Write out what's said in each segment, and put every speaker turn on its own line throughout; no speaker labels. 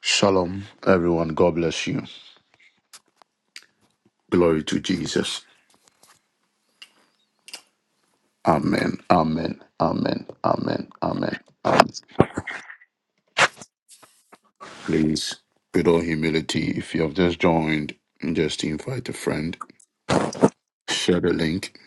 Shalom, everyone. God bless you. Glory to Jesus. Amen. Amen. Amen. Amen. Amen. Amen. Please, with all humility, if you have just joined, just invite a friend. Share the link.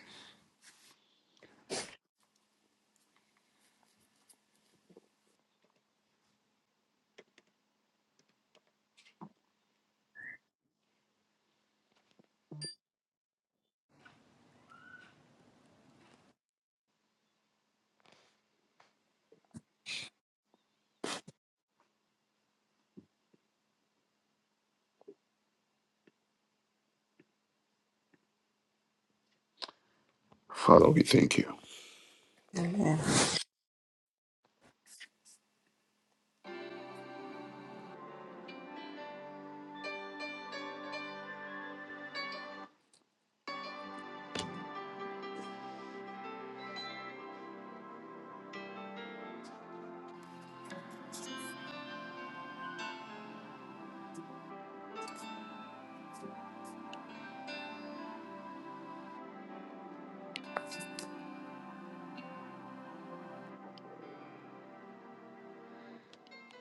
Father, we thank you.
Amen.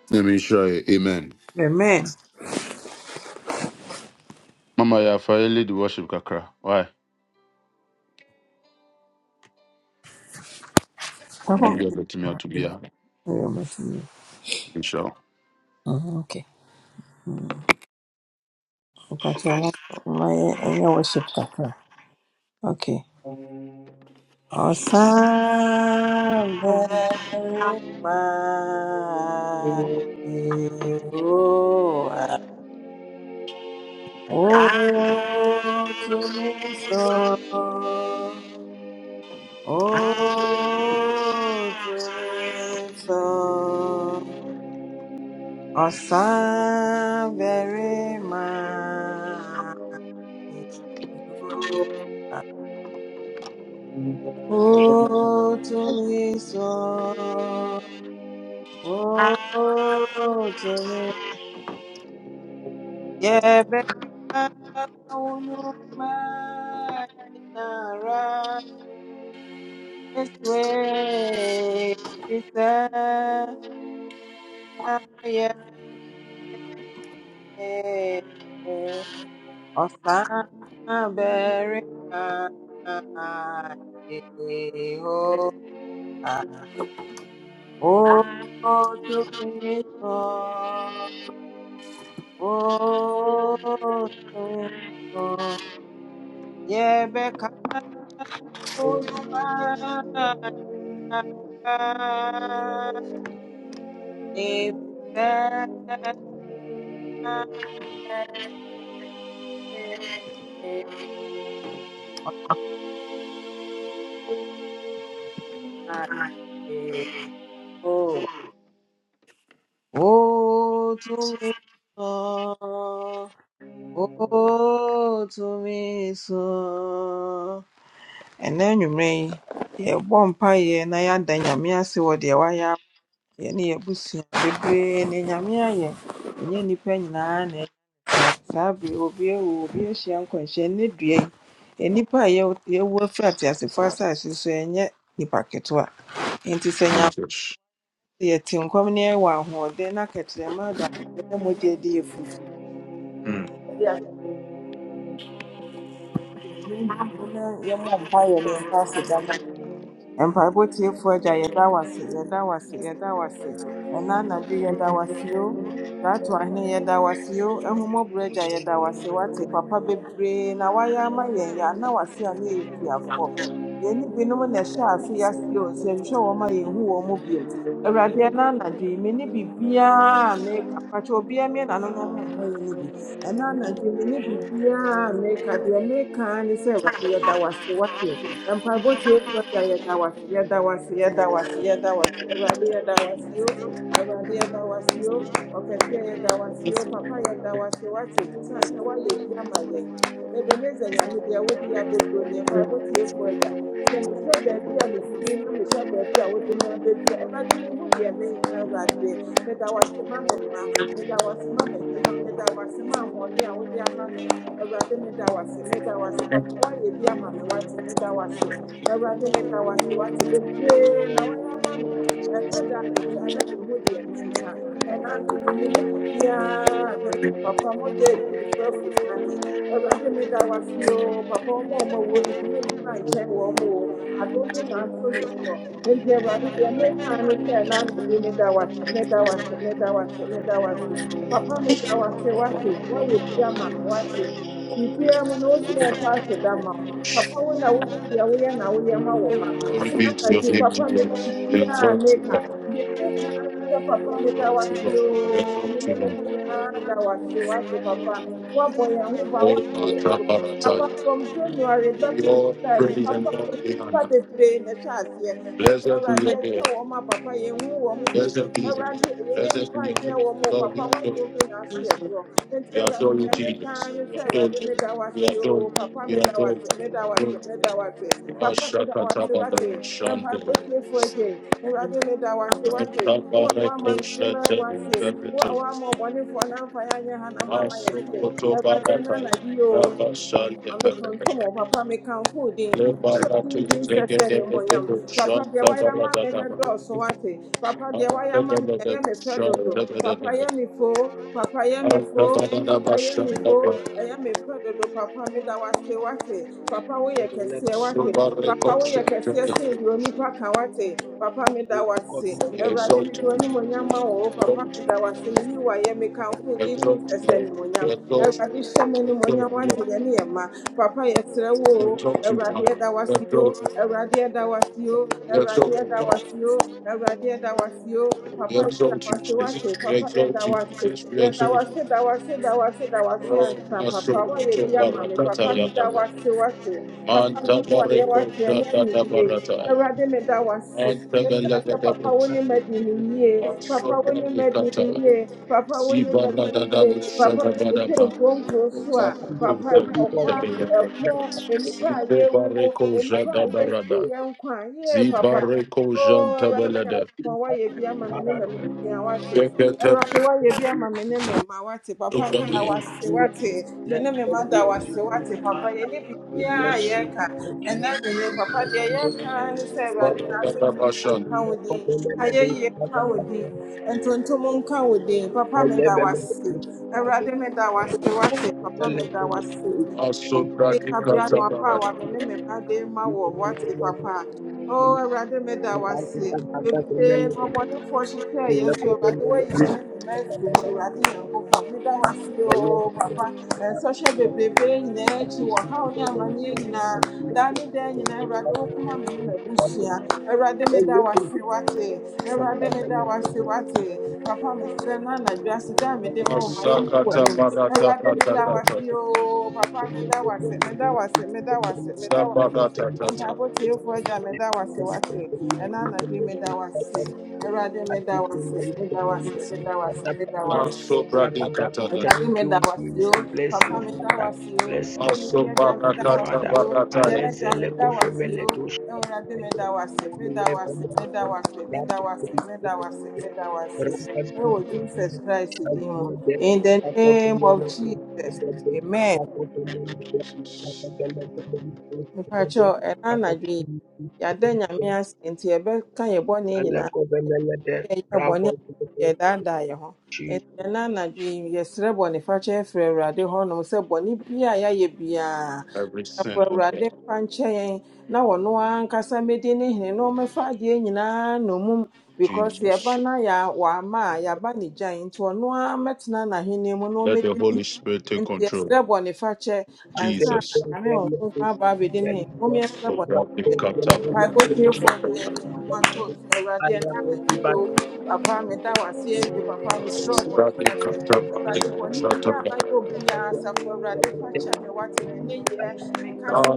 Let me show you. Amen.
Amen.
Mama, you have lead the worship, Kakra. Why? And you
Papa,
be able to me to be
yeah.
here.
Very much indeed.
Inshallah.
Uh-huh, okay. Mm. Mpatsɛ ma yɛnyɛ worship kakra. Okay. Ɔsan bɛrima Yehowa, wotumi so, wotumi so. Osa very much. Oh, to me so. Oh, to me. Yeah, but I don't know my nara. This way, Rita. Yeah. Ọ̀sán-bẹ̀rẹ̀ ayé o, ó tún mi sọ, ó tún mi sọ. Yẹ̀bẹ̀ ká Olùmáyàgbá, ìfẹ́ ẹ̀ ọ̀sán ayé o, ó tún mi so o tun mi so yebe ka olumayagba ife e osan o o tun mi so Oh, to me so. And then you may, yeah, one pie, and I had the Yamia see what the wire, any bush, the brain, and Yamia, and any penny, and Sabi will be a will be a shank and shanny drain. Any pie, you were flat as the first as you say, and yet the packet were. And to say,
Jesus.
yet in coming near one, who then I catch them, mother, then what they did. yɛmmɔ mpaeɛ ne yɛmfa aseda na mpaebɔ tiefoɔ agya yɛda wo ase yɛda wo ase yɛda wo ase ɛna anadwo yɛda wo ase o gyato ahene yɛda wo ase o papa bebree na woayɛ ama yɛn yɛ ana wase a na yɛyɛ yɛn ne binom na ɛhyɛ ase yɛase o sɛ nhwɛ wɔn ma yɛnhu wɔn mu bio awurade ɛna anadwo yi me ne biribiara a meka mpakyɛ obiara mmea n'ano na ɔma mpa yɛ ne bi ɛna anadwo yi me ne biribiara a meka deɛ meka ara ne sɛ awurade yɛda wase wase mpaebɔ tiefoɔ da yɛda wase yɛda wase yɛda wase yɛda wase awurade yɛda wase o Awurade yɛda wo ase o ɔkɛseɛ yɛda wo ase o papa yɛda wo ase o wate san sɛ woayɛ bi ama yɛn ebeneza nyame deɛ wode yɛ abɛduro ne mpaebɔ tiefoɔ agya sɛ mehwɛ baabi a mefiri na mehwɛ baabi a wode me abɛduro awurade mehu deɛ menka awurade meda wo ase ma me mma meda wo ase ma m'adwuma meda wo ase ma ahoɔden a wode ama me awurade meda wo ase meda wo ase papa woayɛ bi ama me wate meda wo ase Awurade ne da a metwa papa me da wase o papa ɔma ɔma wo no biribiara mu na wofie mfa ahyɛ ma wo papa wo na wonim deɛ woyɛ na woyɛ ma wo mma na
Praise your
anadwo
name,
papa me ne
Jesus.
biribiara a
Exalt you,
meka
Lord.
deɛ meka ne sɛ papa
Exalt
meda
you,
wase
Lord.
oo me
Exalt
ne me mma
you,
nyinaa da wase wase papa woabɔ yɛn ho ban
Lord.
woaka yɛn so
Oh, my
papa
God,
from january bɛto
your
israel yi
praise and
papa
all
me ne
the
nnipa
honor.
bebree na ɛhyɛ aseɛ ɛsɛ
Blessed be
awurade
your
ɛhyɛ
name.
wɔn ma papa yɛnhu wɔn bio
Blessed be your
Awurade
name.
ɛyɛ
Blessed
nnipa
be your
nkyɛn
name.
wɔ mu o,
Lord,
papa
we adore
w'adom
you.
bi na so yɛ soɔ nti
We
awurade
adore you,
hwɛ me
Jesus.
kan ne
We
sɛ
adore
awurade meda that
you.
was
We adore
o
you.
papa
We
made that
adore
was
you.
meda
We
wo
adore
ase
you.
meda wo ase meda wo ase papa meda wo ase
Ashakatabada
wate na mpaebɔ
Shandil.
tiefoɔ agye awurade meda wo ase What? wo a woama
Kabareko
m'anim awo
Shete
ase What? a
Bebeto.
woama ɔbɔnefoɔ na mfa yɛ anyɛ ha na mama yɛhyeɛ
Asukoto
awurade ɛna
Barata.
anadwo yi o
Rabba
I
Shante
ɔmetontom wo
Bebeto.
papa mekamfo wo din nhyɛ odin
Lebaratu
din sɛ sɛ nimonyam
Zegedebedebo
papa dear, why am I ama me ne
Shantabaradadaba.
dɔɔso wate papa deɛ woayɛ ama me na ɛyɛ
Antabadadabo
me fɛ dodo papa
Shantabadadabo.
yɛ me foo papa
Exalt you, Jesus.
yɛ me foo papa yɛ me
Exalt
fo, I am me fɛ dodo papa me meda wase wate papa woyɛ
Let
kɛseɛ wate papa woyɛ kɛseɛ sen deɛ onipa ka wate papa me that was
God
say. Everybody me awurade mede w'animonyam ma wo o.
you,
papa
Lord.
meda wase meyi wayɛ mekamfo wo din din
Exalt
sɛ sɛ
you,
nimonyam
Lord.
awurade hyɛ me nimonyam wate yɛ ne yɛ Papa yɛsrɛ wo o,
Exalt you,
Awurade
Father.
ɛda wo ase o
Exalt you,
Awurade ɛda wo ase o
Father.
Awurade
Exalt you,
ɛda wo ase
Father.
o Awurade ɛda wo ase o
We
Papa yɛda
exalt
wo
you,
ase
Jesus.
wate
We
Papa
exalt
yɛda
you,
wo ase
Jesus. We
yɛda wo
exalt you.
ase da wo ase da wo ase da wo ase
Oh,
ansa
my
Papa
soul,
woayɛ
Koto
bi ama me
Barakata
be
Papa
the
meda wo
Yadaba.
ase wate Papa
Manta
meyi wo
Bareko
wate ɛnɛ
Shata
anwummere yi
Barata.
Awurade meda wo ase
Manta Belaka
Ɛsɛ papa
Dabu.
wo ne ma di ne yie.
Manta
Papa wo ne ma di ne
Belaka
yie. Papa wo ne ma di ne
Zibareko
yie. Papa sɛ ɛsɛ nkuro nkuro so a,
only God be the
poor,
only that
any cry, ye woo, any cry, ye
Jadabarada,
see, and cry, ye, papa ntɔkwa, ɛko, nnipa a yɛwuo, nnipa a yɛhyi yɛn nkwa. Yee
can
papa.
that
Zibareko
Oo Awurade
Jantabelada,
Nyankopɔn woayɛ bi ama me ne
that don't
m'abusua wate.
Bekete
Awurade woayɛ bi
do
ama me ne me mma wate. Papa meda wo
Ukali,
to
ase
do.
wate. Me
Let
ne me
God
mma
be
da wo
a
ase
Jew to
wate papa.
Father.
Yɛne
We
biribiara
bless
a
you.
yɛreka
Thank you.
ɛnna nwene papa deɛ yɛreka ne sɛ Awurade n'ase nka
Barakabashan,
wo
Let God
din
be
ayɛ
the Lord
yie
of
nka wo
Father.
din ntontom nka wo din
I
papa meda
live in the
wase awurade meda wase wate papa
let
meda
you. The God
wase ne
Asundaki
kabea no aba a
Katabarada,
wame ne me mma de ma
be the Father. The let you. The let God be the let you. The let you. The
wɔ
God
wate papa Oh, Awurade meda wase bebree na ɔbɔnefoɔ hyehyɛ yɛ nso Awurade wayi wɔn nnwuma afiri mu Awurade Nyankopɔn meda wase oo papa nsɔhyɛ bebrebe nyinaa akyi wɔ haw
be
ne
the let
amanneɛ
you.
nyinaa
Thank you.
daa ne daa nyinaa Awurade wokoma me ne m'abusua Awurade
And
meda
look
wase
into
wate
the
Awurade
God that
meda
let
wase
you.
wate papa mesrɛ na anadwo ase da a mede ma
The
wo ma yɛnni
God
Asakata
w'anim
Barata
be
Awurade
the
meda
let you.
Katakata,
wase oo papa
Thank you,
meda wase meda wase meda wase meda wase
Sabarata Kata,
Mpaebɔ tiefoɔ agya meda wo ase wase ɛna anadwo yi meda wo ase awurade meda wo ase meda wo ase meda wo ase meda wo ase
Asobradi Katata,
awurade meda wo ase o
Jesus. Bless you,
papa meda wo
Father.
ase o
Bless you,
onidi agya
thank
meda
you,
wo
Asobarakata
ase
Father.
o dɛ
Barataya.
agya
Alezele
meda wo ase o
kofemele dosha.
awurade meda wo ase meda wo
Alezele
ase
kofemele
meda wo ase meda wo meda wo
dosha.
meda wo
Rampas
ɛwɔ jesus christ din mu
Shakya
in the name
Apophelon
of jesus amen
Apophelon
Mpakyɛ ɛna anadwo yi, yɛada Nyame
Alakovelade
ase nti yɛbɛka yɛn bɔne nyinaa, sɛ yɛyɛ
Bravo
bɔne a yɛdaadaa yɛn ho.
Chi
Nti ɛna anadwo yi, yɛsrɛ bɔnefakyɛ ɛfiri Awurade hɔnom sɛ bɔne biara yɛayɛ biara,
Every
Asafo
sin, okay,
Awurade mfa nkyɛ yɛn na ɔno ankasa mmɛdi ne hene na ɔmmɛfa adeɛ nyinaa nnommum because yɛba
Jesus.
na yɛa- wamma a, yɛaba ne gyae nti ɔno ara mmɛtena n'ahenni mu na
Let the
ɔmmɛdi
Holy Spirit take
nti
control.
yɛsrɛ bɔnefakyɛ ansa na
Jesus.
nyame wɔ nkonko aba abɛdi ne hene mom yɛsrɛ
So grab the
bɔnefakyɛ
cut up.
yɛmpae da yɛde yɛn ho ato wo so awurade ɛna
Alakovibat
anadwo yi o papa meda wo ase awie papa mesrɛ wo
Grab the
bɔnefakyɛ
cut up.
awurade bɔne bi a mayɛ obiara asafo awurade fakyɛ me wate me ne yɛ me kasa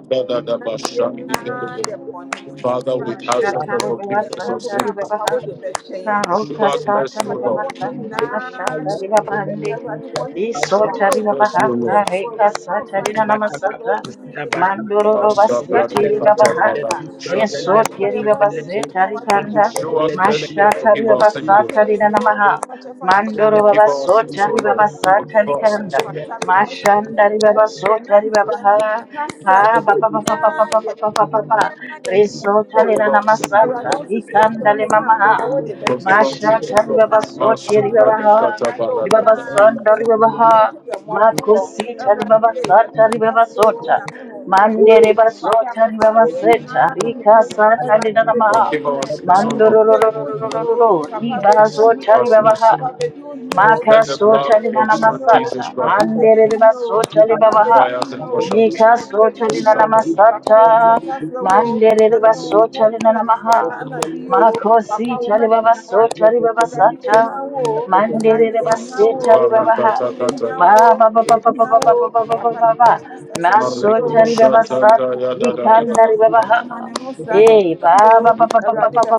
mmeranteɛ nyinaa yɛ bɔne
Father, we
awurade
ask for
sɛ
the
Mashatari Baba
wosisi
forgiveness
ɛberɛ
of
mu
Sandari
kaa
Let
sins.
papa
Baba
the let
wode bɛhwɛ yɛn
Show
Karoka
us
Awurade
sata
mercy,
fa
O
riba
yɛn
Lord.
bɔne
basanda
nyinaa
mashata
kyɛ
riba
yɛn.
bande.
me
Awurade bɔne biara a
Show
Lisota
yɛayɛ
us
wo
riba baha
mercy, O
biara,
Lord.
asafo
kareka
Awurade woamfa
sata rina
ankyɛ yɛn ankasa wo
namasata.
de fie a,
Mandoro roba
yɛntumi ntua
Asabra
ka
seti
de
da
riba
biara
baha.
da.
katabara
strike
Enti
shada.
the
Awurade
left
Resoti
fa
of the
yɛn
riba
bɔne
belly
kyɛ yɛn
baseta
wɔ wo
and you
rikanda.
mpaeɛbɔ
Show us
let the
tiefoɔ din
mercy
melody
mu.
and
Mashata
forgive
riba
the
our
Awurade
sins,
fa
O
left
basata
kyɛ
and
Lord.
rina
yɛn oo.
namaha.
Fa kyɛ- fa kyɛ
the
yɛn
Mandoro
amee oo.
baba
Forgive
Fa
our
kyɛ
sota
yɛn
sins, O
oo.
riba
Lord.
Fa kyɛ
basata
yɛn
Forgive
sɛ
our sins, O
rikanda.
yɛmfata
Lord.
melody
because yɛn
Mashanda riba
nneyɛe, yɛn
basota riba
nnadeɛ,
baha.
yɛn kasa,
Ba
yɛn
ba ba ba ba ba
biribiara
ba
yɛ
ba ba ba ba ba.
biribiara yɛ ntomasi wɔ
Resota rina
Forgive our
w'anim
sins, O
namasata
awurade
Lord.
wo sisi
rikanda
ɛkyɛ
le
mu sɛ papa
mamaha.
wode bɛkyɛ
Forgive
yɛn
our
and
sins, O
Mashata
the
nti
Lord.
na
ribaba
anadwo
soti
papafa
Masuka
melody
wɔne
ribabaha,
nikata
yɛayɛ
ribaba
obiara
Thank
barakata.
sanda
kyɛ yɛn papa
you.
ribabaha,
yɛhu yɛ mmɔbɔ
makusita
awurade
ribaba
e
sata
yɛto
ribaba
sase wɔ wo
sota,
nyame
mande
honkronkron
riba
papa
sota
bɛfa
ribaba
adeɛ
seta,
nyinaa no
rika sata
awurade bɛdi
ridanamaha,
wo
Forgive our
hene
sins, O Lord.
awurade bɛdi wo hene o
mandorororororororo,
papa
riba
bɛdi wo hene
Show
sota
o
us
ribabaha,
mercy.
Papa Bedouin no,
maka
Let the blood
sota
Arati
of your
Bedouin
Son
no,
Jesus
ridanamasata,
Christ
Papa
mande
Bedouin
riba
no,
sota
Papa
ribabaha,
purify us
Bedouin
and
no,
wash our
mika
Arati
sins.
sota
Bedouin no,
Masaka.
Papa
ridanamasata,
you took off your Yetu Taflowo,
mande riba
Nana Won
sota
Kenkin, and
ridanamaha,
I'm not Dio,
Makosi
Papa
tari
Womek
baba so
Nyawati,
tari baba
Arati
sata.
Yenyawo,
Mandere
Arati
baba
Masu
se
Yenyawo,
tari baba ha.
barakata
Arati
kata.
Ba
Yenyawo,
ba ba ba ba ba ba ba
Yenyawo,
ba ba ba ba
Papa
ba ba.
Yetu Pastor Shewo
Maso
Areko
Show,
tari baba
shata
Arati Yetu
sata.
kaya da
Shewo
Thank
da da da
Likanda
da
ri
Show,
baba
da.
Papa ma
ha.
ne ho sra nyɛ
Hey
kɛse
ba ba
o.
ba ba ba ba
Awurade
ba ba.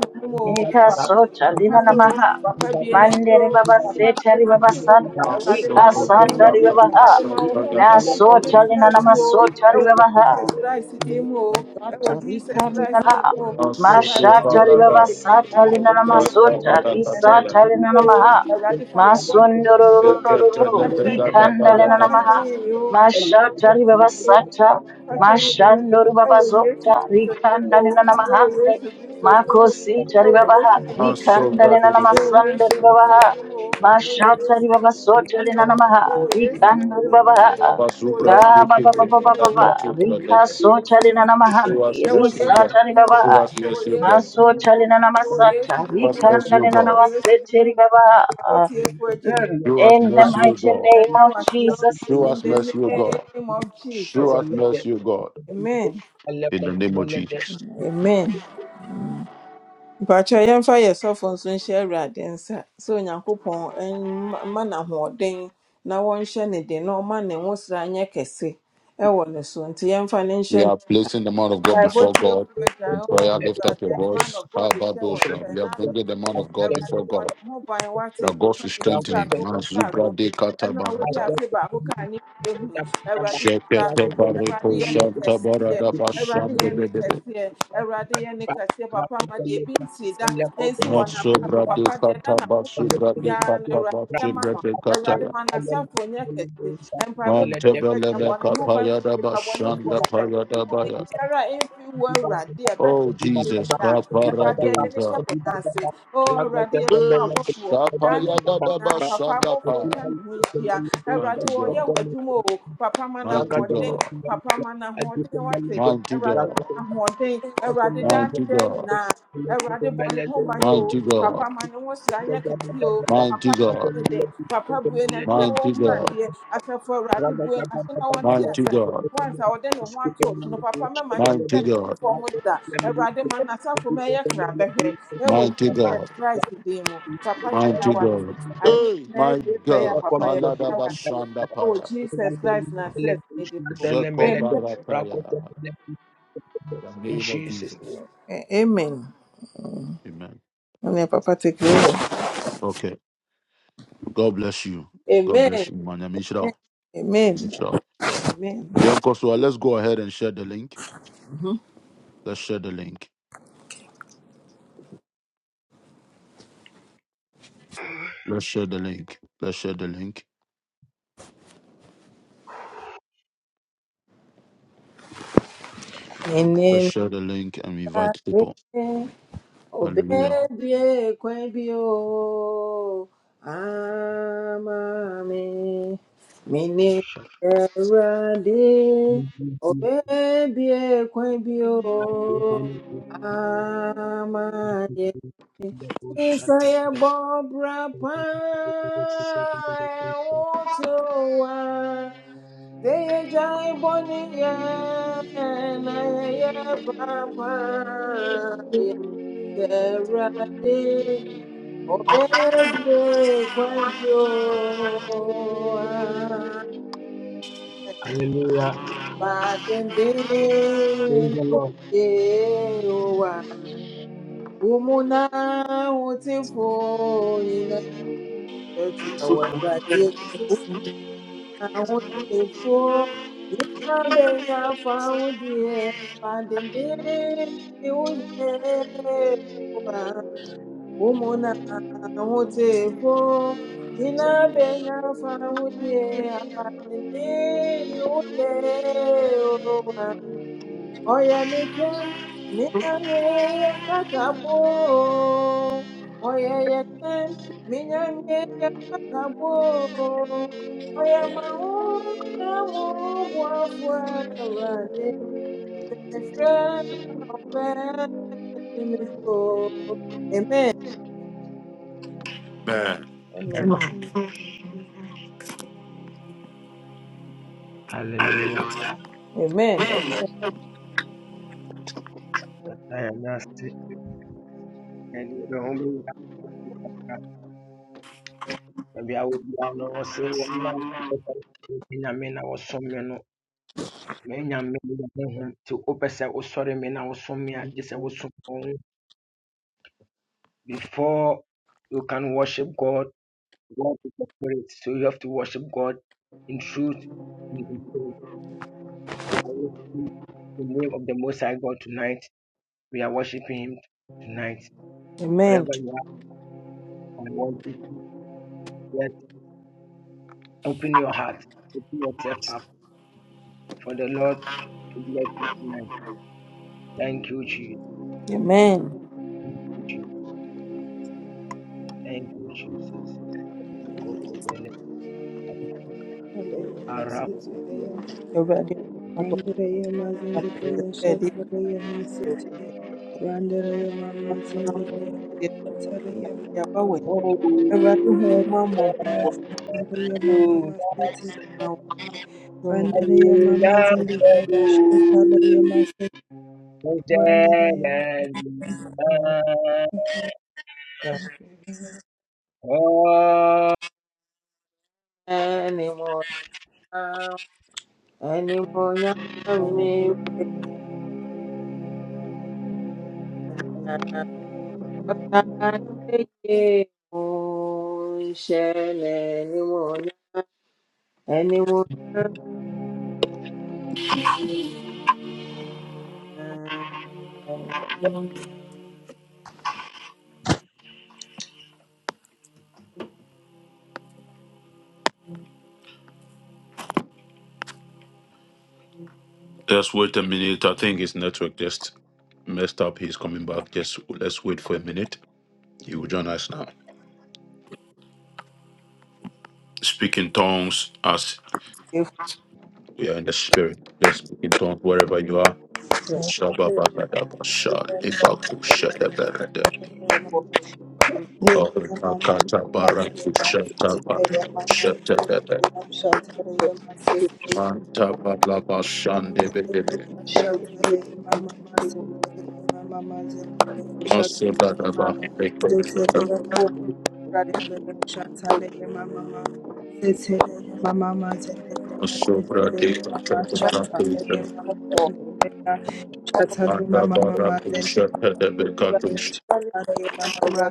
na ɔmo
Mika
Papa
so
kyerɛ ne
tari na namaha.
Papa bue
Mandere baba
Papa
se
bue
tari baba
n'ase o.
sata.
Awurade ma
Lika
Masoto
w'adom
sata
no.
ri baba
barakata
ha.
Awurade ma wo
shata
ho
da da da
Maso
nkɔnkɔn no
da.
tari
ntena
na
ne mu o.
namaso tari
Ɛwɔ
baba ha.
Jesus Christ din mu o. Ɛwɔ Jesus Christ din
Satarikandala,
mu o.
Masoto
Mpaebɔ
Mashatari
tiefoɔ
Baba
gye.
barakata.
Satali
Mpaebɔ
Shata
tiefoɔ gye.
Nanamasota,
barakata
Ɛna
ya.
Risatali
anadwo yi o.
Nanamaha,
Awurade fa yɛn bɔne w'ase.
Sekete
Fa
Masundororo,
lebegada
Rikandale
papa
bagada
Nanamaha,
fashion
bagada.
yìí o papa
Mashatari
fashion
Baba
yìí o
Sata,
papa fashion yìí o
Mashandori
ẹ
Baba
wo yesu
Zota,
kristo dímú
Rikandale
o ẹ wo
Nanamahande,
yesu kristo dímú o
Makosi
ẹ wo
Taribabaha,
yesu kristo dímú o
Asovra
Rikandale
de
ẹ wo yesu
Nanamasandari
kristo
Babaha,
dímú o ẹ wo yesu
Mashatari Baba
kristo
Sotali
dímú
Nanamaha,
o ẹ wo yesu kristo
Rikandori
dímú
Babaha,
o ẹ wo
Ba
Abazubran
yesu
ba
Biki,
ba
kristo
ba ba ba
dímú
ba ba.
o
Adakatu,
Rika
the
so
name
chalina
of
na
jesus
Show us
mahandi.
ẹ wo
mercy, O
Risa
yesu
God.
chali
dímú
baba.
o
Show us
ẹ wo
mercy, O
yesu
God.
Maso
dímú o
chalina na
ẹ wo yesu
masata.
Show
dímú
us
Rika
o
mercy, O
you.
ndalina
ẹ
na
wo
God.
yesu
masete
dímú
ri
o.
baba.
Sabotage project.
Mm.
Show
Yes,
us
I
In the
was
mercy,
Thank
O
mighty
God.
Yes,
name
I
of
was
Jesus.
Show
In
us
the
mercy, O God.
name of
Show
Jesus.
us mercy, O God.
Amen.
In the name of Jesus.
Amen. mpakyɛ yɛmfa yɛsɔfo nso nhyɛ awurade nsa sɛ onyankopɔn ɛn- mma no na wɔnhyɛ ne den na ɔma ne nwosra nyɛ kɛse ɛwɔ ne so nti yɛmfa ne nhyɛ
We
ne
are placing the man of God
Bible
before God
tiefoɔ agya
in
o
prayer. Lift up
Awurade
your
yɛde man
voice.
of God hyɛ wɔ
Kabadosha. We
nsɛm
are
na
bringing
anadwo yi,
the man of God
Awurade
before
bɔ
God.
ne ho ban
That
wate
God
papa
should
yi ne
strengthen him.
srago
Mazubra
mu
de
ɛno a wode
katabarata.
afe baako kaa ne mmienu awurade hyira no
Shekete
awurade
bareko
yɛ ne kɛseɛ awurade yɛ ne
shantabarada
kɛseɛ awurade yɛ ne kɛseɛ papa ma deɛ ebi nsi da nsi wɔ
Matsu
n'abrabɔ
brade
papa deɛ ɛda
kata
n'akoma
basu
so
brade
biara no
kata
awurade yɛ
basu
ma no
brade kata
awurade
ya.
ma n'asafo nyɛ kɛse mpaebɔ
Mante
tiefo agya bɔ
belele
ne
you.
ho
kapa
ban
ya da
nipa bɔ ne
Thank
foɔ
bashanda pa
nsɛm
ya da
Tumi
baya.
biara a ɛmfi wo awurade a ɛbɛka
Oh
ne
Jesus,
biara
kapa
awurade yɛde ne hyɛ
radoza.
wo n'ase o awurade yɛ fo
Eh,
abɔfoɔ
Kapa ya da da
na papa
bashanda
abɔfoɔ
pa.
ntwa ne ho nhyia awurade
Mighty
wɔyɛ
God,
w'adwuma o papa ma
mighty
n'ahoɔden
God,
papa ma n'ahoɔden wate
mighty
awurade ma
God,
n'ahoɔden awurade daa ne
mighty
daa
God,
nyinaa awurade bɔ ne ho ban o
mighty
papa
God,
ma ne ho sra nyɛ kɛse o papa
mighty
hyɛ
God,
ne den papa bue n'ani na
mighty
wɔnhu
God,
adeɛ
you.
asafo awurade bue n'ase na wɔnte
mighty
asɛm
God,
once I wɔde ne ho ato so no papa my mɛma ne nsa
mighty
nsi
God,
fam da awurade ma n'asafo ma ɛyɛ kra bɛhwɛ ɛwɔ
mighty God,
jesus christ din mu papa yɛda
Mighty
wase
God.
adeɛ
Hey,
nyinaa
my
yie pɛyɛ a
God.
papa yɛbɛda
Paladaba
wase ɛwɔ
Shandapaya.
jesus christ n'asɛs ne din mu
Jeko
amen
Barataya. The
In
name of
Jesus'
Jesus.
name.
Eh, amen
Amen.
ɛnna papa take it
Okay. God bless you. God
amen
bless you, man. Mishra.
amen amen
Mishra.
amen
Young Kosua, let's go ahead and share the link. Let's share the link. Let's share the link. Let's share the link. Let's
Mhm.
share the link and invite people.
amen
Hallelujah.
Obebi baby, o amami mini erade O baby, ekwebi o amaye isaya bobra pa ewoto wa seye jai boni ye na ye papa Serade obedie kwanjo
Hallelujah. Praise
badenden
the Lord.
ye wa umuna utifo ina betu awabade umuna utifo ina benya faudie badenden uye ụmụnna ahụta efo ji na-abịanye afọ ahụtie abalị n'ili ụlọ ụwa ọya meche minyanye ya katagbo ọya yeche minyanye ya katagbo ọya mahụ na mụ ụgwọ afọ era na ọbẹ Jimmy Sọ. Amen. Amen.
Randereya
Hallelujah.
Amen.
Diagnostic and the home and I are with Yano or say one Nyame na wɔsom me no manyame ho nti wopɛ sɛ wosɔre me na wosom me a gye sɛ wosom wo ho. before you can worship God God is the spirit so you have to worship God in truth and in spirit. We are worshiping the name of the Most High God tonight we are worshiping Him tonight
Amen.
Whatever you have I want you to just open your heart open yourself up for the Lord We bless you Thank you, Jesus.
Amen.
Thank you, Jesus. You go to the Arab.
mazendereya
Awurade mmɔbɔ ne aba nsɛsɛɛ de
shatareya masete Randereya
ama
mama
Awurade. Ɛwɔ wo na wo
zendereya
deɛ
shatareya
de aba w'ani.
Oh, thank
Awurade hu wo
you,
ma mmɔbɔ
Lord.
mareya mama masete
ma wo nsa so me.
Randereya mama
Thank
zendereya shatareya masete
Lord.
Randereya
Hosanna.
mazendereya
Oh,
Animuonyam, animuonyam mmewe na ɔsa yeye mo nhyɛ n'animuonyam, animuonyam na ɔda
Let's wait a minute. I think his network just messed up. He's coming back. Just let's wait for a minute. He will join us now. Speak in tongues as we are in the spirit. Just speak in tongues wherever you are.
efo
shabba
Shatareya
ba
ɛbɔ
masete
Oh,
Nereya mama
makatabara,
shatareya masete.
kushatabara,
Nereya mama
shatabara,
zendereya shatareya masete. Shatale mama masitele mama mazele shatale ma
masodadaba,
sitele
ekoshadaba,
mama mazele shatale mama ma sitele mama mazele sitele mama shatale
masobradekatabara,
mama shatale mama mazele
Adabarakusha Pedebekatush
mama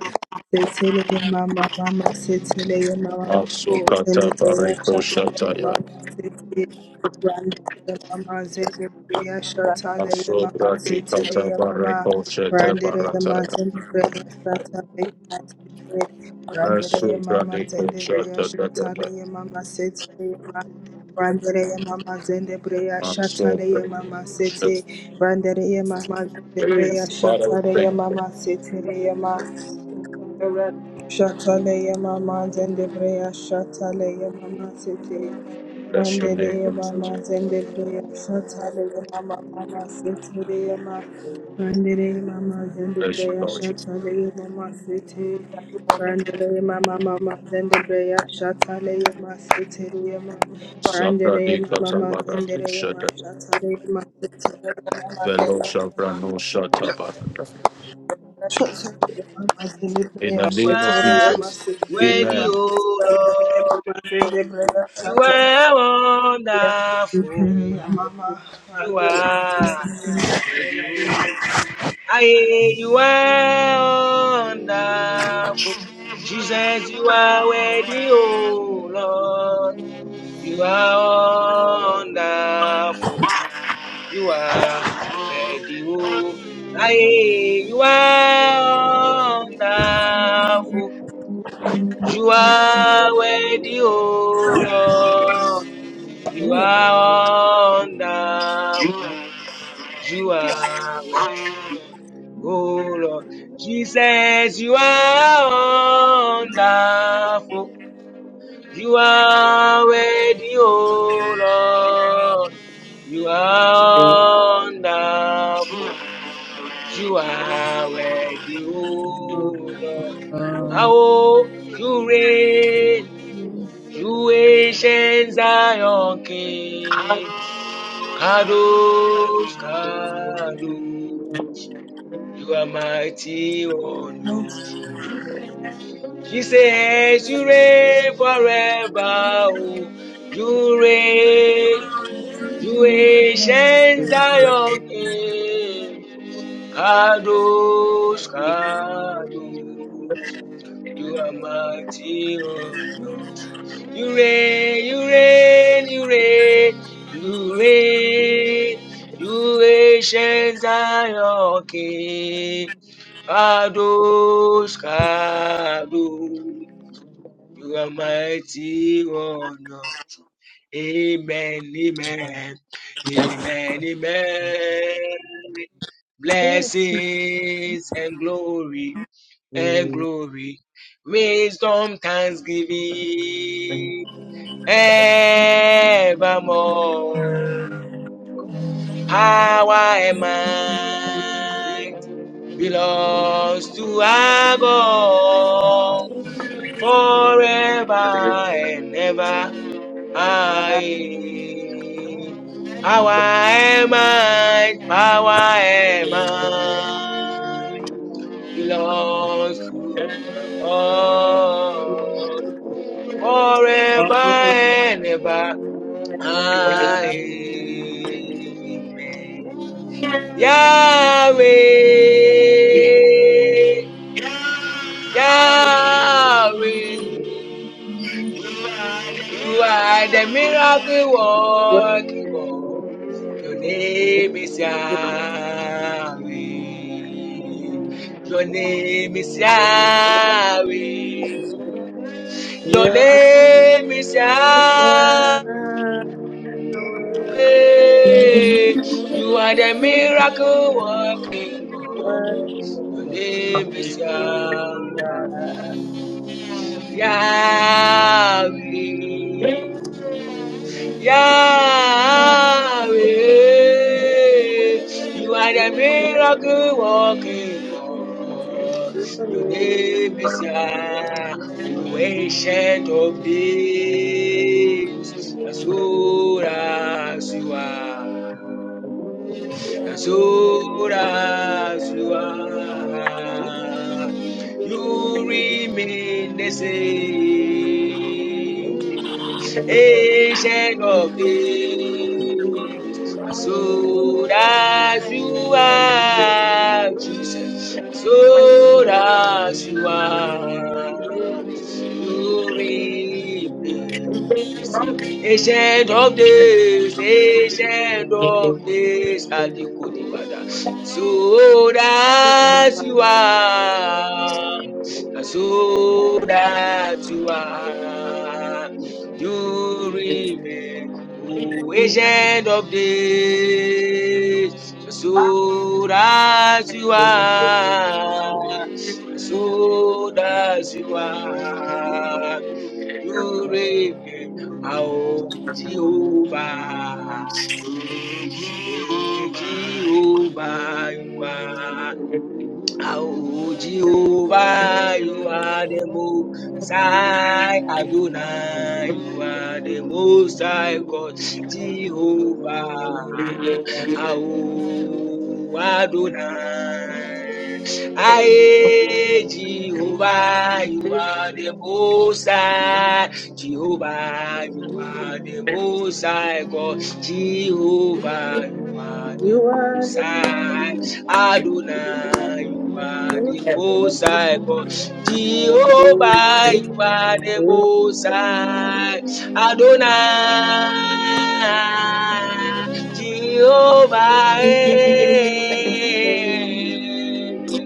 setele ye mama mama setele ye mama zende
Asukata
toya
Bariko
shatale ye
Shataya
mama sete rande ye mama zende toya shatale ye mama
Asubra
setele
Dikata
ye mama
Bariko Shata
rande ye mama
Barataya
zende toya shatale ye mama setele rande
Asubra
mama
Diko
zende
Shata
shatale
Dadaba
mama setele mama Randere mama zende shatale
Asubra
mama
Shata
sete Vandere yema mazendere
Father,
yashatare
we thank
yema
you.
masetere yema. Shataleya mama zendebreya shataleya mama sete.
Bless your
Randereya
name, Jesus.
mama zendebreya shataleya mama mama setereya ma. Randereya mama
Bless your
zendebreya
Lord Jesus.
shataleya mama sete. Randereya mama mama zendebreya shataleya ma setereya ma.
Sabra
Randereya mama
Dikata
mama
Barako
zendereya ma
Shata
shataleya ma setereya mama
Fellow
zendereya
Shabra
ma.
no Shata Barata
Mama,
In the
you
name of
are
Jesus,
worthy,
Amen.
O Lord. You are wonderful. You are worthy, O Aye, you are wonderful. Jesus, you are worthy, oh Lord. You are wonderful. You are worthy, oh. Aye, you are wonderful. You are worthy, oh Lord. You are wonderful. You are worthy. Oh Lord, Jesus, you are wonderful. You are worthy, oh Lord. You are wonderful. You are worthy, oh Lord. Oh, you reign. You ancient Zion King. Kadosh, Kadosh. You are mighty on your throne. She says, You reign forever. oh. You reign, you ancient Zion King. Kadosh, Kadosh, you are mighty on your throne. You reign, you reign, you reign, you reign, you ancient Zion King. Kadosh, Kadosh. You are mighty on your Amen, amen, amen, amen. Blessings and glory and glory, wisdom, thanksgiving, evermore. Power and might belongs to our God forever and ever. I power am I, power am I, belongs to the Lord forever and ever. Amen. Yahweh, Yahweh, you are the miracle working God. Your name is Yahweh. Your name is Yahweh. Your name is Yahweh. You are the miracle working God. Your name is Yah- Yahweh. Yahweh, you are the miracle walking God. Your name is Yah, O ancient of days, as old as you are. As Azure as you are, you remain the same. Ancient of days, as old as you are, Jesus, as old as you are, you remain the same. Ancient of days, ancient of days, Alikodibada. So that you are, so that you are, you
Thank you.
remain, O ancient of days. So that you are, so that you are. You Yorebe, our Jehovah, eh, Jehovah, you are. Our Jehovah, you are the most high Adonai, you are the most high God, Jehovah,
Yeah.
our Adonai. Aye, Jehovah, you are the most high. Jehovah, you are the most high God. Jehovah, you are the
You are
most
the
high. Adonai, you are
King
the most high God. Jehovah, you are the most high. Adonai. Jehovah,
of
eh.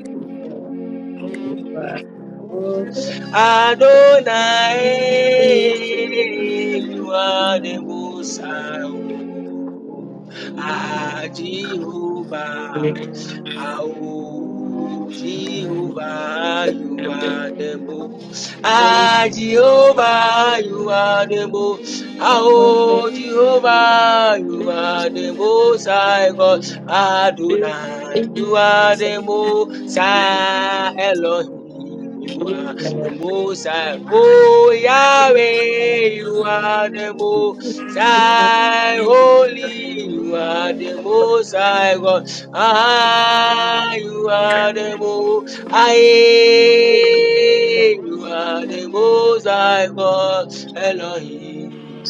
all
Adonai, you are the Most High, Ah, Jehovah. Au Jehovah, you are the most. Ah, Jehovah, you are the most. Ah, Jehovah, you are the most high God. Adonai, you are the most high Elohim. You are the most high. Oh, Yahweh, you are the most high holy. You are the most high God. I you are the most. I. You are the most high God, Elohim.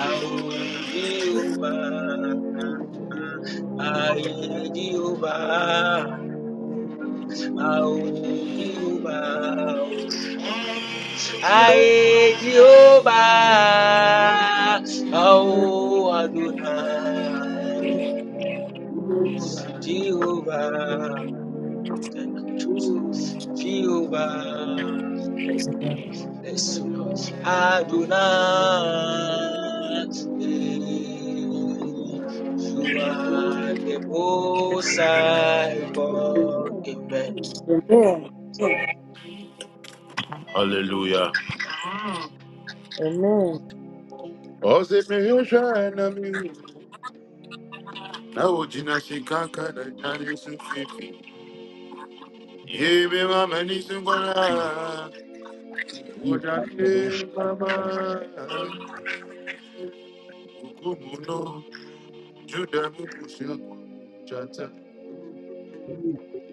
Ao Jehovah, I Jehovah, Ao Jehovah, I Jehovah, Ao Adonai, Jehovah. Thank you, Jesus. Jehovah, bless you, Lord. Adonai, eh, you are the most high God. Amen.
Amen.
Hallelujah.
Amen.
Ose mi yosha na mi na ojina shikaka na jani sufifi. Yebe mama ni sungwala. Ojale mama, ukumuno juda mukusi chata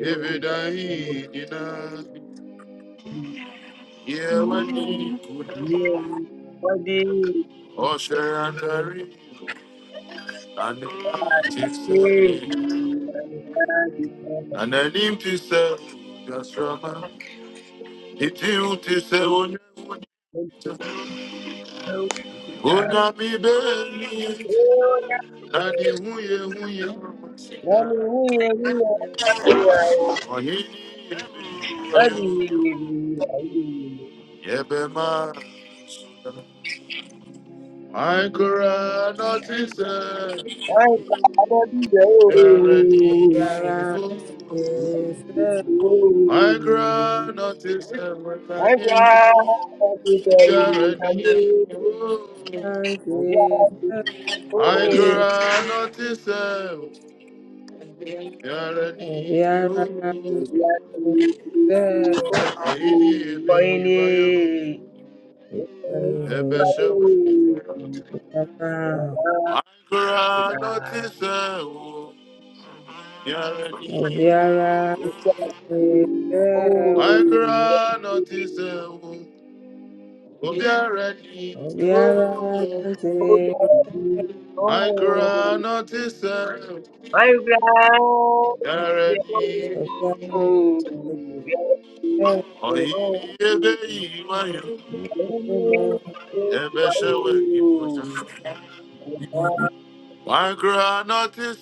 evedai nina yewani kuna
Hallelujah.
oshe andari ananimtise ananimtise gasrama iti utise onye onye onye mi beli nani huye huye ohini yebe
Adi, adi,
Yebema. I cry,
ay, adi,
Yara is
Oh,
I cry, notice
oh, ay, adi, oh,
Pierre.
adi,
and
oh,
is
adi,
I
oh,
cry, notice. Yeah,
Obiara is
adi,
Yara
oh,
oh, he did
oh,
me,
ini,
you are you.
oh,
Ebe shewe.
oh,
I cry, notice. Pierre.
Obiara is
I cry, notice. Oh, Pierre.
Obiara
oh, oh, oh,
I
oh,
cry, notice. Pierre.
My God. Oh,
is
Oh,
oh, oh,
he
oh,
did me, you are you.
Obiara is
I
Yàrá
cry not to sell. I cry not to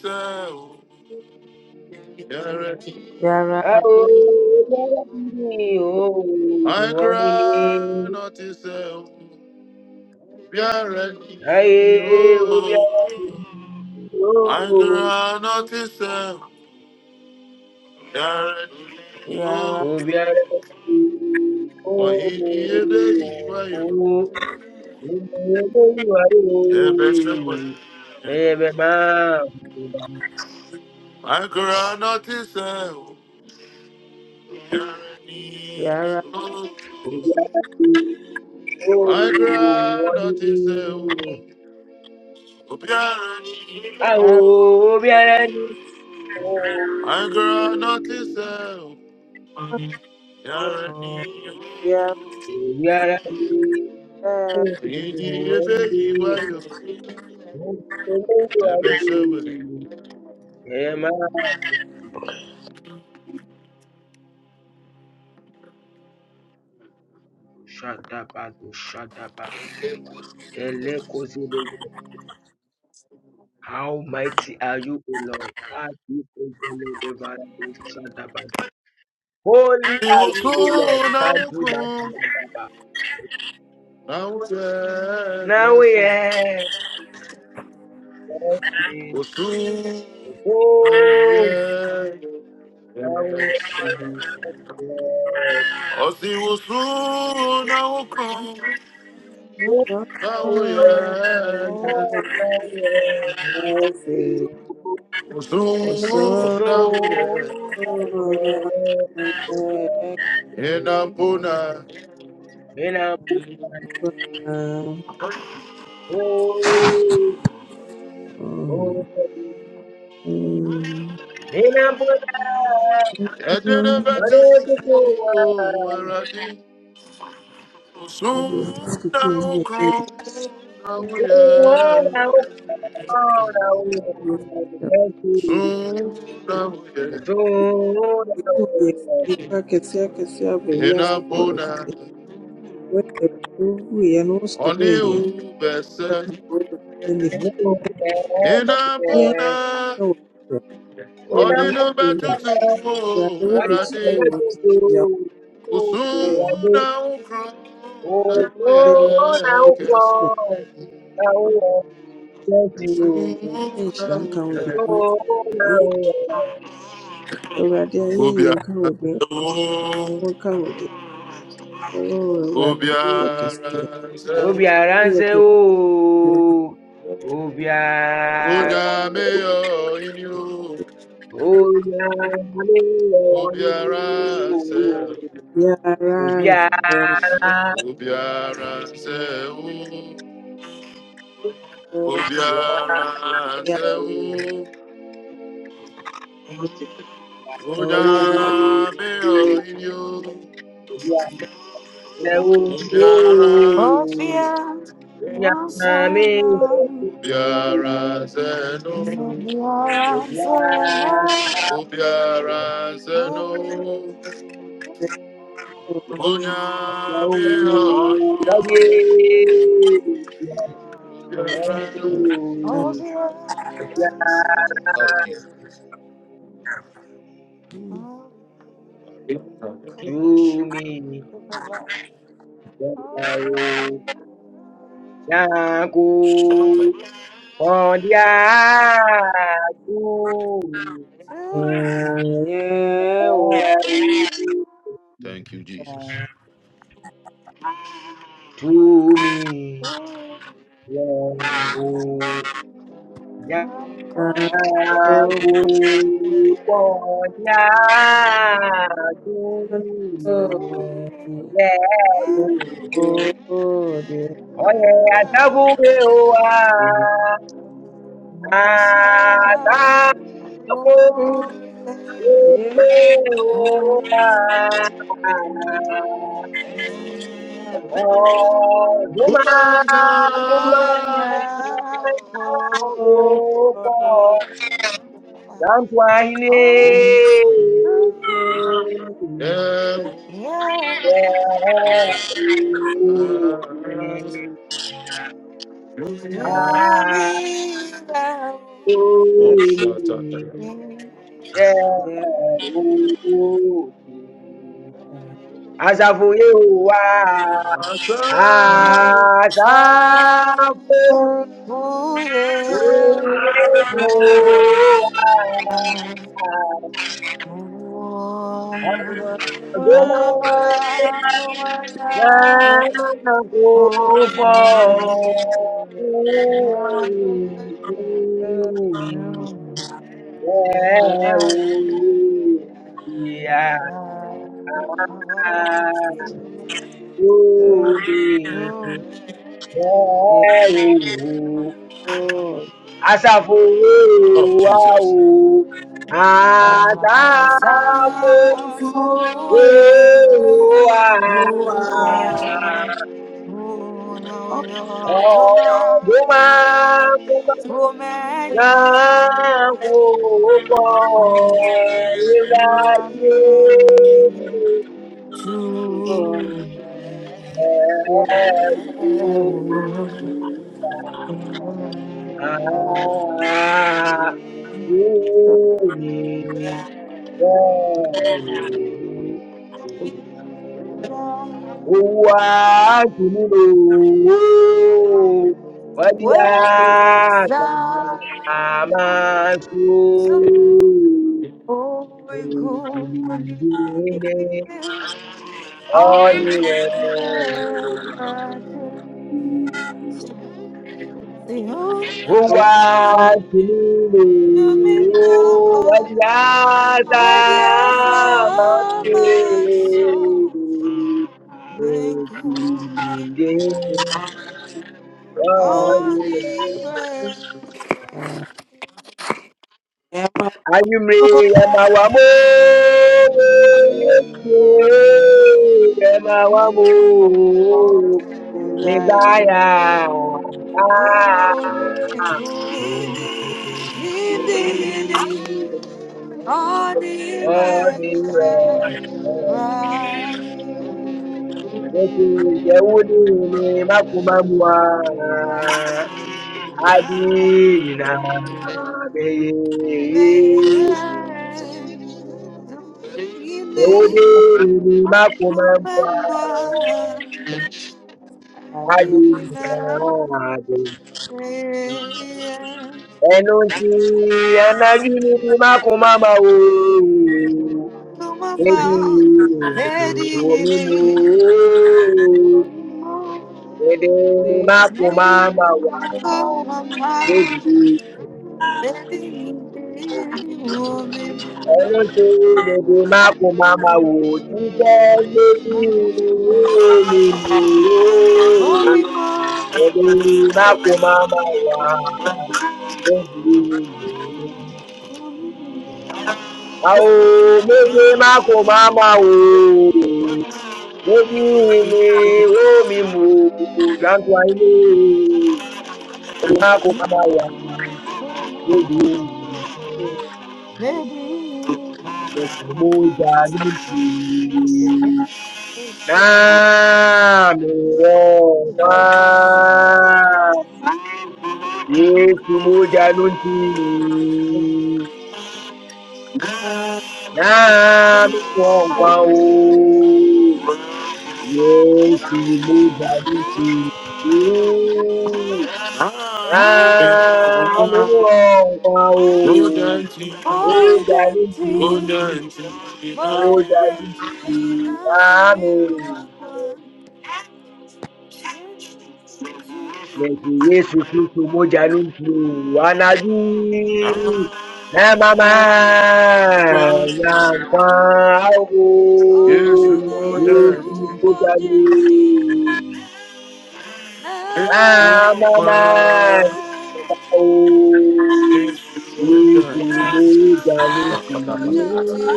yàrá
Oh, I cry not to
oh,
yàrá
Oh, oh, he did it. Why you? The best way.
oh,
I cry not to
yàrá
Oh.
Obiara ni,
I
oh,
cry nothing say
oni.
Obiara ni
Ah, oh, obiara ni, oh,
I cry nothing say Obiara
oh,
ni
yàrá
obiara ni, oh,
Indi ebe
oni.
iwa yo
Oh, obiara
ebe shewe
ni. Ema shadabado shadaba. Elekozilego. How mighty are you, O Lord? Ah, Shadabada. Holy are you, O Lord.
Iwosu na wuku
Shadabada.
na wuye
Now, we
kesi
are. Yes, please.
Osu na
Oh,
wuye
Yahweh. Yes.
kesi Osi wosu na wuku
Oh, Yahweh.
na wuye
ọ̀sán
oh, so, Yahweh.
ẹ̀fẹ̀ ọ̀sán
Oso.
ẹ̀fẹ̀
Inapuna
Enambu. Oh, oh. Enambu.
Edere betu
Aretukuwa.
sumo eradi sunda ukro na
Oh,
uye
Yahweh. Oh, Yahweh. Thank you.
sunda uye
Oso.
Kesia kesia beebi
ina
ase kɔ
bona
ɛwɛ wɔde ɛbubu yɛ no wɔsɔre
oni
yɛ.
ubese
Watu
Hello,
wamefurahia
yeah,
ina bona
okay.
wote.
You
odinu
know,
betu
Nimeyashinda.
sumo
what do you
Yaliyorushwa
eradi
want to
yote ya
do?
kutoka
Oh, I
sunda
do.
ukro na
Oh,
uye
yanayokuja
oh,
kwa
now,
kesi
kutoka.
oh, now, oh, thank you.
sunda
Insha
uye
kawde watu.
Oh, oh, now,
Awurade ayɛ yie
oh.
ubiara
nka wo din. Wo nka wo din. Oo Awurade woyɛ oh, Woyɛ
ubiara
kɛseɛ.
Obiara ń ṣe
Obiara
ooo, Obiara,
Unyameo in you,
Obiara ní ìwọ̀n ní
ubiara se
ooo,
nsɛ
Obiara,
ubiara se
wo. Obiara
Obiara,
ubiara se u
wo. oh,
ooo.
Unyameo inu
Yande uu,
ubiara se
Sophia, once
nyame,
and all,
ubiara se no
yande
once and all,
ubiara se no
oh, yeah.
wo. oh,
Unyameo
uu,
Oh,
yaye,
inu
yeah.
ubiara
yande
wo. oh,
Oh,
uu,
yeah.
wo.
Oh, yeah. Come on,
yashumi,
give it up.
yande
Oh,
uu,
yeah.
yaku, ondia, tu,
To
For you,
au,
heaven.
Thank you, Jesus.
oh,
tumi,
I'm
yande uu,
going
Oh,
to me and I myself will Oh, moment I'm going.
Jantwa
Ah,
ile
Oh, Yeah. To me, thou is
Asafuye wa
my song.
asafu
Oh, yeah. Oh, oh.
Gbéná
Adonai, Adonai,
lẹ́nà kó
oh,
bọ̀
Adonai, Adonai.
Asafu
Yeah, you got it. What I got to say. Yeah. Masasuye, ura, una uyotuma, umenya, to me. What
Hallelujah.
Yeah.
Ah,
Amen. Amen. Amen.
uni, uni. Uwaju nilo wo, wadi
does
aka
thou
mama so.
so holy
Ekuni
the
ndine
be
Amen.
on
oliwe.
ever to
هو جميل
me now?
وجعل
Awediasa my soul, my good living, only
Ayumre yamawamu yamawamu nidaya
Only good living,
ọ̀nìyàn ló fi ìṣẹ́wó nínú ni mákùmámùá ádìyìnà
only
àbẹ̀yẹ
Saying
ìṣẹ́wó
do the evening
nínú ni
of
mákùmámùá
mama? I think in
ádìyìnà
the
àbẹ̀yẹ. ẹnu tí ẹnájú ní ti mákùmámá o
to my
ebi
mouth, Betty in
omi mu
it.
o èdè
Betty
mákùmámá wa.
to my mouth,
lójijì
Betty in it.
òmìnir
Woman,
ẹran tó lóde má kó má má wò ó jíjẹ́
you
lójú
can't hold it, shake about.
olùlówó
Oh, me, mom.
ẹ̀dùn má kó má má wà lójijì òmìnir.
More gentle, more
àwọn méje má kó má má wò ó lójú ni ó mi mú jáde ayé má kó má má wà lójijì. òmìnir. Moja nini nami Roma. Yesu moja nini nami Roma o. Yesu moja nini nami Roma o. Moja nini moja
gentle than
nini
me one
nami.
time.
Leti Yesu Kristo moja nusu anabii na mama
More gentle,
na mwangu.
Ona
Yesu
Yesu
moja
mojenti
nusu
nami
na
wako
mama yangu. Yesu
Yesu
moja nusu
mojenti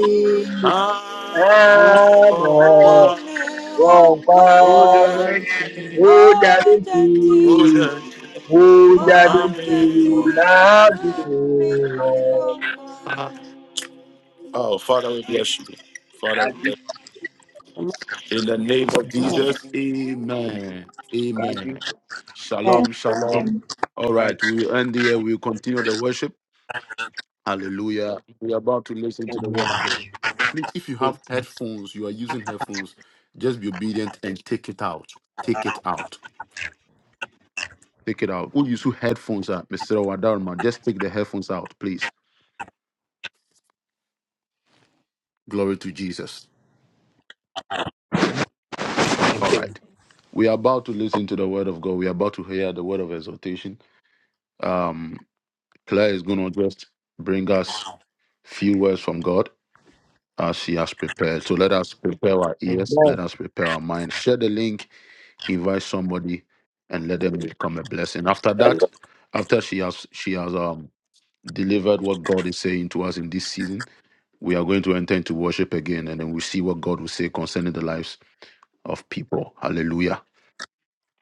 na mama
nami wako
wangu. Moja
mojenti
nusu
Father,
mojenti
we
nami wako
Kadi,
bless you. in the name of Jesus, amen.
kadi,
Amen. Shalom, shalom.
em-
All
kad-
right, we end here. We continue the worship. Hallelujah. We're about to listen to the word
Amen.
of God. Please, if you have headphones, you are using headphones, just be obedient and take it out. Take it out. Take it out. Who use who headphones are, Mr. Wadarma? Just take the headphones out, please. Glory to Jesus. All
Amen.
right. We are about to listen to the word of God. We are about to hear the word of exhortation. Um, Claire is going to just bring us few words from God as she has prepared. So let us prepare our ears.
Amen.
Let us prepare our minds. Share the link. Invite somebody, and let them become a blessing. After that, after she has she has um delivered what God is saying to us in this season, we are going to enter into worship again, and then we see what God will say concerning the lives of people. Hallelujah.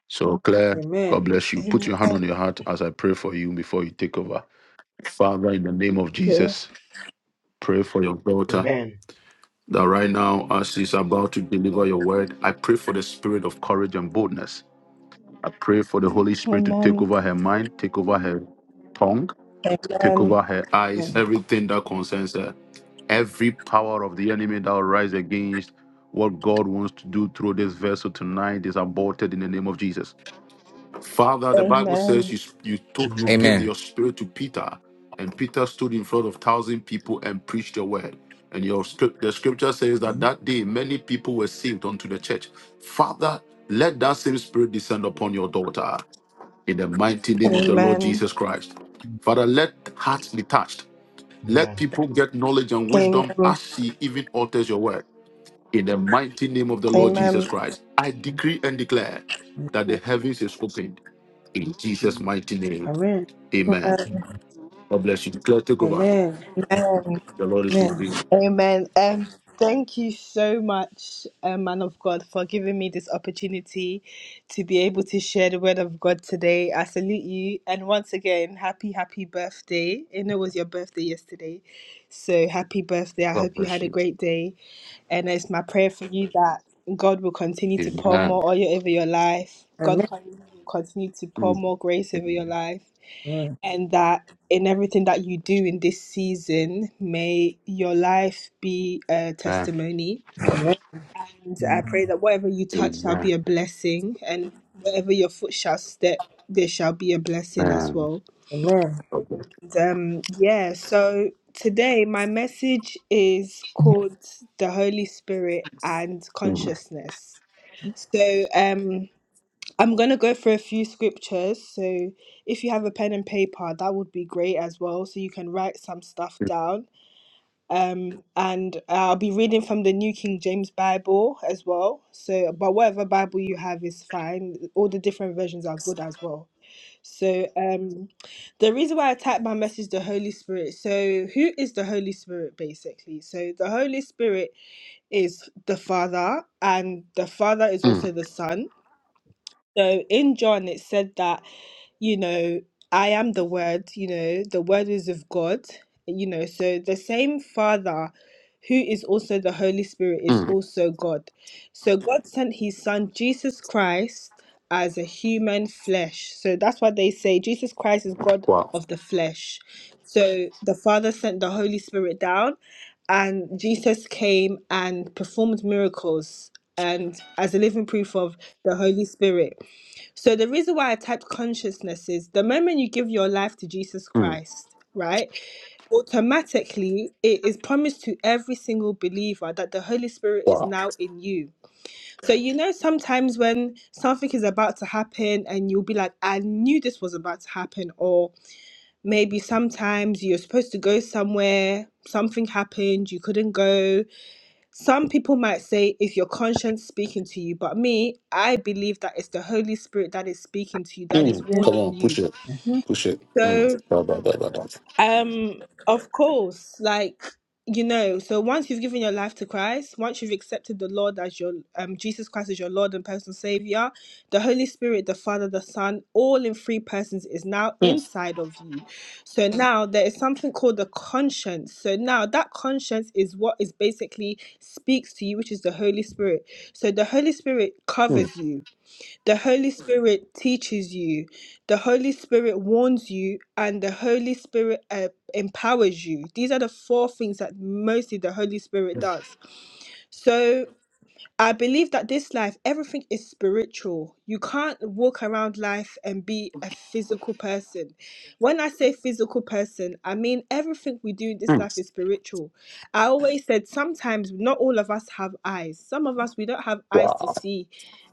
So, Claire, God bless you. Put your hand on your heart as I pray for you before you take over. Father, in the name of
Okay.
Jesus, pray for your daughter
Amen.
that right now, as she's about to deliver your word, I pray for the spirit of courage and boldness. I pray for the Holy Spirit to take
Amen.
over her mind, take over her tongue, take
Amen.
over her eyes, everything that concerns her, every power of the enemy that will rise against what God wants to do through this vessel tonight is aborted in the name of Jesus. Father, the Bible says
Amen.
you you told you
Amen.
give
Amen.
your spirit to Peter, and Peter stood in front of thousand people and preached your word. And your script, the scripture says that that day many people were saved unto the church. Father, let that same spirit descend upon your daughter in the mighty name of the Lord
Amen.
Jesus Christ. Father, let hearts be touched. Let
Amen.
people get knowledge and wisdom
Amen.
as she even alters your word. In the mighty name of the Lord Jesus
Amen.
Christ, I decree and declare that the heavens is opened in Jesus'
Jesus.
mighty name,
Amen.
amen. God bless you. Claire, take over.
Amen.
Amen.
The Lord is with
Amen.
you.
Amen. Um, thank you so much, uh, man of God, for giving me this opportunity to be able to share the word of God today. I salute you. And once again, happy, happy birthday. I know it was your birthday yesterday. So happy birthday. I
God
hope you had
bless
a
you.
great day. And it's my prayer for you that God will continue to pour
Amen.
more oil over your life. God will continue to pour
Mm.
more grace over your
Amen.
life and that in everything that you do in this season, may your life be a testimony. And I
Amen.
pray that whatever you touch shall be
Amen.
a blessing, and wherever your foot shall step, there shall be a blessing as
Amen.
well.
Amen. Amen. Amen.
And, um, yeah, so today my message is called The Holy Spirit and
Mm.
Consciousness. So, um, I'm going to go for a few scriptures. So, if you have a pen and paper, that would be great as well. So, you can write some stuff down. Um, and I'll be reading from the New King James Bible as well. So, but whatever Bible you have is fine. All the different versions are good as well. So, um, the reason why I typed my message, the Holy Spirit. So, who is the Holy Spirit basically? So, the Holy Spirit is the Father, and the Father is
Mm.
also the Son. So in John, it said that you know, I am the Word, you know, the Word is of God, you know, so the same Father who is also the Holy Spirit is also God. So God Mhm. sent his Son, Jesus Christ, as a human flesh. So that's why they say Jesus Christ is God
Wow.
of the flesh. So the Father sent the Holy Spirit down, and Jesus came and performed miracles and as a living proof of the Holy Spirit. So the reason why I typed consciousness is the moment you give your life to Jesus
Mm.
Christ, right? Automatically it is promised to every single believer that the Holy Spirit is
Wow.
now in you. So you know sometimes when something is about to happen and you'll be like, I knew this was about to happen, or maybe sometimes you're supposed to go somewhere, something happened, you couldn't go, some people might say, is your conscience speaking to you? But me, I believe that it's the Holy Spirit that is speaking to you, that is
Mm. Come
warning
on, push
you.
it. Push it. Mm.
So.
Da, da, da, da, da.
Um, of course, like you know, so once you've given your life to Christ, once you've accepted the Lord as your um Jesus Christ as your Lord and personal Savior, the Holy Spirit, the Father, the Son, all in three persons is now
Mm.
inside of you. So now there is something called the conscience. So now that conscience is what is basically speaks to you, which is the Holy Spirit. So the Holy Spirit
Mm.
covers you. The Holy Spirit teaches you, the Holy Spirit warns you, and the Holy Spirit uh, empowers you. These are the four things that mostly the Holy Spirit does. So I believe that this life, everything is spiritual. You can't walk around life and be a physical person. When I say physical person, I mean everything we do in this life
Mm.
is spiritual. I always said sometimes not all of us have eyes. Some of us, we don't have eyes to
Wow.
see.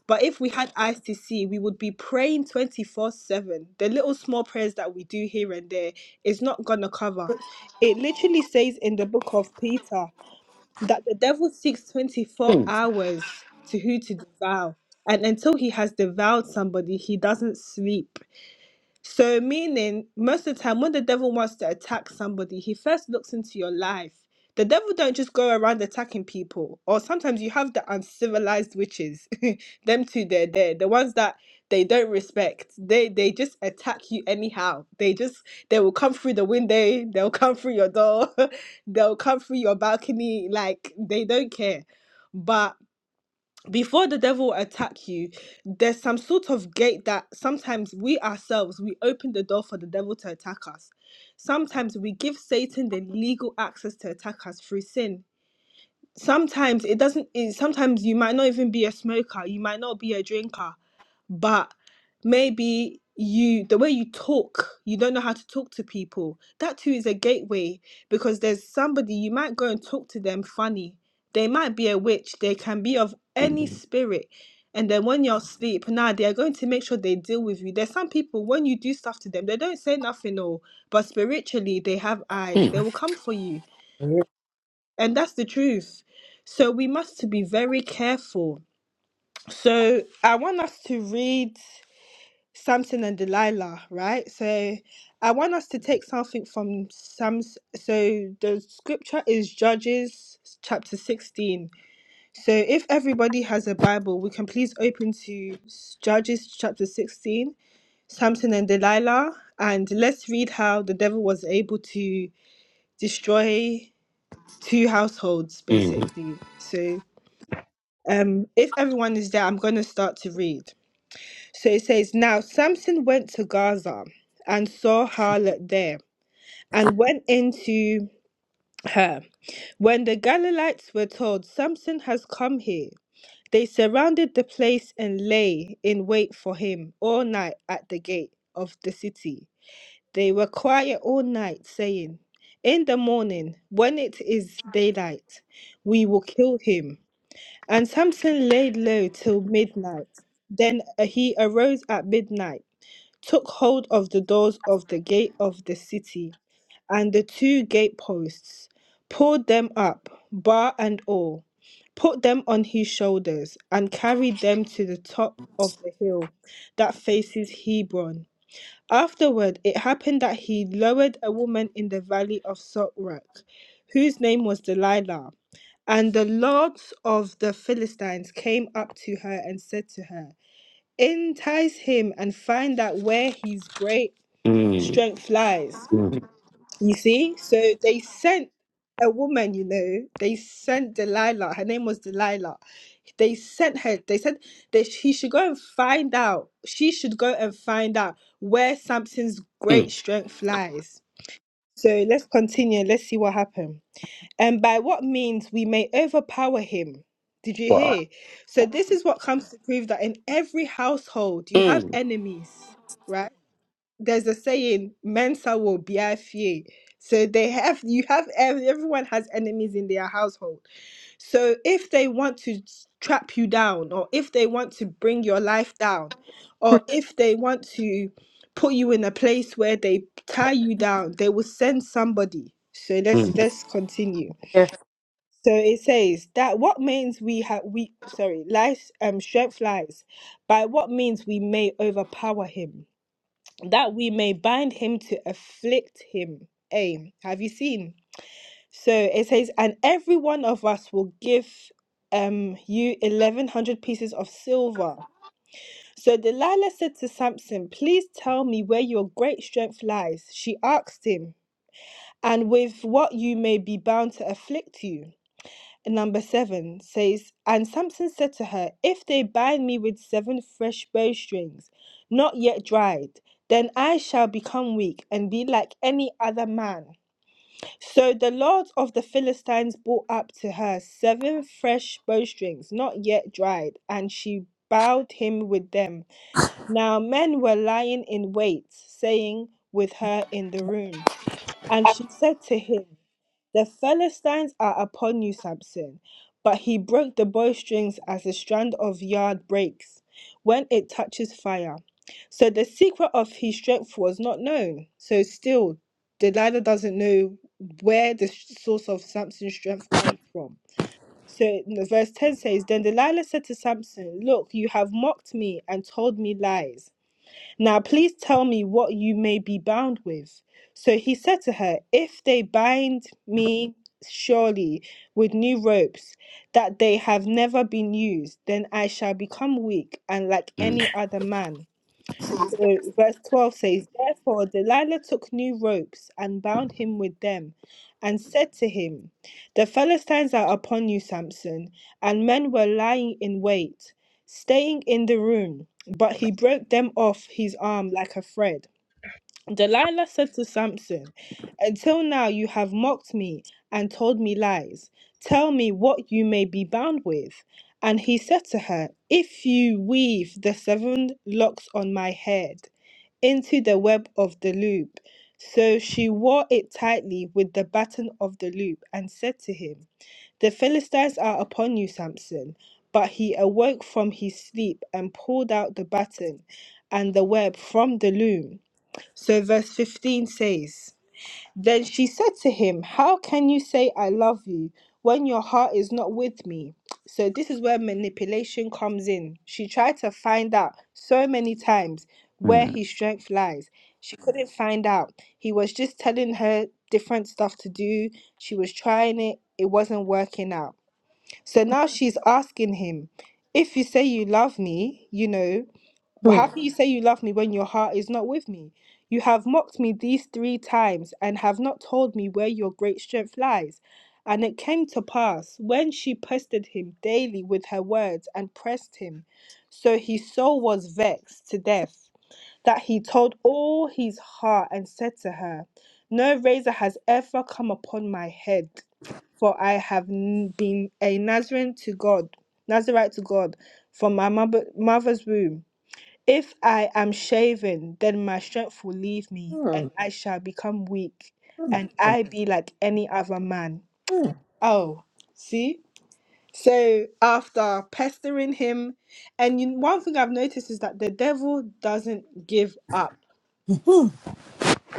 But if we had eyes to see, we would be praying 24 7. The little small prayers that we do here and there is not going to cover. It literally says in the book of Peter that the devil seeks 24
Mm.
hours to who to devour. And until he has devoured somebody, he doesn't sleep. So, meaning most of the time, when the devil wants to attack somebody, he first looks into your life. The devil don't just go around attacking people. Or sometimes you have the uncivilized witches, them two. They're there, the ones that they don't respect. They they just attack you anyhow. They just they will come through the window. They'll come through your door. they'll come through your balcony. Like they don't care. But before the devil will attack you there's some sort of gate that sometimes we ourselves we open the door for the devil to attack us sometimes we give satan the legal access to attack us through sin sometimes it doesn't it, sometimes you might not even be a smoker you might not be a drinker but maybe you the way you talk you don't know how to talk to people that too is a gateway because there's somebody you might go and talk to them funny they might be a witch they can be of any
Mm.
spirit and then when you're asleep now they are going to make sure they deal with you there's some people when you do stuff to them they don't say nothing or but spiritually they have eyes they will come for you
Amen. Mhm.
and that's the truth so we must to be very careful so i want us to read Samson and Delilah, right? So I want us to take something from Sam's. So the scripture is Judges chapter 16. So if everybody has a Bible, we can please open to s- Judges chapter 16, Samson and Delilah, and let's read how the devil was able to destroy two households,
Mm.
basically. So um, if everyone is there, I'm going to start to read. So it says, Now Samson went to Gaza and saw harlot there and went into her. When the Galileans were told, Samson has come here, they surrounded the place and lay in wait for him all night at the gate of the city. They were quiet all night, saying, In the morning, when it is daylight, we will kill him. And Samson laid low till midnight. Then he arose at midnight took hold of the doors of the gate of the city and the two gateposts, pulled them up, bar and all, put them on his shoulders, and carried them to the top of the hill that faces Hebron. Afterward, it happened that he lowered a woman in the valley of Sorek, whose name was Delilah. And the lords of the Philistines came up to her and said to her, Entice him and find out where his great
Mm.
strength lies.
Mm.
You see? So they sent a woman, you know, they sent Delilah. Her name was Delilah. They sent her, they said that she should go and find out. She should go and find out where Samson's great
Mm.
strength lies. So let's continue. Let's see what happened. And by what means we may overpower him. Did you
Wow.
hear? So this is what comes to prove that in every household you have
Mm.
enemies, right? there's a saying mensa will be fie so they have you have ev- everyone has enemies in their household so if they want to s- trap you down or if they want to bring your life down or if they want to put you in a place where they tie you down they will send somebody so let's
Mm.
let's continue
Yes.
so it says that what means we have we sorry life um strength lies by what means we may overpower him that we may bind him to afflict him. Hey, have you seen? So it says, and every one of us will give um you eleven hundred pieces of silver. So Delilah said to Samson, Please tell me where your great strength lies. She asked him, and with what you may be bound to afflict you. Number seven says, And Samson said to her, If they bind me with seven fresh bowstrings, not yet dried, then I shall become weak and be like any other man. So the Lord of the Philistines brought up to her seven fresh bowstrings, not yet dried, and she bowed him with them. Now men were lying in wait, saying, With her in the room. And she said to him, the Philistines are upon you, Samson. But he broke the bowstrings as a strand of yard breaks when it touches fire. So the secret of his strength was not known. So still, Delilah doesn't know where the source of Samson's strength comes from. So the verse 10 says, Then Delilah said to Samson, Look, you have mocked me and told me lies. Now please tell me what you may be bound with. So he said to her, If they bind me surely with new ropes that they have never been used, then I shall become weak and like
Mm.
any other man. So verse 12 says, Therefore Delilah took new ropes and bound him with them, and said to him, The Philistines are upon you, Samson. And men were lying in wait, staying in the room, but he broke them off his arm like a thread. Delilah said to Samson, Until now you have mocked me and told me lies. Tell me what you may be bound with. And he said to her, If you weave the seven locks on my head, into the web of the loop. So she wore it tightly with the button of the loop and said to him, The Philistines are upon you, Samson. But he awoke from his sleep and pulled out the button and the web from the loom. So verse 15 says, then she said to him, How can you say I love you when your heart is not with me? So, this is where manipulation comes in. She tried to find out so many times where
Mm.
his strength lies. She could couldn't find out. He was just telling her different stuff to do. She was trying it, it wasn't working out. So now she's asking him, If you say you love me, you know. Well,
Hmm.
how can you say you love me when your heart is not with me? You have mocked me these three times and have not told me where your great strength lies. And it came to pass when she pestered him daily with her words and pressed him, so his soul was vexed to death, that he told all his heart and said to her, No razor has ever come upon my head, for I have n- been a Nazarene to God, Nazarite to God, from my mother, mother's womb. If I am shaven, then my strength will leave me, and
Hmm.
I shall become weak,
Hmm.
and I be like any other man.
Hmm.
Oh, see? So after pestering him, and you, one thing I've noticed is that the devil doesn't give up.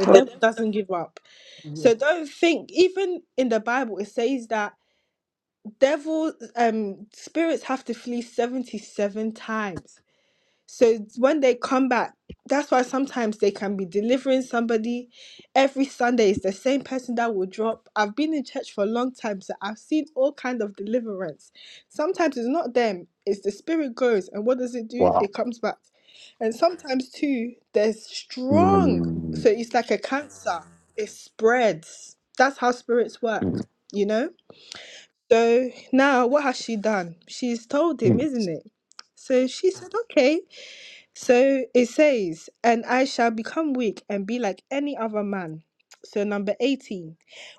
The devil doesn't give up. So
it's
don't think, even in the Bible, it says that devil um spirits have to flee 77 times. So when they come back, that's why sometimes they can be delivering somebody. Every Sunday is the same person that will drop. I've been in church for a long time, so I've seen all kind of deliverance. Sometimes it's not them, it's the spirit goes, and what does it do?
Wow.
It comes back. And sometimes too, there's strong.
Mm.
So it's like a cancer. It spreads. That's how spirits work,
Mm.
you know? So now what has she done? She's told him,
Mm.
isn't it? So she said, okay. So it says, and I shall become weak and be like any other man. So, number 18.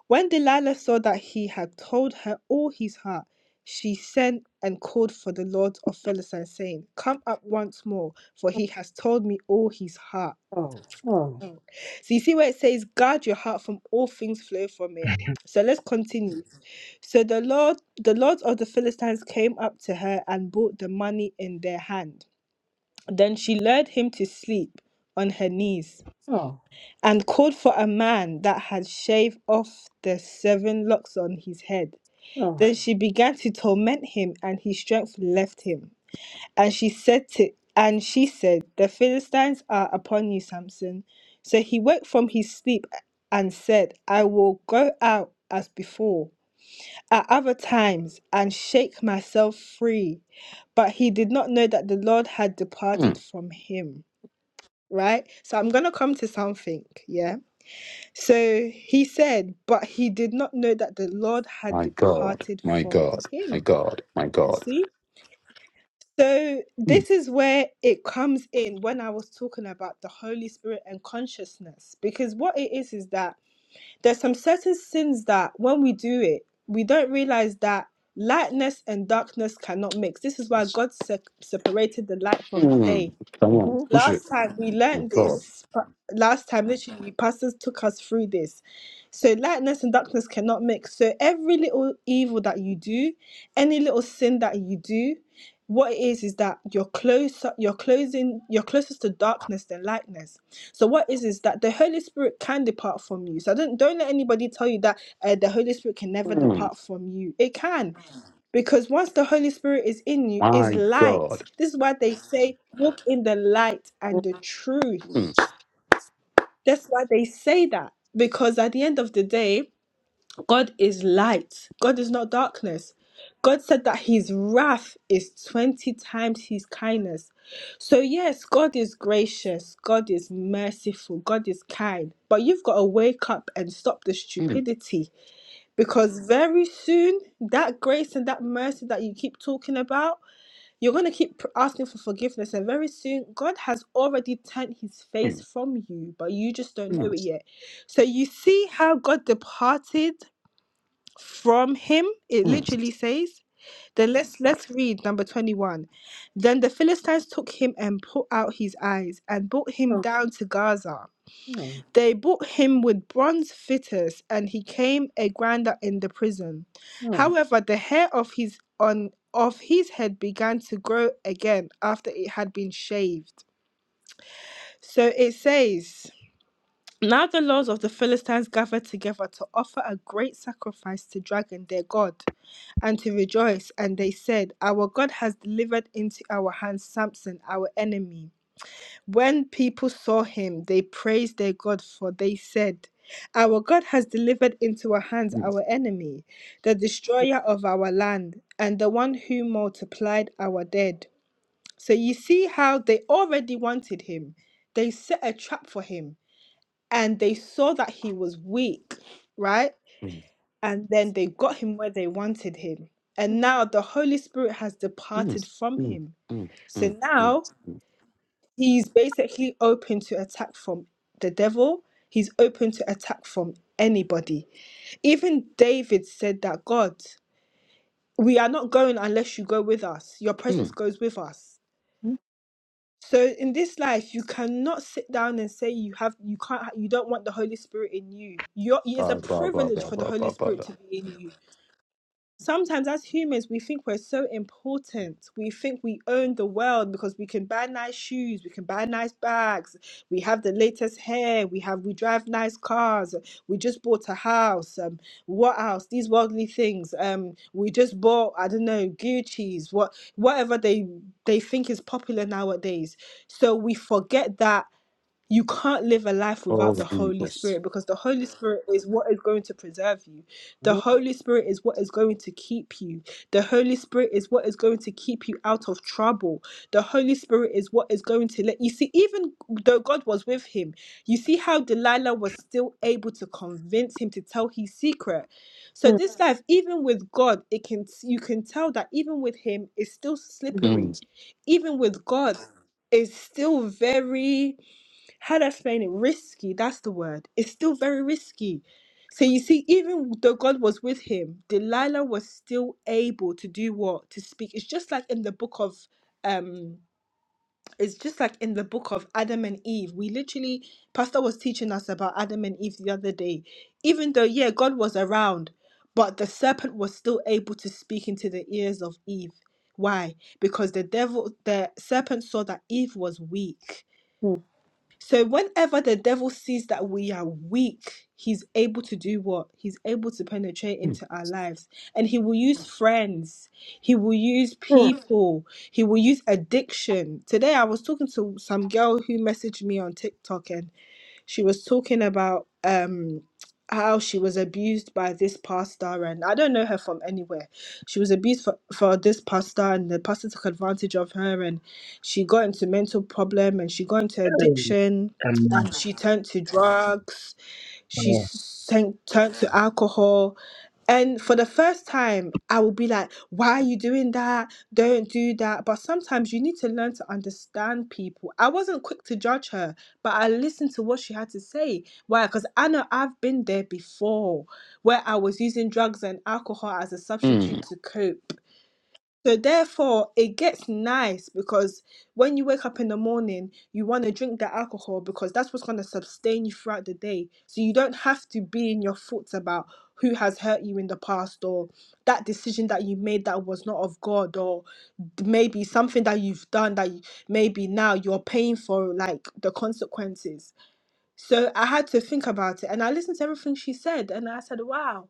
When Delilah saw that he had told her all his heart, she sent and called for the Lord of Philistine, saying, Come up once more, for he has told me all his heart.
oh, oh,
So, you see where it says, Guard your heart from all things flow from it. So let's continue. So the Lord, the lords of the Philistines came up to her and brought the money in their hand. Then she lured him to sleep on her knees.
oh,
and called for a man that had shaved off the seven locks on his head.
oh,
Then she began to torment him, and his strength left him. And she said to and she said, The Philistines are upon you, Samson. So he woke from his sleep and said, I will go out as before, at other times, and shake myself free. But he did not know that the Lord had
Mm.
departed from him. Right? So I'm gonna come to something, yeah? So he said, but he did not know that the Lord had
My God,
departed
my
from
God, my
him.
God, my
You
God.
see? So this
Mm.
is where it comes in when I was talking about the Holy Spirit and consciousness. Because what it is is that there's some certain sins that when we do it, we don't realize that lightness and darkness cannot mix. This is why God se- separated the light from the day.
Mm. Come on,
mhm,
push
Last
it.
time we
My
learned
God.
this. Last time, literally, pastors took us through this So lightness and darkness cannot mix. So every little evil that you do, any little sin that you do, what it is is that you're closer, you're closing, you're closest to darkness than lightness. So what is is that the Holy Spirit can depart from you. So don't don't let anybody tell you that uh, the Holy Spirit can never
Mm.
depart from you. It can because once the holy spirit is in you is
My God.
light this is why they say walk in the light and
oh,
the truth
Mm.
that's why they say that because at the end of the day God is light. God is not darkness. God said that his wrath is 20 times his kindness. So, yes, God is gracious. God is merciful. God is kind. But you've got to wake up and stop the
Mm.
stupidity because very soon that grace and that mercy that you keep talking about, you're going to keep pr- asking for forgiveness. And very soon, God has already turned his face
Mm.
from you, but you just don't know
Mm.
it yet. So, you see how God departed from him it
Mm.
literally says then let's let's read number 21 then the philistines took him and put out his eyes and brought him
oh,
down to gaza
oh,
they brought him with bronze fitters and he came a grinder in the prison
oh,
however the hair of his on of his head began to grow again after it had been shaved so it says now the lords of the Philistines gathered together to offer a great sacrifice to Dragon, their god. and to rejoice. And they said, Our God has delivered into our hands Samson, our enemy. When people saw him, they praised their God, for they said, Our God has delivered into our hands
Mm.
our enemy, the destroyer of our land, and the one who multiplied our dead. So you see how they already wanted him. They set a trap for him, and they saw that he was weak, right?
Mm.
and then they got him where they wanted him. And now the Holy Spirit has
Mm. Mm.
departed from
Mm.
him.
Mm.
So
Mm.
now he's basically open to attack from the devil, he's open to attack from anybody. Even David said that God, we are not going unless you go with us, your presence
Mm.
goes with us.
mhm,
So in this life, you cannot sit down and say you have you can't ha- you don't want the Holy Spirit in you. You're, it is a
Ba, ba, ba,
privilege
ba,
for the
ba,
Holy
ba, ba,
Spirit
da.
to be in you. sometimes as humans we think we're so important we think we own the world because we can buy nice shoes we can buy nice bags we have the latest hair we have we drive nice cars we just bought a house um what else these worldly things um we just bought i don't know gucci's what whatever they they think is popular nowadays so we forget that you can't live a life
Oh,
without the Holy
Jesus.
Spirit because the Holy Spirit is what is going to preserve you. The
mhm,
Holy Spirit is what is going to keep you. The Holy Spirit is what is going to keep you out of trouble. The Holy Spirit is what is going to let you see, even though God was with him, you see how Delilah was still able to convince him to tell his secret. So
mhm,
this Yeah. life, even with God, it can you can tell that even with him, it's still
Mm.
slippery. Even with God, it's still very how to explain it risky, that's the word. It's still very risky. So you see, even though God was with him, Delilah was still able to do what? To speak. It's just like in the book of um it's just like in the book of Adam and Eve. We literally Pastor was teaching us about Adam and Eve the other day. Even though, yeah, God was around, but the serpent was still able to speak into the ears of Eve. Why? Because the devil, the serpent saw that Eve was weak
mhm,
so whenever the devil sees that we are weak, he's able to do what? He's able to penetrate into our lives. And he will use friends. He will use
mhm,
people. He will use addiction. Today I was talking to some girl who messaged me on TikTok and. She was talking about um how she was abused by this pastor and I don't know her from anywhere. She was abused for, for this pastor and the pastor took advantage of her and she got into mental problem and she got into addiction
Amen.
and she turned to drugs she sank, turned to alcohol. And for the first time, I will be like, why are you doing that? Don't do that. But sometimes you need to learn to understand people. I wasn't quick to judge her, but I listened to what she had to say. Why? Because I know I've been there before where I was using drugs and alcohol as a
Mm.
substitute to cope. So therefore, it gets nice because when you wake up in the morning, you want to drink the alcohol because that's what's going to sustain you throughout the day. So you don't have to be in your thoughts about who has hurt you in the past or that decision that you made that was not of God or d- maybe something that you've done that you, maybe now you're paying for like the consequences. So I had to think about it and I listened to everything she said and I said, "Wow."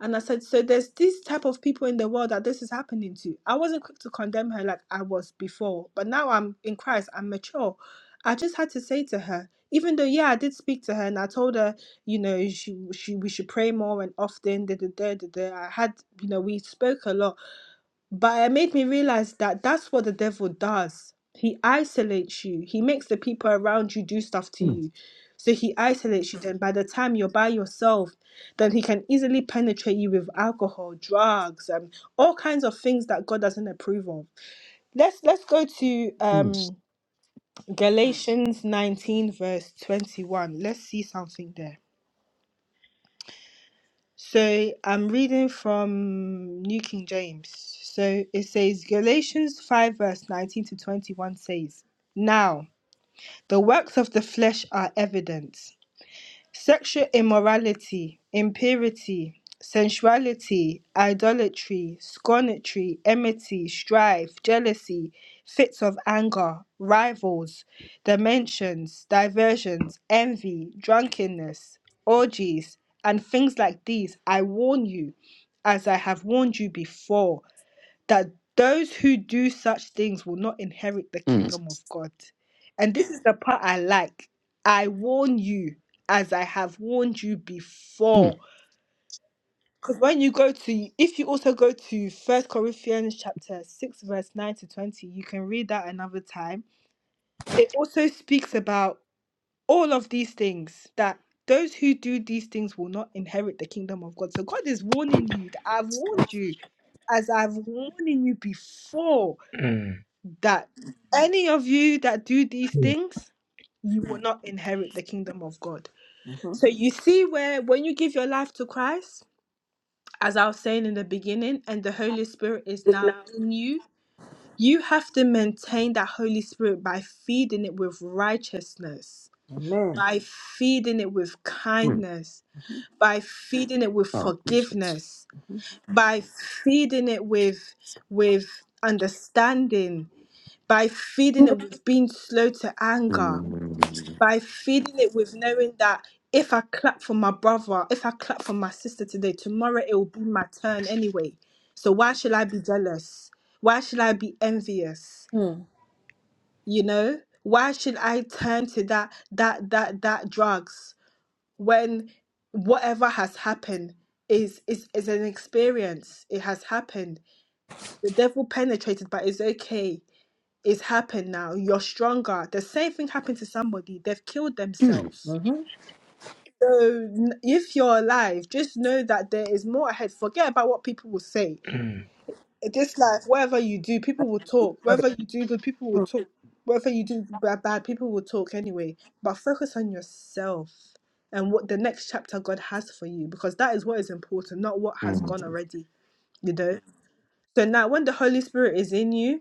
And I said, so there's this type of people in the world that this is happening to. I wasn't quick to condemn her like I was before, but now I'm in Christ, I'm mature. I just had to say to her, even though yeah, I did speak to her and I told her, you know, she she we should pray more and often. Da, da, da, da, da. I had, you know, we spoke a lot, but it made me realize that that's what the devil does. He isolates you. He makes the people around you do stuff to
Mm.
you. So he isolates you. Then by the time you're by yourself, then he can easily penetrate you with alcohol, drugs, and all kinds of things that God doesn't approve of. Let's let's go to
Mm.
um Galatians 19 verse 21. Let's see something there. So I'm reading from New King James. So it says, Galatians 5, verse 19 to 21 says, Now the works of the flesh are evident Sexual immorality, impurity, sensuality, idolatry, scornetry, enmity, strife, jealousy, fits of anger, rivals, dimensions, diversions, envy, drunkenness, orgies, and things like these, I warn you, as I have warned you before that those who do such things will not inherit the
Mm.
kingdom of God. And this is the part I like. I warn you, as I have warned you
Mm.
before. Because when you go to, if you also go to First Corinthians chapter 6, verse 9 to 20, you can read that another time. It also speaks about all of these things that those who do these things will not inherit the kingdom of God. So God is warning you that I've warned you as I've warned you before.
Amen.
that any of you that do these
Mm.
things, you will not inherit the kingdom of God.
mhm.
So you see where when you give your life to Christ, as I was saying in the beginning, and the Holy Spirit is
It's
now
not.
in you, you have to maintain that Holy Spirit by feeding it with righteousness,
Amen.
by feeding it with
Mm.
kindness,
Mhm,
by feeding it with
Oh, Jesus.
forgiveness, by feeding it with with understanding, by feeding
mhm,
it with being slow to anger
Mm.
by feeding it with knowing that if I clap for my brother, if I clap for my sister today, tomorrow it will be my turn anyway. So why should I be jealous? Why should I be envious? You know? Why should I turn to that that that that drugs when whatever has happened is is is an experience. It has happened. The devil penetrated, but it's okay. It's happened now. You're stronger. The same thing happened to somebody. They've killed
Mm. Mm.
themselves
mhm.
So, n- if you're alive, just know that there is more ahead. Forget about what people will say.
Mm.
In this life, whatever you do, people will
It's
talk.
not a-
Whether you do good, people will
mm,
talk. Whether you do bad, bad, people will talk anyway. But focus on yourself and what the next chapter God has for you, because that is what is important, not what has gone already. You know. So now, when the Holy Spirit is in you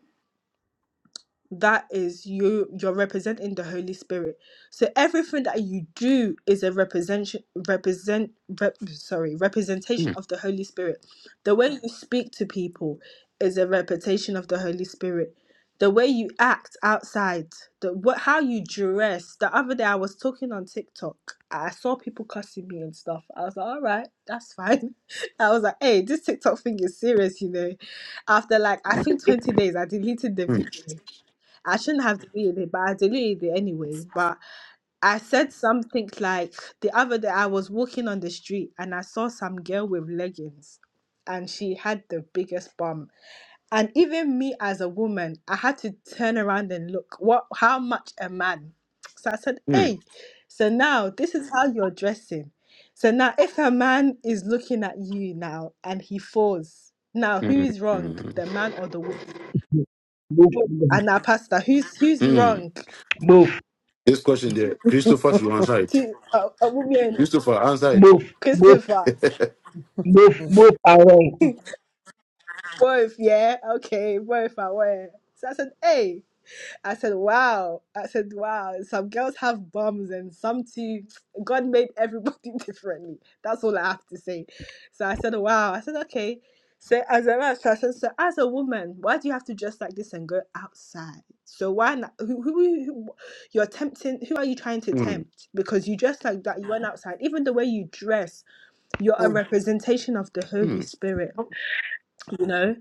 that is you you're representing the holy spirit so everything that you do is a representation represent rep, sorry representation
Mm.
of the holy spirit the way you speak to people is a representation of the holy spirit the way you act outside the what how you dress the other day i was talking on tiktok i saw people cussing me and stuff i was like all right that's fine i was like hey this tiktok thing is serious you know after like i think 20 days i deleted the video I shouldn't have deleted it, but I deleted it anyway. But I said something like the other day I was walking on the street and I saw some girl with leggings and she had the biggest bum. And even me as a woman, I had to turn around and look what how much a man. So I said,
Mm.
Hey, so now this is how you're dressing. So now if a man is looking at you now and he falls, now
Mm.
who's wrong?
Mm.
The man or the woman?
Move, move,
And now pastor, who's who's
Mm.
wrong?
move,
This question there, Christopher should answer
ti
it.
ọ- ọmụ
Christopher, answer it.
move,
christopher
move,
mm,
move away,
both yeah okay both wolf aware so i said hey i said wow i said wow some girls have bums and some too god made everybody differently that's all i have to say so i said wow i said okay so as a man, so I said, so as a woman, why do you have to dress like this and go outside? So why not? Who, who, who who- you're tempting? Who are you trying to
Mm,
tempt? Because you dress like that, you went outside. Even the way you dress, you're a representation of the Holy
mm,
Spirit, you know?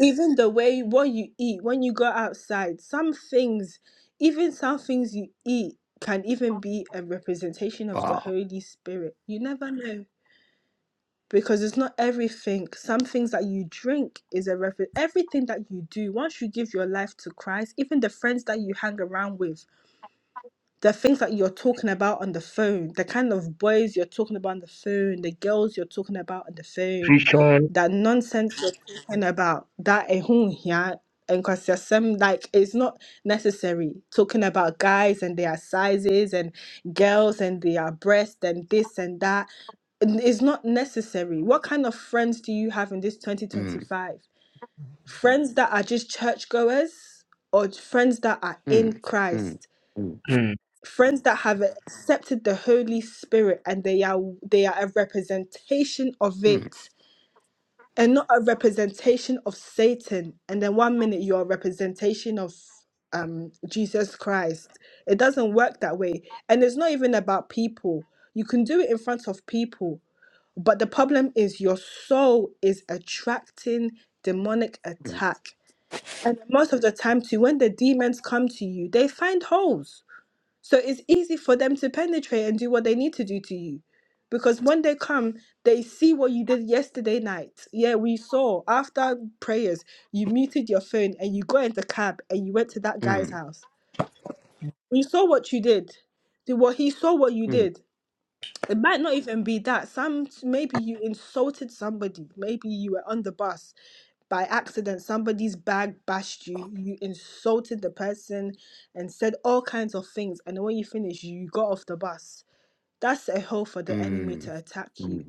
Even the way what you eat, when you go outside, some things, even some things you eat can even be a representation of the
ah,
Holy Spirit. You never know. Because it's not everything. Some things that you drink is a reference. Everything that you do, once you give your life to Christ, even the friends that you hang around with, the things that you're talking about on the phone, the kind of boys you're talking about on the phone, the girls you're talking about on the phone,
Christian.
that nonsense you're talking about, that a whom yeah, and cause there's some like it's not necessary talking about guys and their sizes and girls and their breasts and this and that n- is not necessary. What kind of friends do you have in this
mm,
2025? Friends that are just churchgoers or friends that are in
mm,
Christ?
mm, mm, mm,
Mm.
friends that have accepted the holy spirit and they are they are a representation of
mm,
it and not a representation of satan and then one minute you're a representation of um jesus christ it doesn't work that way and it's not even about people you can do it in front of people but the problem is your soul is attracting demonic
mm,
attack and most of the time too when the demons come to you they find holes so it's easy for them to penetrate and do what they need to do to you. Because when they come, they see what you did yesterday night. Yeah, we saw after prayers, you muted your phone and you got in the cab and you went to that guy's
mm,
house. We saw what you did. The- What he saw what you did. It might not even be that. Some maybe you insulted somebody. Maybe you were on the bus by accident somebody's bag bashed you you insulted the person and said all kinds of things and then when you finish you got off the bus that's a hole for the enemy
mm,
to attack you
mm,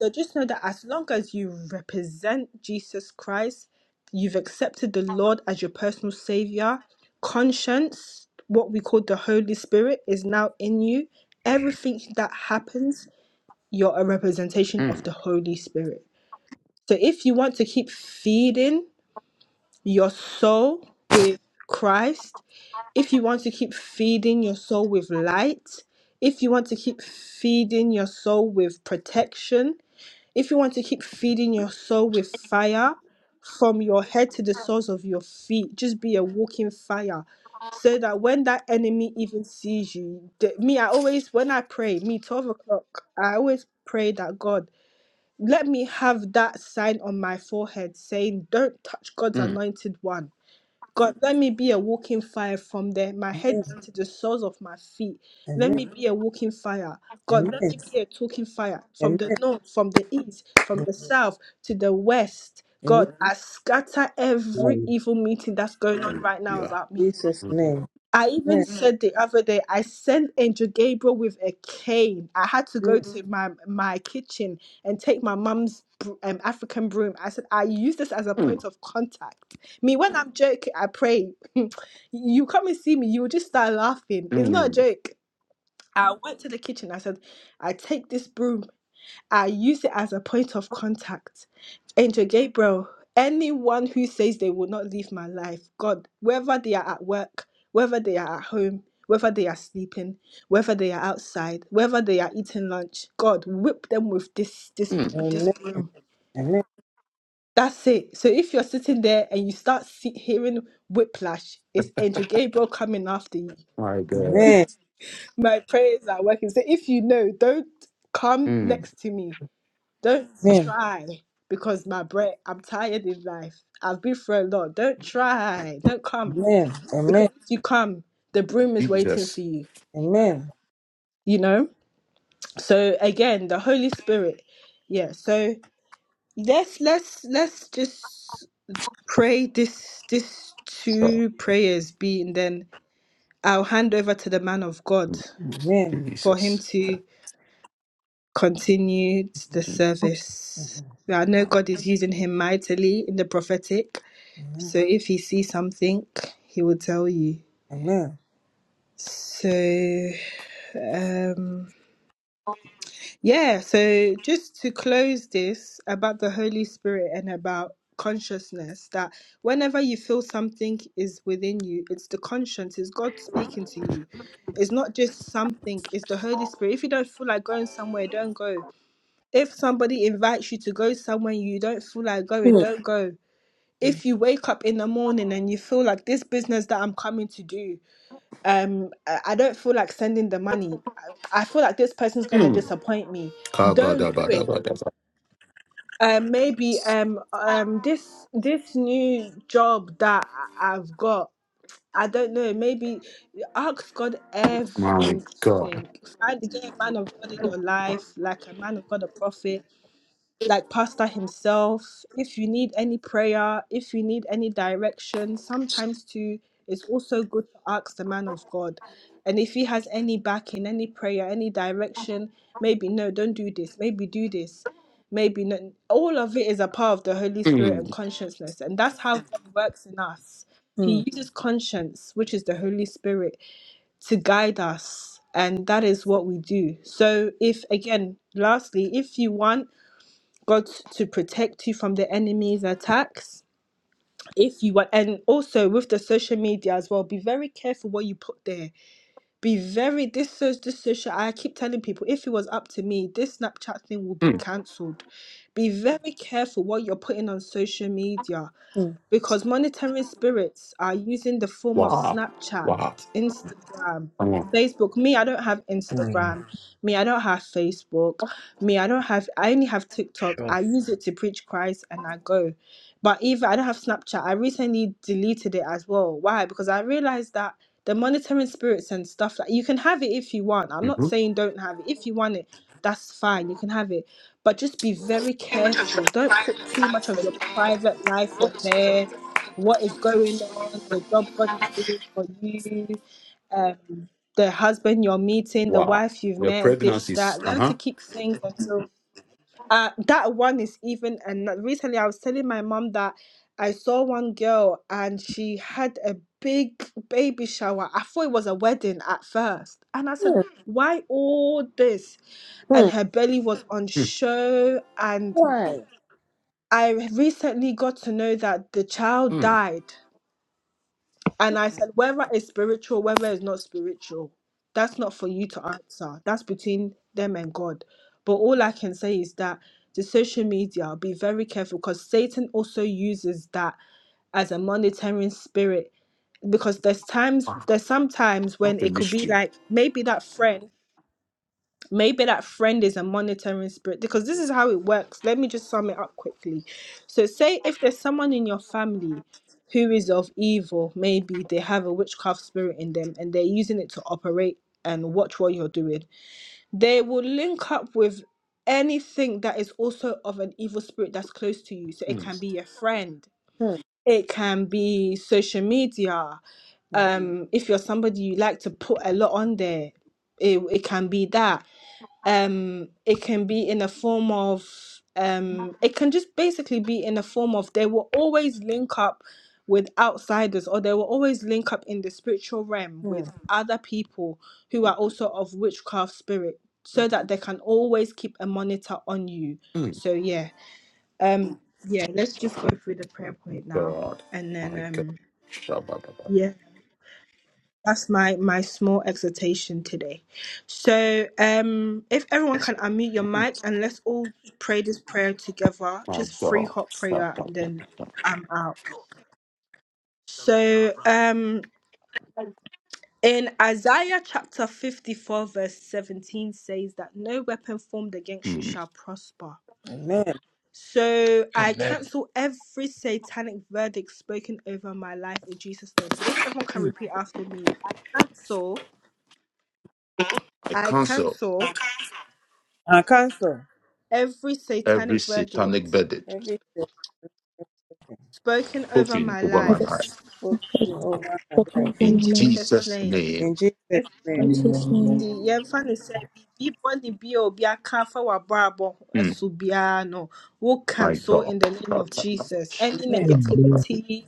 so just know that as long as you represent jesus christ you've accepted the lord as your personal savior conscience what we call the holy spirit is now in you everything that happens you're a representation of
mm,
the holy spirit so if you want to keep feeding your soul with Christ, if you want to keep feeding your soul with light, if you want to keep feeding your soul with protection, if you want to keep feeding your soul with fire from your head to the soles of your feet, just be a walking fire. So that when that enemy even sees you, the- me, I always, when I pray, me, 12 o'clock, I always pray that God, let me have that sign on my forehead saying, Don't touch God's
mm.
anointed one God, let me be a walking fire from the, my head
mm.
to the soles of my feet. Let
Amen.
me be a walking fire. God,
Amen.
let me be a talking fire from the
Amen.
north, from the east, from the south to the west.
Amen. In
God, I scatter every
Mm.
evil meeting that's going on right now
Hallelujah.
about me.
Jesus'
Mm,
name.
I even Mm.
Amen.
said the other day, I sent Angel Gabriel with a cane. I had to go
Mm,
to Mm. my my kitchen and take my mum's br- um, African broom. I said, I use this as a
mm,
point of contact. Me, when I'm joking, I pray. you come and see me, you will just start laughing. It's not a
mm,
joke. I Mm. went to the kitchen. I said, I take this broom I use it as a point of contact. Angel Gabriel, anyone who says they will not leave my life, God, whether they are at work, whether they are at home, whether they are sleeping, whether they are outside, whether they are eating lunch, God, whip them with this this
mm.
this
Amen.
broom.
Amen.
That's it. So if you're sitting there and you start see, hearing whiplash, it's Angel Gabriel coming after you.
My God.
Amen.
My prayers are working. So if you know, don't come
Mm,
next to me Don't try because my bread, I'm tired in life. I've been through a lot. Don't try. Don't come
Amen.
because
Amen.
if you come, the broom is waiting for
Jesus.
you.
Amen.
You know. So again, the Holy Spirit. Yeah. So let's let's let's just pray this this
Oh,
two prayers be and then I'll hand over to the man of God
Amen.
for him
Jesus.
to continue the
Je-
service.
Amen.
I know God is using him mightily in the prophetic. So
Amen.
if he sees something, he will tell you.
Amen. Amen.
So um yeah, so just to close this about the Holy Spirit and about consciousness that whenever you feel something is within you, it's the conscience, it's God speaking to you. It's not just something, it's the Holy Spirit. If you don't feel like going somewhere, don't go. If somebody invites you to go somewhere you don't feel like going,
mm,
don't go. If you wake up in the morning and you feel like this business that I'm coming to do um I I don't feel like sending the money. I, I feel like this person's gonna
Mm,
disappoint me. Don't do
da,
it.
da, da, da.
Um, maybe um um this this new job that I- I've got, I don't know. Maybe ask God
My
everything.
God.
Find get a man of God in your life, like a man of God, a prophet like pastor himself if you need any prayer if you need any direction sometimes too it's also good to ask the man of god and if he has any backing any prayer any direction maybe no don't do this maybe do this maybe no all of it is a part of the holy spirit and
Mm,
consciousness and that's how god works in us he
mm,
uses conscience which is the holy spirit to guide us and that is what we do so if again lastly if you want God to protect you from the enemy's attacks. If you want, and also with the social media as well, be very careful what you put there. Be very this so- this social. I keep telling people, if it was up to me, this Snapchat thing will be
mm.
cancelled. Be very careful what you're putting on social media because monitoring spirits are using the form of
Wow.
Snapchat,
Wow.
Instagram,
Come on.
Facebook. Me, I don't have
Mm.
Instagram. Me, I don't have Facebook. Me, I don't have, I only have TikTok.
Sure.
I use it to preach Christ and I go. But even, I don't have Snapchat. I recently deleted it as well. Why? Because I realized that the monitoring spirits and stuff like you can have it if you want. I'm not
hmm
saying don't have it. If you want it, that's fine. You can have it but just be very careful. Don't put too much of your private life on there. What is going on? The job God is doing for you. Um, the husband you're meeting, the
Wow.
wife you've
The
met, this,
pregnancies.
that.
Uh
Learn
huh.
to keep things until uh, that one is even. And recently, I was telling my mom that I saw one girl and she had a big baby shower. I thought it was a wedding at first, and I said,
mm,
"Why all this?"
mm,
And her belly was on
Mm,
show, and
Why?
I recently got to know that the child
mm.
died. And I said, whether it's spiritual, whether it's not spiritual, that's not for you to answer. That's between them and God. But all I can say is that the social media, be very careful because Satan also uses that as a monitoring spirit. Because there's times,
Wow.
there's sometimes when
What a
it could be
mystery.
like maybe that friend Maybe that friend is a monitoring spirit because this is how it works. Let me just sum it up quickly. So, say if there's someone in your family who is of evil, maybe they have a witchcraft spirit in them and they're using it to operate and watch what you're doing, they will link up with anything that is also of an evil spirit that's close to you. So, it
Mm.
can be your friend,
Mm,
it can be social media.
mm,
Um, if you're somebody you like to put a lot on there, it, it can be that um it can be in a form of um it can just basically be in a form of they will always link up with outsiders or they will always link up in the spiritual realm with
mm.
other people who are also of witchcraft spirit so that they can always keep a monitor on you
Mm.
so yeah um yeah let's just go through the prayer point now
God.
and then
My God.
um
shabba
yeah. That's my my small exhortation today. So, um, if everyone can unmute your mic and let's all pray this prayer together,
My
just free
God.
hot prayer,
Shabba.
and then I'm out. So, um, in Isaiah chapter 54, verse 17 says that no weapon formed against you
Mm.
shall prosper.
Amen.
So I
Amen.
cancel every satanic verdict spoken over my life in Jesus' name. So if everyone can
Mm.
repeat after me, I cancel,
I
I
cancel
cancel
I cancel
every
every
satanic
satanic
verdict
verdict
everything
spoken over
spoken
my
over my
of
life
us
life.
spoken over my
spoken of
life.
one
in
In
Lord,
Jesus'
Jesus'
name.
In
name.
Jesus' name.
Jesus' name,
Ɛfiti yɛmfa no sɛ biribi bɔne bi a obi aka afa w'abrabɔ
Mm.
so biara no wo
My
cancel
God.
in the name of
Shabba-dabba.
Jesus. Any
Amen.
shabba
negativity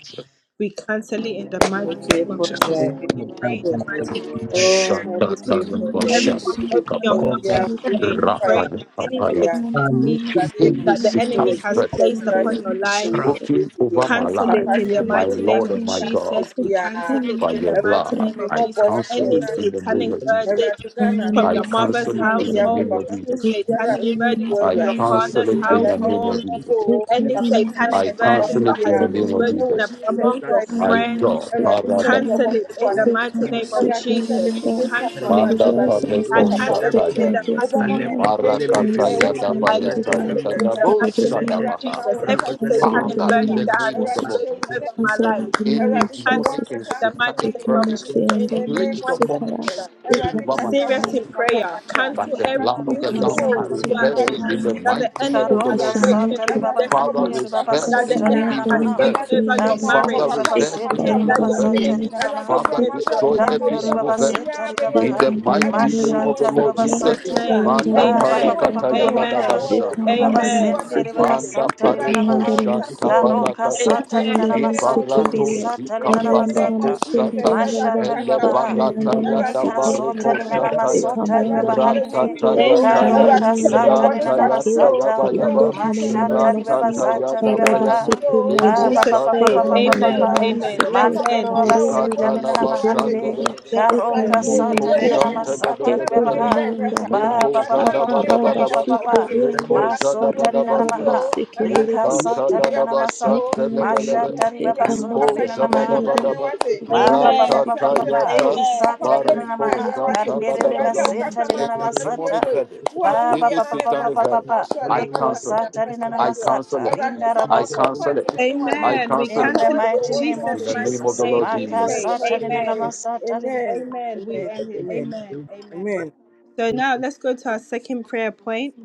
we cancel it in the mighty
Okay,
name of
for
Jesus.
the
We pray
Oh,
in
So,
the
so.
mighty name. of-
Oh,
who
property for
can
the
be
Rabbi,
the
if you. ready
Everyone,
to
same
open your
room
mouth
be
as
Amen.
and
born
you
pray.
can
Pray that any
now,
fire.
and in
negativity
Amen.
the
Awurade yɛ
same
Any
that the
nsɛm
room
wɔ
enemy
satanic
as
has
you
verdict
Jesus
placed
can
Christ
upon your
do,
life.
wɔ
and in
Yesu
spoken
Kristo din
over
mu.
my
the
cancel
same
it
Papa
room
life,
in
as
deɛ
the
my
mighty
you
ɔbɔnefoɔ
name
Lord
of
and my
ahyehyɛ
God.
ase
Jesus. We
biara,
cancel it
by
in the
your
Awurade
mighty
hu
blood.
name
me
of
I
mmɔbɔ
Jesus.
w'ateɛ
cancel
Any
na
it in the
anadwo
name
satanic
yi.
of Jesus.
verdict
Awurade Ghana me
from
I
your
bɛkɔ ɛnyɛ
mother's
cancel
ma
it
can
me
in
de
the
akɔ.
do.
name
household,
of
Papa
any
hu me
Jesus.
You can
biara a
satanic
see me
ɛmfi
in
wo
verdict
the
from
I
your
comments
Awurade.
cancel
father's
and
it in
do
the
Awurade hu
and
me
name of
do.
household,
mmɔbɔ
Jesus.
You
o.
can
any
be in
Papa bi
the
satanic
I
n'asɛm
same
bɛba
verdict
so
cancel it
room
that
as
in
has
the
biara
been
no,
name of
spoken
ɛwɔ
up
Jesus.
Jesus
In
among your
Christ
I
din mu.
the
friends,
go.
Awurade sɛ
Parada
deɛ
cancel it in the mighty name of
Awurade sɛ me
Jesus. We
today time
cancel
around
it.
manda
Awurade
words
me me
has
I
nsa
pareko
been
papa
cancel it
spoken
wobɛyɛ
in
shataya.
the
against my
mighty
wobɛma
name
m'ani
life,
of
berɛ nyɛ
Jesus.
me
in the
pɛyɛ
Marakataya
woma
satanic
m'ani
I
that
mu nwa
cancel
dabayataya
ase
has
it
da
in
been
the
biara
said
dadabo
mighty
against my
name of
life,
Awurade
shadabaha.
ma
Jesus.
wo
I
nsa
Every
so
cancel
otu me
in the
satanic
Father, in
wura
the
name
verdict
of
that has
name of
been
the
Awurade
Jesus.
Lord
hyɛ wo
spoken
din
over
Jesus,
my
Cancel
life,
animuonyam
in the
any
name of
Awurade
uh,
hyɛ wo
cancel
demonic
Jesus.
it
and
in
ankasa
the
nso ho
mighty
satanic
They
name
come
of
and
animuonyam
verdict
say,
Jesus.
and
in the
then
name
uh,
I'm
placed
of
sick
Cancel
upon me,
it.
Jesus
uh,
spoken
Be
over
Eradicate.
my
kasa wo
serious
soul.
of
in
papa
prayer.
kasa
But
Cancel
the
want want want want want want want to to to to
every
blood of
it
the Lamb, I
satanic word
reverse it
to to
in the
that the
to
mighty
you. you. you you. you.
name
enemy
of the
you
has
Karoka
Lord
you.
shall
Jesus.
spoken
sata
over
not
li
your
come
baba
to
you.
Father,
hande
destiny,
want to
pass.
ri
watch
baba
reverse
that
is
As I
the
sota
any
li
am
na
here.
enemy
the
has
evil
namaha
little
spoken
verdict.
Everything
tree
over
and
Tan
you
your
the
want to
bar,
soti
watch,
Father,
ri
marriage,
baba
Papa,
it
reverse
Mama,
can by
sete
any
ri
Papa,
that
baba
evil
the
your
Mama, say.
zata
verdict.
ri
enemy
wind
nana
has
Everything you.
spoken
Father,
mahande.
want to
over
watch,
your
Papa,
destroy
Tando
every
Papa,
ri
education.
Mama,
evil
of
baba
be
the
verdict.
zeta
here,
ri
be
baba
In
ha.
the
here. Everything
mighty
you
Rekandayandara
name of the
want
Mashata
to
ri
watch,
Lord
baba
Masukaya,
Jesus'
sata.
Jesus,
name,
Ayandara
Manda
Papa,
Baba
you
pa
amen,
pa
want to
pa pa
hear,
parakataya
pa
Masukandaraba,
pa pa
Papa,
pa.
amen,
oh,
Ri baba
dadabashanda
Papa,
Rekandayandara
you
amen,
want
sende
to
ri
hear
baba
Masukaya,
me.
Manda
sata li
Everything
nana
pareko
you
maha.
Rekayandara
want to
shanta
watch,
Masukaya,
Karoka
In
barakata.
the
sata li
amen.
mighty
nana
Rekayandara
name of
masata.
Iparato
Masikindere,
Jesus,
Risata li
in
zika
nana
the
Parayandara
name
masata.
parako
of Jesus,
shata.
Eradi
Masundaryandaraba,
Mashata ri
Ele
baba ha.
barata
Rekandayandara
ya da
Mika
Kasawate,
sota
bareko
Masikayandaraba,
linana
shata
afọwọ́pè
ya.
masota
ẹwàdí
Rekambayandara
ti ewu tú
ribabahande.
Masuko,
mi
Ratata
o
ya taya.
Amen.
ẹwàdí
Taroka
ti ẹbí
Yandanayandara
sata
ọ̀pọ̀ ní
Rata
linana
ya
Masuko,
fàṣíkẹ́ o
taya
masata.
baya
ewo
Ayande
ba.
jesus
Kamayandara
Mashata
christ bí
Masi,
mo
Ratata ya
ribabazata
da
ẹ̀nà
baya.
ìnàjú
ribabaha.
yìí o
In
Parabasikindaraba,
Ba
Lebo
ba
ẹwàdí
ba
Jesus'
ba papa
shanta
name.
ba
kaṣó
ba ba
bele
ba
bele
Amen.
Rekamayandara
ẹwàdí
be.
Amen.
kaṣó
Masike,
Let's
papa mi
Mandoro
kan
end.
baba
báwo ẹni
Orianda
wọ́n
seta
Ikata
mú mi
linana
sí
laba
wáṣẹ̀
Ramasikrianda
shanda
mahande.
Raba,
bele.
Let's
ẹwàdí
Taroka
mi
end.
Ekrianda
wò dídí
sata
Liko
èwò
Amen.
linana
mu
Ramasikaya,
Santa da
papa
da
masata
da da
mẹ́ma
da
mi
da.
Ekuranda
bírẹ̀
ribabaha.
ẹ̀yẹ
Yanda
pa
Raba,
Ba
Liko
ba ba
ẹwàdí
Zada
papa
mẹ́ma
ba
papa
mi
da
papa
bírẹ̀
ba
Akaraba
ba ba
da
ẹ̀yẹ
ba ba
ba.
pa
ba ba.
wáṣẹ̀
Sukuriande,
Liko
ẹwàdí
Zada
mi
ba
Masota
wò
da ba
linana
da
Parayanda
ṣáṣú
ba.
o
maha.
Ramasikinda
ẹwàdí
Rika
bọ́
Raba,
Lika ta
pàṣẹ
sata
di
da da
linana
ẹ̀kọ́
ba
ẹni o
masata.
Santa le
Nekayanda
le
ẹ̀sẹ̀
le
Raba,
le.
Mashata
ìṣẹ̀lẹ̀ ìwà
ribaba sota
Liko
papa yẹn
linana
Ekamasikinda
Zaba da
ṣẹ̀ṣẹ̀
ba
mahande.
ẹni
da
Raba.
ba.
wáṣẹ̀
Ma ba
Declare
ba
ẹwàdí
Amen.
ba
yẹn
and Raba.
Rata
ba ba
ta
ba
ṣẹ̀ṣẹ̀
declare
ba.
ya
ẹni
ta.
o
Amen.
papa
Risata
wo
lina
that
na
na
Bariko
my
maha.
we
husband
wate
Santa ba da
cancelled
Kanderere
da
in the
awurade a
ba.
name
baseta
wokasa
of
ma
lina na
Any
mframateɛ
masata.
demonic
mu yi
verdict,
wo a
Ba ba
any
wowuyɛ
ba
no
ba
ne
ba ba
satanic
ba ba
nansase na
ba.
verdict,
wosɔ
I
Reko
anafatra
cancel
wagya
it.
sata
nsa
lina na
nifa
I
soɔ
cancel
masata.
it.
awurade
Rinda
I
nsamafo
rabasota.
cancel it.
mpantimi ne
I
wantena
Mm.
Amen. We
cancel
In
it.
papa
the
cancel it
wade
in
mighty
ɔwɔ so
name of
In
Jesus'
nkonim
the
in me.
name
mighty
of
Jesus.
the
In
name.
Lord
We
Maka
jesus
pray.
Jesus.
sata
mighty
lina na
Amen.
name
masata.
amen
Amen. We
amen
end it.
amen
Amen. Amen.
amen
So now let's go to our second prayer point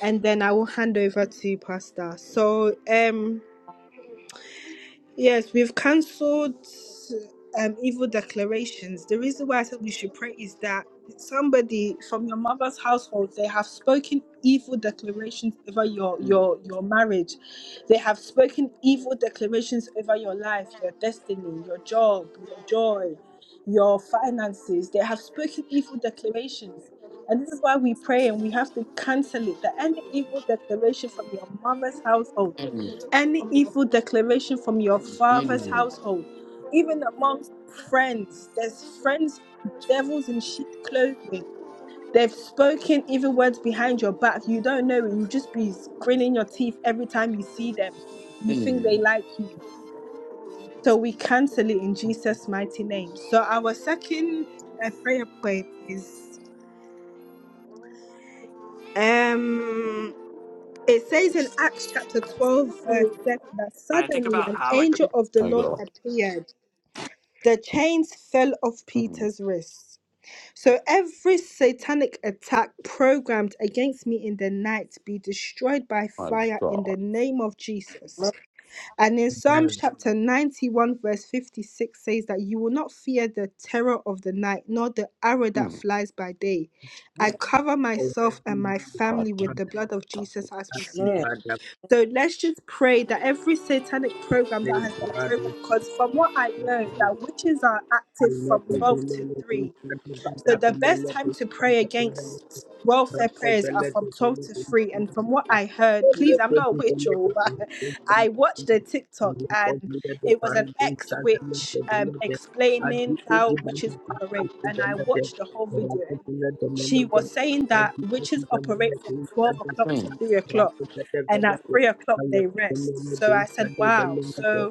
and then I will hand over to Pastor. So um yes, we've cancelled um evil declarations. The reason why I said we should pray is that somebody from your mother's household they have spoken evil declarations over your
Mm,
your your marriage they have spoken evil declarations over your life your destiny your job your joy your finances they have spoken evil declarations and this is why we pray and we have to cancel it that any evil declaration from your mother's household
mm,
any evil declaration from your father's
mm,
household even among friends there's friends devils in sheep clothing They've spoken evil words behind your back. You don't know it. You just be grinning your teeth every time you see them. You think
mm.
they like you. So we cancel it in Jesus. First
My God.
fell off
Mm,
Peter's wrist. So every satanic attack programmed against me in the night be destroyed by
my
fire in
God.
the name of Jesus. And in Psalms chapter 91, verse 56 says that you will not fear the terror of the night, nor the arrow that
Mm,
flies by day. I
Amen,
cover myself and my
God.
family with the blood of Jesus as we sleep.
Amen,
So let's just pray that every satanic program that has been programmed, because from what I know, that witches are active from
Thank
Mm,
12 to 3. So the best time to pray against welfare prayers are from 12 to 3. And from what I heard, please, I'm not a witch, or but I watched a TikTok and it was an ex-witch um, explaining how witches operate. And I watched the whole video and she was saying that witches operate from 12 o'clock to
Mm.
3 o'clock. And at 3 o'clock, they rest. So I said, wow. So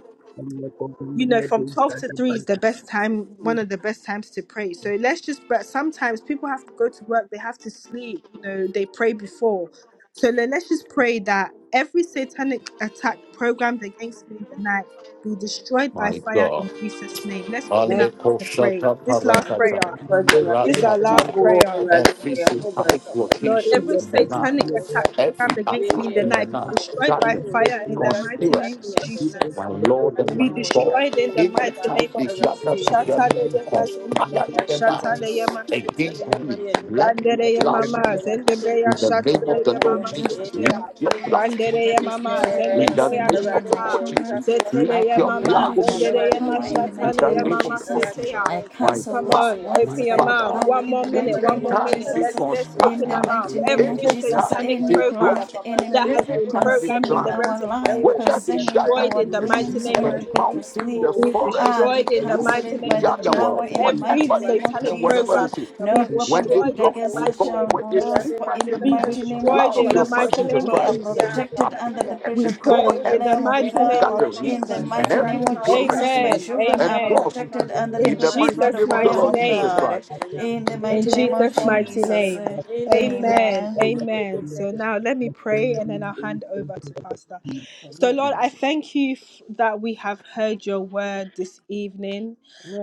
you know from 12 to 3 is the best time
you.
one of the best times to pray so let's just but sometimes people have to go to work they have to sleep you know they pray before so le- let's just pray that every satanic attack programmed against me in the night be destroyed by
my
fire
God.
in jesus name let's open our mouth and pray
Alekoshata
this last
parakata,
prayer
Mysteries,
this is our last
ratataya.
prayer
Every satanic
Lord,
locations
every
in the night,
satanic attack
every
programmed against me in
attack
the
in the
night be
night,
destroyed by
gatherings,
fire in the mighty name of
conspiracies.
Jesus
My Lord and my
be
God,
destroyed in the mighty
anytime
name
they
of Jesus.
gather together to
Shataleye
conspire
mazendebeya,
in the night
shataleye
against
maseteya.
me, let your
Randereye
blood
mama,
speak.
zendebeya,
In the name of the
shataleye
Lord
And
mama
every
Jesus,
satanic
let
seteya.
your
Papa,
words
blood.
that
Randereye
has been
mama,
spoken
In the
zendebeya,
concerning
name
me and
of
Awurade
the
my
ma
shata.
Lord
wɔn nsa
Jesus,
children,
so wɔte
let
I
Seteleye
your
nwura.
mama,
condemned
blood
it by the
Awurade
zendereye
speak.
ma,
ma
power
wɔn
in the
nsa
In
mighty
the
so.
name
shataleye
of
name of
mama
the Lord
Jesus.
Awurade
Jesus,
ma
seteya.
I
wɔn nsa
my
so.
cancel
Come
those
Father,
on,
Papa
my
words
open your
by
kyerɛ
the
wɔn
mouth.
Father,
tumi.
power
One
in
more
the
Papa
minute,
mighty
one
name
kyerɛ wɔn
more
of
anytime
mmepa
minute.
they
ebo
Jesus.
Let's let's
wɔn
In
open
gyina
the
our
conspire,
wɔn
mouth.
mighty
so.
name of
Every
Jesus,
Awurade
anytime
satanic
ma
any
they
yɛn
plan
nkwa.
program
of
plot,
the
Papa sɛ
that
enemy
deɛ
has
ɔbɔ ne
been
anytime
kwa
they
tete
programmed in
concerning
the
plan,
biara.
our
realms of the
Ɛwɔ
life,
spirit be
whether they
Jesus
concerning
Christ
gather
destroyed
our
in
in
din
the
the
mu.
mighty
sea,
dreams
name
when
the
of
Awurade
we
Jesus.
go
hu
to
yɛn mmɔbɔ
mountain,
sleep,
the
o.
Be
forest,
ah,
Mpaebɔ
destroyed
we
in
tie
the
the
fo
cancel
mighty
ocean,
it
agye.
name
by
the
of
the
Awurade
power
yi
underworld,
Jesus.
ne
in the
world,
mpia ne
Every
mighty
whatever it
name
guase.
of
is and
satanic
Jesus.
whatever
Uh,
program
this is,
be
no
when
weapon
they
destroyed
formed
in
plot,
the
against
oh
us
mighty
God,
name
shall
when
of
they
Jesus.
speak
prosper
my
in the
name,
Be
let
mighty
the
name of
destroyed
blood
in
of
the
your
Jesus.
Son
mighty
Jesus
name
We
of
are
Jesus.
Christ
protected
appear
under the
and
We
precious blood
destroy
pray
of the
in the
Lamb
every
of
mighty
evil
name
God.
of
In the
gatherings
Jesus.
and
mighty
every
name of Jesus, my
Amen.
declarations
children
and
are
Amen.
thus
protected under the
In
in the
precious
mighty
blood
Jesus'
of
name
the
of the
Lamb
mighty
Lord
of
Jesus.
name.
God. In the
In
mighty name of
Jesus' mighty
Jesus.
name.
eh,
Amen.
Amen.
Amen. So now let me pray and then I'll hand over to Pastor. So, Lord, I
Jesus.
thank you f- that we have heard your word this evening.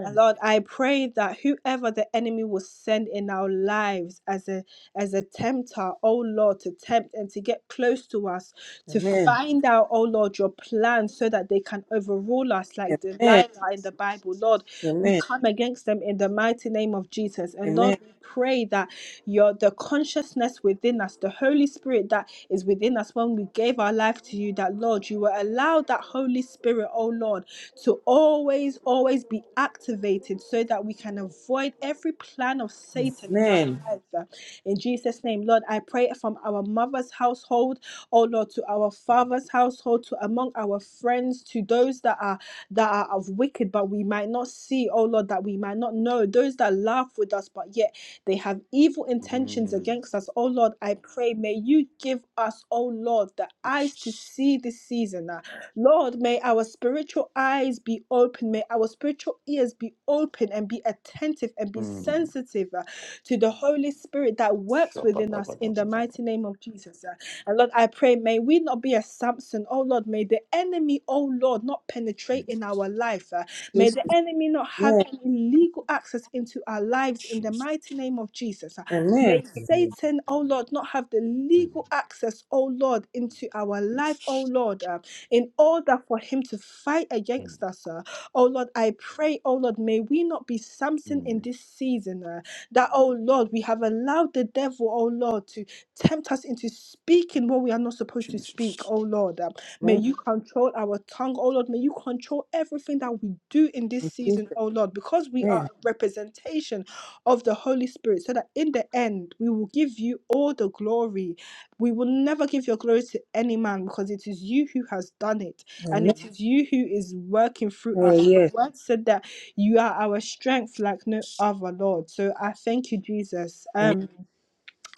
And Lord, I pray that whoever the enemy will send in our lives as a as a tempter, oh Lord, to tempt and to get close to us, to
Amen.
find out, oh Lord, your plan so that they can overrule us like Delilah
Amen.
in the Bible. Lord, we
Amen.
come against them in the mighty name of Jesus. And Lord,
Amen.
we pray that your the consciousness within us, the Holy Spirit that is within us when we gave our life to you, that Lord, you will allow that Holy Spirit, oh Lord, to always, always be activated so that we can avoid every plan of Satan in our
Amen.
life. uh, In Jesus' name, Lord, I pray from our mother's household, oh Lord, to our father's household, to among our friends, to those that are that are of wicked, but we might not see, oh Lord, that we might not know, those that laugh with us, but yet they have evil intentions
Mm,
against us. Oh Lord, I pray, may you give us, oh Lord, the eyes to see this season. ah. Lord, may our spiritual eyes be open. May our spiritual ears be open and be attentive and be
mm,
sensitive ah, to the Holy Spirit that works within us in the
shabba-dabba-dabba-dabba.
mighty name of Jesus. ah. And Lord, I pray, may we not be a Samson. Oh Lord, may the enemy, oh Lord, not penetrate
Mm,
in our life. uh, May
Jesus.
the enemy not have
Amen.
any legal access into our lives in the
Jesus.
mighty name of Jesus.
Amen.
May Satan, oh Lord, not have the
Mm,
legal access, oh Lord, into our life, oh Lord, uh, in order for him to fight
mm,
against us. uh, oh Lord, I pray, oh Lord, may we not be Samson in
mm,
this season uh, that, oh Lord, we have allowed the devil, oh Lord, to tempt us into speaking what we are not supposed to
Jesus.
speak, oh Lord. uh. May
Amen.
you control our tongue, oh Lord. May you control everything that we do in this
In Jesus.
season, oh Lord, because we are a
Amen.
representation of the Holy Spirit, so that in the end we will give you all the glory. We will never give your glory to any man because it is you who has done it and
Amen.
it Mhm. is you who is working through
Oh,
us. Your
yes.
word said that you are our strength like no other, Lord. So I thank you, Jesus. Um,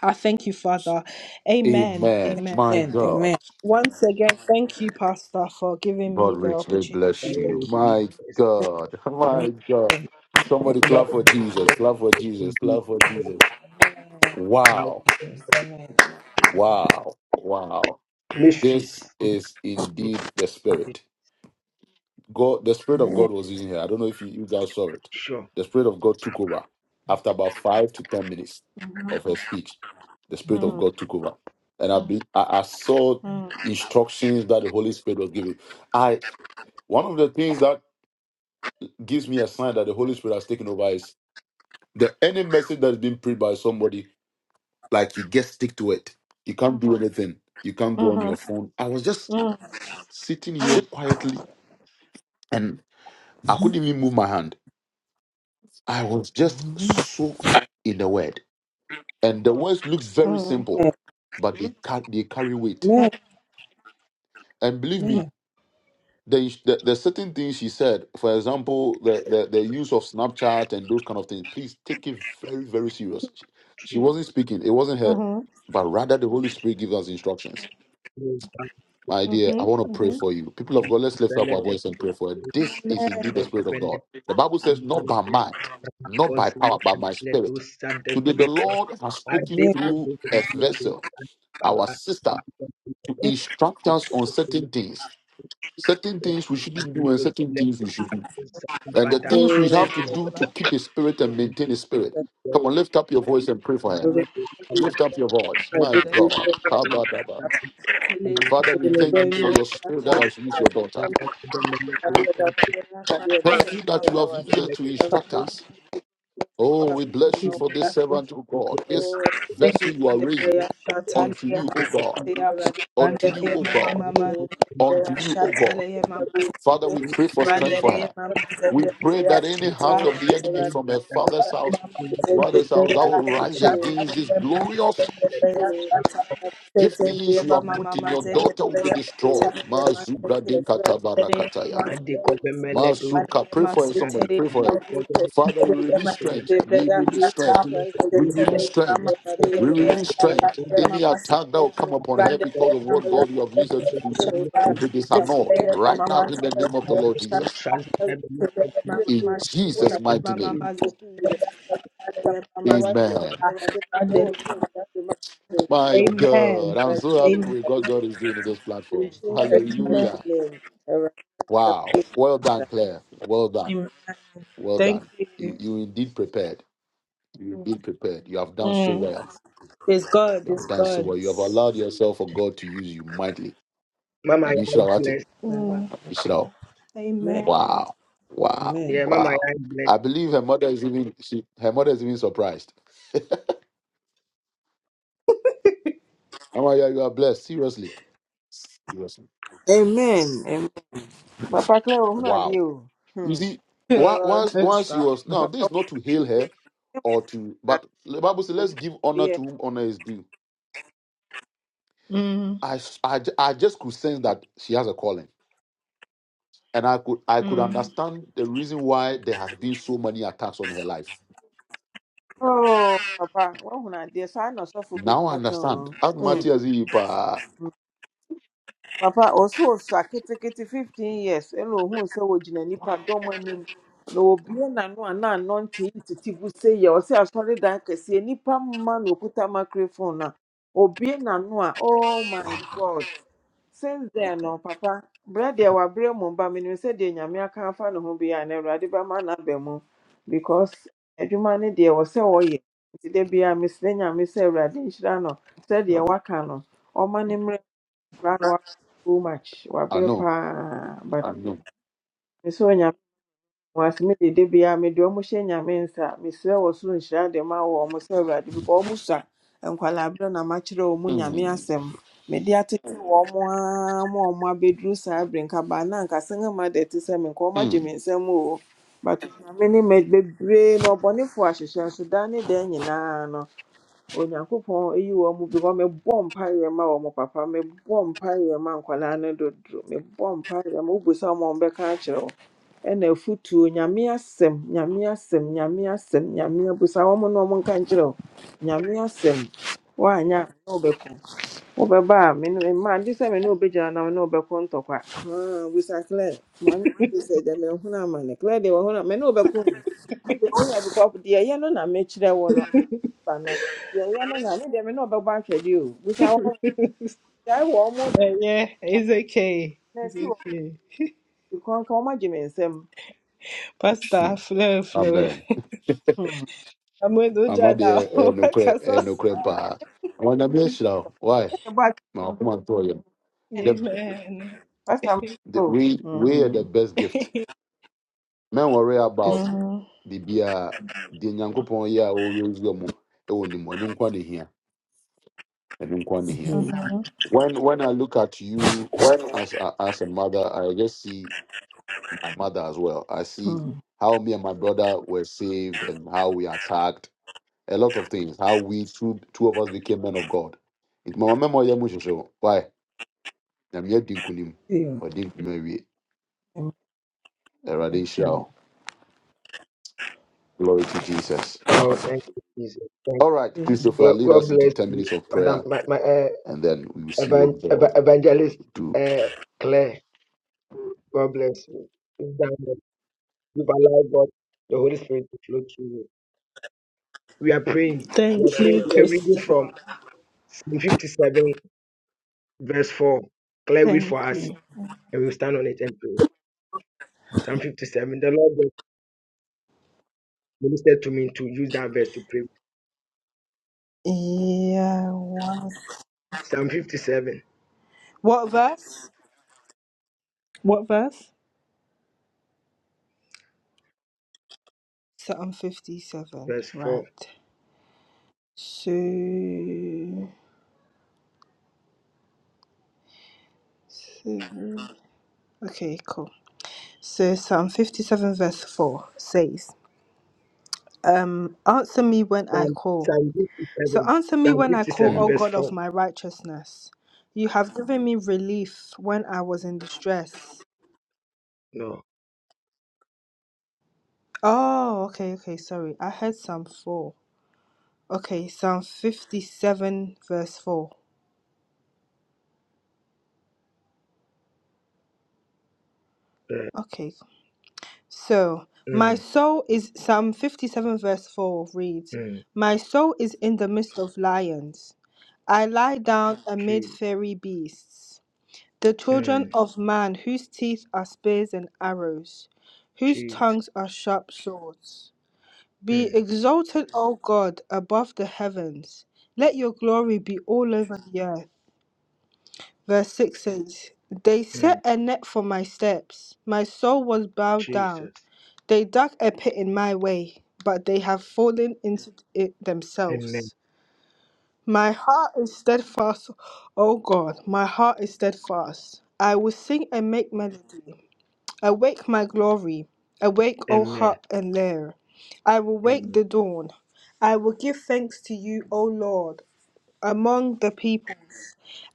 I thank you, Father. Amen.
Amen.
Amen.
My God.
Once again, thank you, Pastor, for giving me
God
the
richly
opportunity.
bless you.
Thank you.
My God. My God. Somebody clap for Jesus. Clap for Jesus. Clap for Jesus. Wow. Wow. Wow. This is indeed the spirit. God, the spirit of God was using here. I don't know if you, you guys saw it.
sure.
The spirit of God took over after about five to ten minutes of her speech. The spirit of God took over, and I, be, I, I saw instructions that the Holy Spirit was giving. I. One of the things that gives me a sign that the Holy Spirit has taken over is the any message that is being preached by somebody, like you get stick to it. You can't do anything. You can't go on your phone. I was just sitting here quietly and I couldn't even move my hand. I was just soaked in the word. And the words look very simple, but they, ca- they carry weight. And believe me, There, is- there, there's certain things she said. For example, the, the the use of Snapchat and those kind of things. Please take it very very serious. She, she wasn't speaking. It wasn't her, but rather the Holy Spirit gives us instructions. My dear, I
Mhm.
want to pray for you. People of God, let's lift up our
Let them
voice and pray for
be.
her. This is indeed the Spirit of
Ovele
God. The Bible says, not by
dile
might, not by
rakozile
power, but by
dile
Spirit.
dusa
Today, the
devele
Lord has spoken
adeko
through a
dile
vessel,
dusa
our
bada
sister, to instruct us on certain things. Certain things we shouldn't do and
adeko
certain
dile
things we should do.
dusa
And the
bada
things we have to do to keep his spirit and maintain his spirit. Come on, lift up your voice and pray for him.
dile bada
Lift up your voice.
ale
My God. Kabadaba.
dile
Father,
dusa
we
bada dile
thank you for your
dusa
spirit that has used your daughter.
dile dusa bada
Thank you that you have used her to instruct us. Oh, we bless you for this servant, oh God. This vessel you are raising unto you, O God, unto you, O God, unto you, O God. Father, we pray for strength for
Randereya
her. We pray that any hand of the
mama
enemy from her father's house,
le
mother's house, that will rise
Shut
against this glorious
dusa
giftings you have put in your
Mama,
daughter will be destroyed. Mazubra de katabarakataya. Masuka, pray for her, somebody, pray for
In
her.
Jesus'
Father, we release strength. We release strength.
mighty
We
name, I
release strength. We release strength. Any
up.
attack that will come upon her because
Randere
of
mama
what God you have used
sendere
her to do
ashaka.
will be disannulled
Sekere
right
mama
now in the
sendere
name of the Lord Jesus.
ashaka. Sekere
In
mama sendere
Jesus' mighty name.
mama sendere Mama
Amen.
sendere.
My
Amen.
God, I'm so happy
Amen.
with what God is doing in this platform.
Amen.
Hallelujah.
rest my
Wow.
case.
Well done, Claire. Well done. Well done. You you indeed prepared. You indeed prepared. You have done so well. You have done so well. You have allowed yourself for God to use you mightily. I
I
mean,
am
Shilawate.
blessed.
Amen.
Shilawate.
Amen.
Amen.
Wow. Wow.
Yeah, Mama, I
Wow.
am blessed.
I believe her mother is even she her mother is even surprised. Oh yeah, you are blessed. Seriously.
Amen. Papa Clay, I'm
Wow.
you.
You
Hmm.
see, wa- once
Don't
once she
stop.
was now this
Papa,
is not to hail her or to, but the Bible says let's give honor
yeah.
to whom honor is due. I, s- I j- I just could sense that she has a calling, and I could I could
Hmm.
understand the reason why there has been so many attacks on her life.
Oh, Papa, what when you? I know so for be
Now I
back
understand.
on.
As
Hmm.
much as he pa,
Hmm. Papa, also, so so, I get 15 years. Hello, who is so would you any pardon when him? No, be an unknown, and no, non tea to Tibu say, you say, I sorry that I can see any pam man who put a microphone. Oh, be an no, oh my
wow,
God. since then no papa berɛ deɛ wabrɛ mu ba menim sɛ deɛ nyame aka afa ne ho biaa na awurade bɛma no aba mu because adwuma ne deɛ wɔ sɛ wɔyɛ nti da biaa mesrɛ nyame sɛ awurade nhyira Said sɛdeɛ waka no ɔma ne mmerɛ koraa no wabrɛ so much
I
wabrɛ
know,
paa but
I know.
Miss wɔase me dede biara mede ɔmo hyɛ nyame nsa mesrɛ wɔ soro nhyira de ma wɔ ɔmo sɛ awurade bikɔ ɔmo sua nkwalaa berɛ na makyerɛ ɔmo nyame
Mm,
asɛm mede atete wɔn mo ara ma ɔmo abɛduru saa bere nkabaa na ankasa ne ma dɛ te sɛ menka ɔmo agye
mm,
me nsam o but nyame ne me bebree na ɔbɔnefoɔ ahyehyɛ nso da ne da nyinaa no onyankopɔn eyi wɔn mu because mebɔ mpaeɛ ma wɔn papa mebɔ mpaeɛ ma nkwadaa no dodo mebɔ mpaeɛ ma wobisa wɔn a wɔbɛka akyerɛ wɔn ɛna afutuo nyame asɛm nyame asɛm nyame asɛm nyame abisa wɔn na wɔn nka nkyerɛ wɔn nyame asɛm woanyɛ a na wobɛko wobɛba a me ne mma gye sɛ me ne wobɛgyina nam ne wobɛko ntɔkwa Ah, busa clare maame bi sɛ gyame nhunu ama ne clare deɛ wɔhunu a me ne wobɛko o. Ɛdeɛ woyɛ because deɛ ɛyɛ no na mekyerɛ wo no ba no yɛyɛ no na ne deɛ me na ɔbɛbɔ ahwɛdeɛ o busa wɔn gyae wɔ ɔmo
Yeah, yeah,
da
it's okay.
na
It's
esi wɔ
okay.
ɔmo kɔn ka ɔmo agye me nsam
Pastor,
mm. Amen.
hmm
I'm not there. eh, No cre- eh, no cre- pa. I want to be sure. Why?
ɛyɛ bɔ ahwɛdeɛ
Now, come on, tell you.
no
The,
first time o
the, we we are
hmm
the best gift. men worry
esi
about the bia the nyankopon yeah or raise them oh ni mo nkwa ne hia ɛno nkwa ne hia
Mhm.
when when i look at you as a, as a mother i just see my mother as well i see
hmm
how me and my brother were saved and how we attacked a lot of things how we two two of us became men of god it mama memo ya so why I'm yet nkunim
Ew.
or nkunim awie
amen
erade nhyira glory to jesus
Oh, thank you, Jesus. Thank
all right
amen Mm.
christopher
Glo-
lead
God
us into
bless
10
you,
minutes of prayer
Madam, my, my uh,
and then we will see what
evan- ev-
God will
evangelist
do.
uh, Claire. God bless you. Sit down there. You've allowed God, the Holy Spirit, to flow through you. We are praying. We are praying. We are reading from Psalm 57, verse 4. Claire, read
thank
for us,
you.
and we'll stand on it and pray. Psalm 57. The Lord God ministered to me to use that verse to pray.
Yeah,
Psalm 57,
What verse? What?
verse
Right.
4. Psalm, Psalm 57. Psalm 57,
Mm,
verse 4. No.
Oh.
Uh,
Okay, so my
mm,
soul is Psalm 57, verse 4 reads,
mm,
My soul is in the midst of lions. I lie down amid
Jesus.
fairy beasts, the children
Mm,
of man, whose teeth are spears and arrows, whose
Jesus.
tongues are sharp swords. Be
Mm,
exalted, O God, above the heavens. Let your glory be all over the earth. Verse 6 says, They
mm,
set a net for my steps. My soul was bowed down.
Jesus.
They dug a pit in my way, but they have fallen into it
Amen.
themselves. My heart is steadfast, O God, my heart is steadfast. I will sing and make melody. Awake, my glory. Awake, O
Amen.
harp and lyre. I will wake
Amen.
the dawn. I will give thanks to you, O Lord, among the people.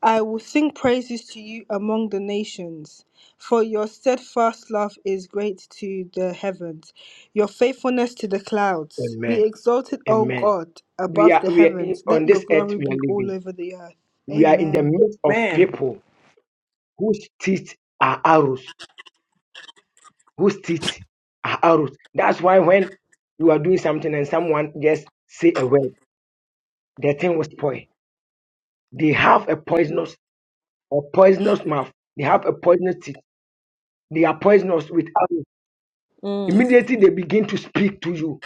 I will sing praises to you among the nations, for your steadfast love is great to the heavens, your faithfulness to the clouds. Be
Amen.
exalted, O
Amen.
God,
We
above
are,
the
we are in,
heavens.
on
Let your
this earth
glory
we
be
are
all
living.
over the earth.
We are in the
Amen.
midst of
amen
people whose teeth are arrows. Whose teeth are arrows. That's why when you are doing something and someone just say a word, the thing will spoil. They have a poisonous or poisonous mouth. They have a poisonous teeth. They are poisonous with arrows.
Mm,
Immediately they begin to speak to you.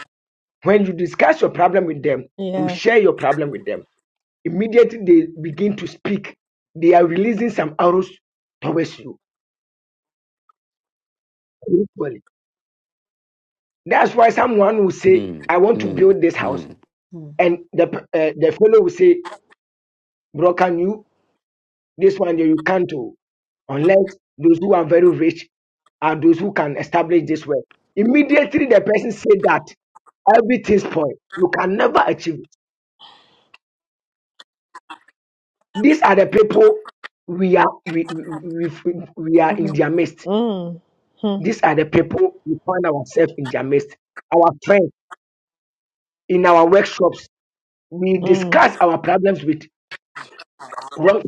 When you discuss your problem with them, you
yeah.
share your problem with them. Immediately they begin to speak. They are releasing some arrows towards you. spiritually. That's why someone will say,
mm,
I want to
mm,
build this house.
mm,
Mm.
and the uh, the fellow will say, "Bro, can you this one you can't do unless those who are very rich are those who can establish this way." Immediately, the person said that everything spoil. You can never achieve it. These are the people we are we, we, we, we are in their midst. These are the people we find ourselves in their midst. Our friends in our workshops, we discuss our problems with wrong.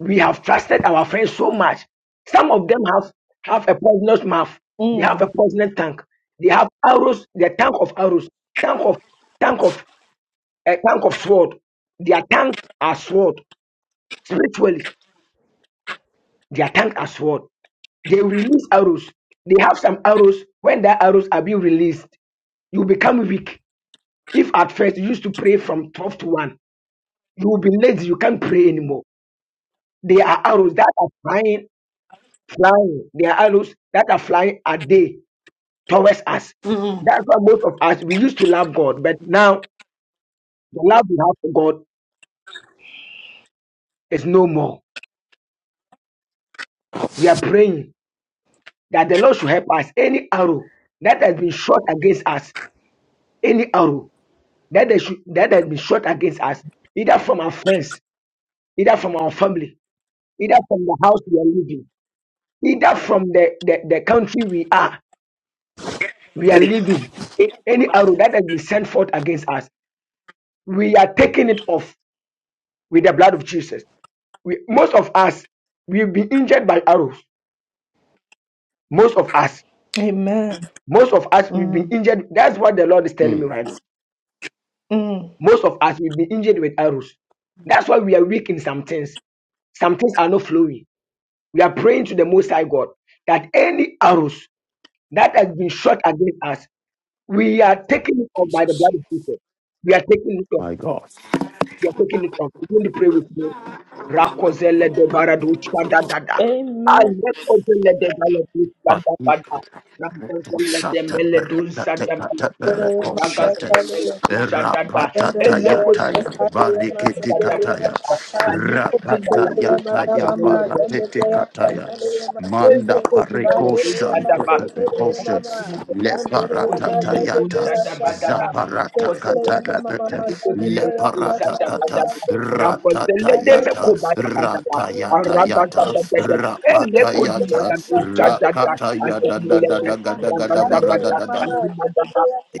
we have trusted our friends so much. Some of them have, have a poisonous mouth. They have a poisonous tank. They have arrows, their tank of arrows, tank of tank of a tank of sword. Their tank are sword. Spiritually, their tank are sword. They release arrows. They have some arrows. When the arrows are being released, you become weak. If at first you used to pray from 12 to 1, you will be lazy, you can't pray anymore. They are arrows that are flying, flying. They are arrows that are flying a day towards us. That's why most of us we used to love God, but now the love we have for God is no more. We are praying that the Lord should help us. Any arrow that has been shot against us, any arrow that has, that has been shot against us, either from our friends, either from our family, either from the house we are living, either from the, the, the country we are, we are living, any arrow that has been sent forth against us, we are taking it off with the blood of Jesus. we, most of us we've been injured by arrows most of us most of us we've been injured that's what the lord is telling me
mm.
right now most of us we've been injured with arrows that's why we are weak in some things some things are not flowing we are praying to the most high god that any arrows that has been shot against us we are taking it off by the
Jesus.
blood of jesus we are taking it off.
My God.
You're taking it off. Begin to pray with me. Rakozele de Varadu Chadadada. Alekozele de Varadu Chadabada.
Manda
Rakozele de Meledu Sadabada. Ragaza de Meledu
Mm.
Chadada. Elekozele de
Shatale ya
Varadu
mazende
Chadabada. Alekozele de
parekoshan peperekoshe leparata
Varadu
tayata
Chadabada.
zaparata kata, katarabete leparata kata rata tayata rata yata yata rapata yata Rakata ya da da da da ga da ga da ba da da da.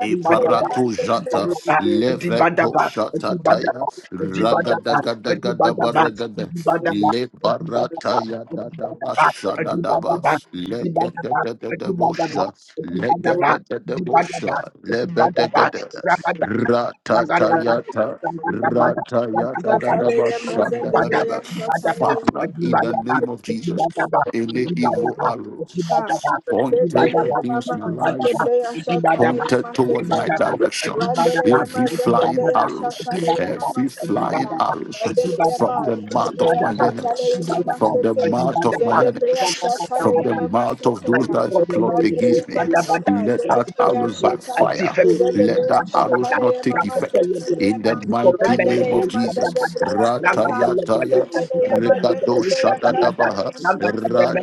Iparato jata leveto shata taya ragada gada gada baragada le barata ya da da basha da da ba le gada da da da bosha le gada da da bosha le bada gada rata
Thank
ta
Ewura-
ya ta rata ya da da da basha da da da ba
breya shatale
Father in the name of Jesus any evil
ya
arrows pointed
Setele ya
against
mama,
my
zende
life
breya shatale ya
pointed toward
masete
my
ya.
Ewurade,
direction.
Randele ya ma,
Every
zende
flying
breya
arrows,
shatale ya mama
every
sete
flying
ya.
arrows
Randele ya
from
ma,
the
zende
mouth of
breya
my
shatale
enemies,
ya mama
from the
sete.
mouth of my
Zende breya
enemies,
na
shatale
wo-
from
ya
the
you.
mama
mouth of
sete
Thank
those
ya.
that plot
Randele ya
against me.
mama mama,
Let
zende
that
breya
arrows
shata.
backfire.
Zende
Let
breya
that arrows
shatale
not
ya
take
mama
effect.
setele ya
In the
ma.
mighty
Randele
name
ya
of
ma,
Jesus.
zende breya shata.
Ratayataya
Setele ya ma, zende
Rikado
breya shatale
Shadadabaha
ya mama sete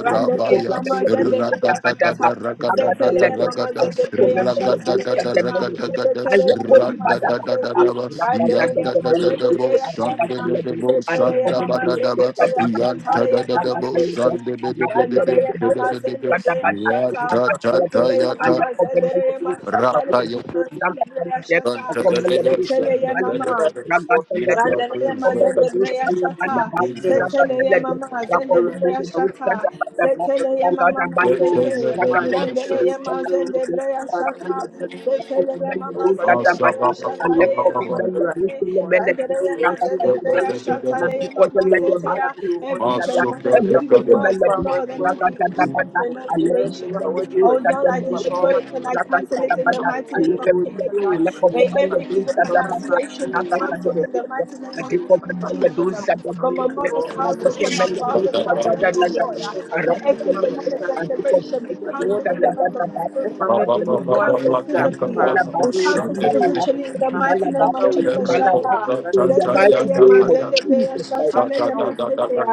Randeria mama zende breya shata.
Ragadadada
Setele ya mama
Ragadadada,
zende breya
Rada
shata de ya mama. Setele ya mama masete ya. Randele ya mama zende breya shata. Setele ya mama zende breya shata de ya mama sete ya. Randele ya
you.
mama zende
Thank
breya shata. Setele ya mama zende breya shata de ya mama zende breya shata. Setele ya mama. Randeleye mazende breya shata. Seteleye mama mazende breya shata. Seteleye mama masete. Randeleye mazende breya shata. Seteleye mama zende breya shata leye mama sete. Randeleye mazende breya shata leye mama sete ya. Every
Maso
demonic evil
brother,
words, oh Lord, and every evil
you. I let him
pronunciation.
bend the beast
Oh
that
Lord,
the
I
melody
destroy
yet.
it and I cancel it in the
Rabatabada,
mighty
I
name
let
of
him
Jesus.
bend
uh.
I let of the
May every
melody
evil
that the bada.
pronunciation be
Rabatabada,
cancelled in the mighty
the
name of
deep of the melody
Jesus. uh.
that the
From my
melody.
mother's
Rabos
household,
the
from my
melody
father's
that the
household,
Mm-hmm.
oh Lord,
bada.
uh,
A
may
rabos the
every
melody.
demonic
A deep of
declaration
the
be
melody
cancelled
that
in the
the
realm of the
bada.
Spirit.
And
uh.
Rabos the
We
melody.
cancel
A
physically, uh.
dimalaba,
we
a
cancel
dimalaba,
spiritually in
a
the mighty
dimalaba,
name of
a
Jesus.
dimalaba.
Shata.
In the mighty
Zeteleye
name of
mazende beya
Jesus Christ,
shata leye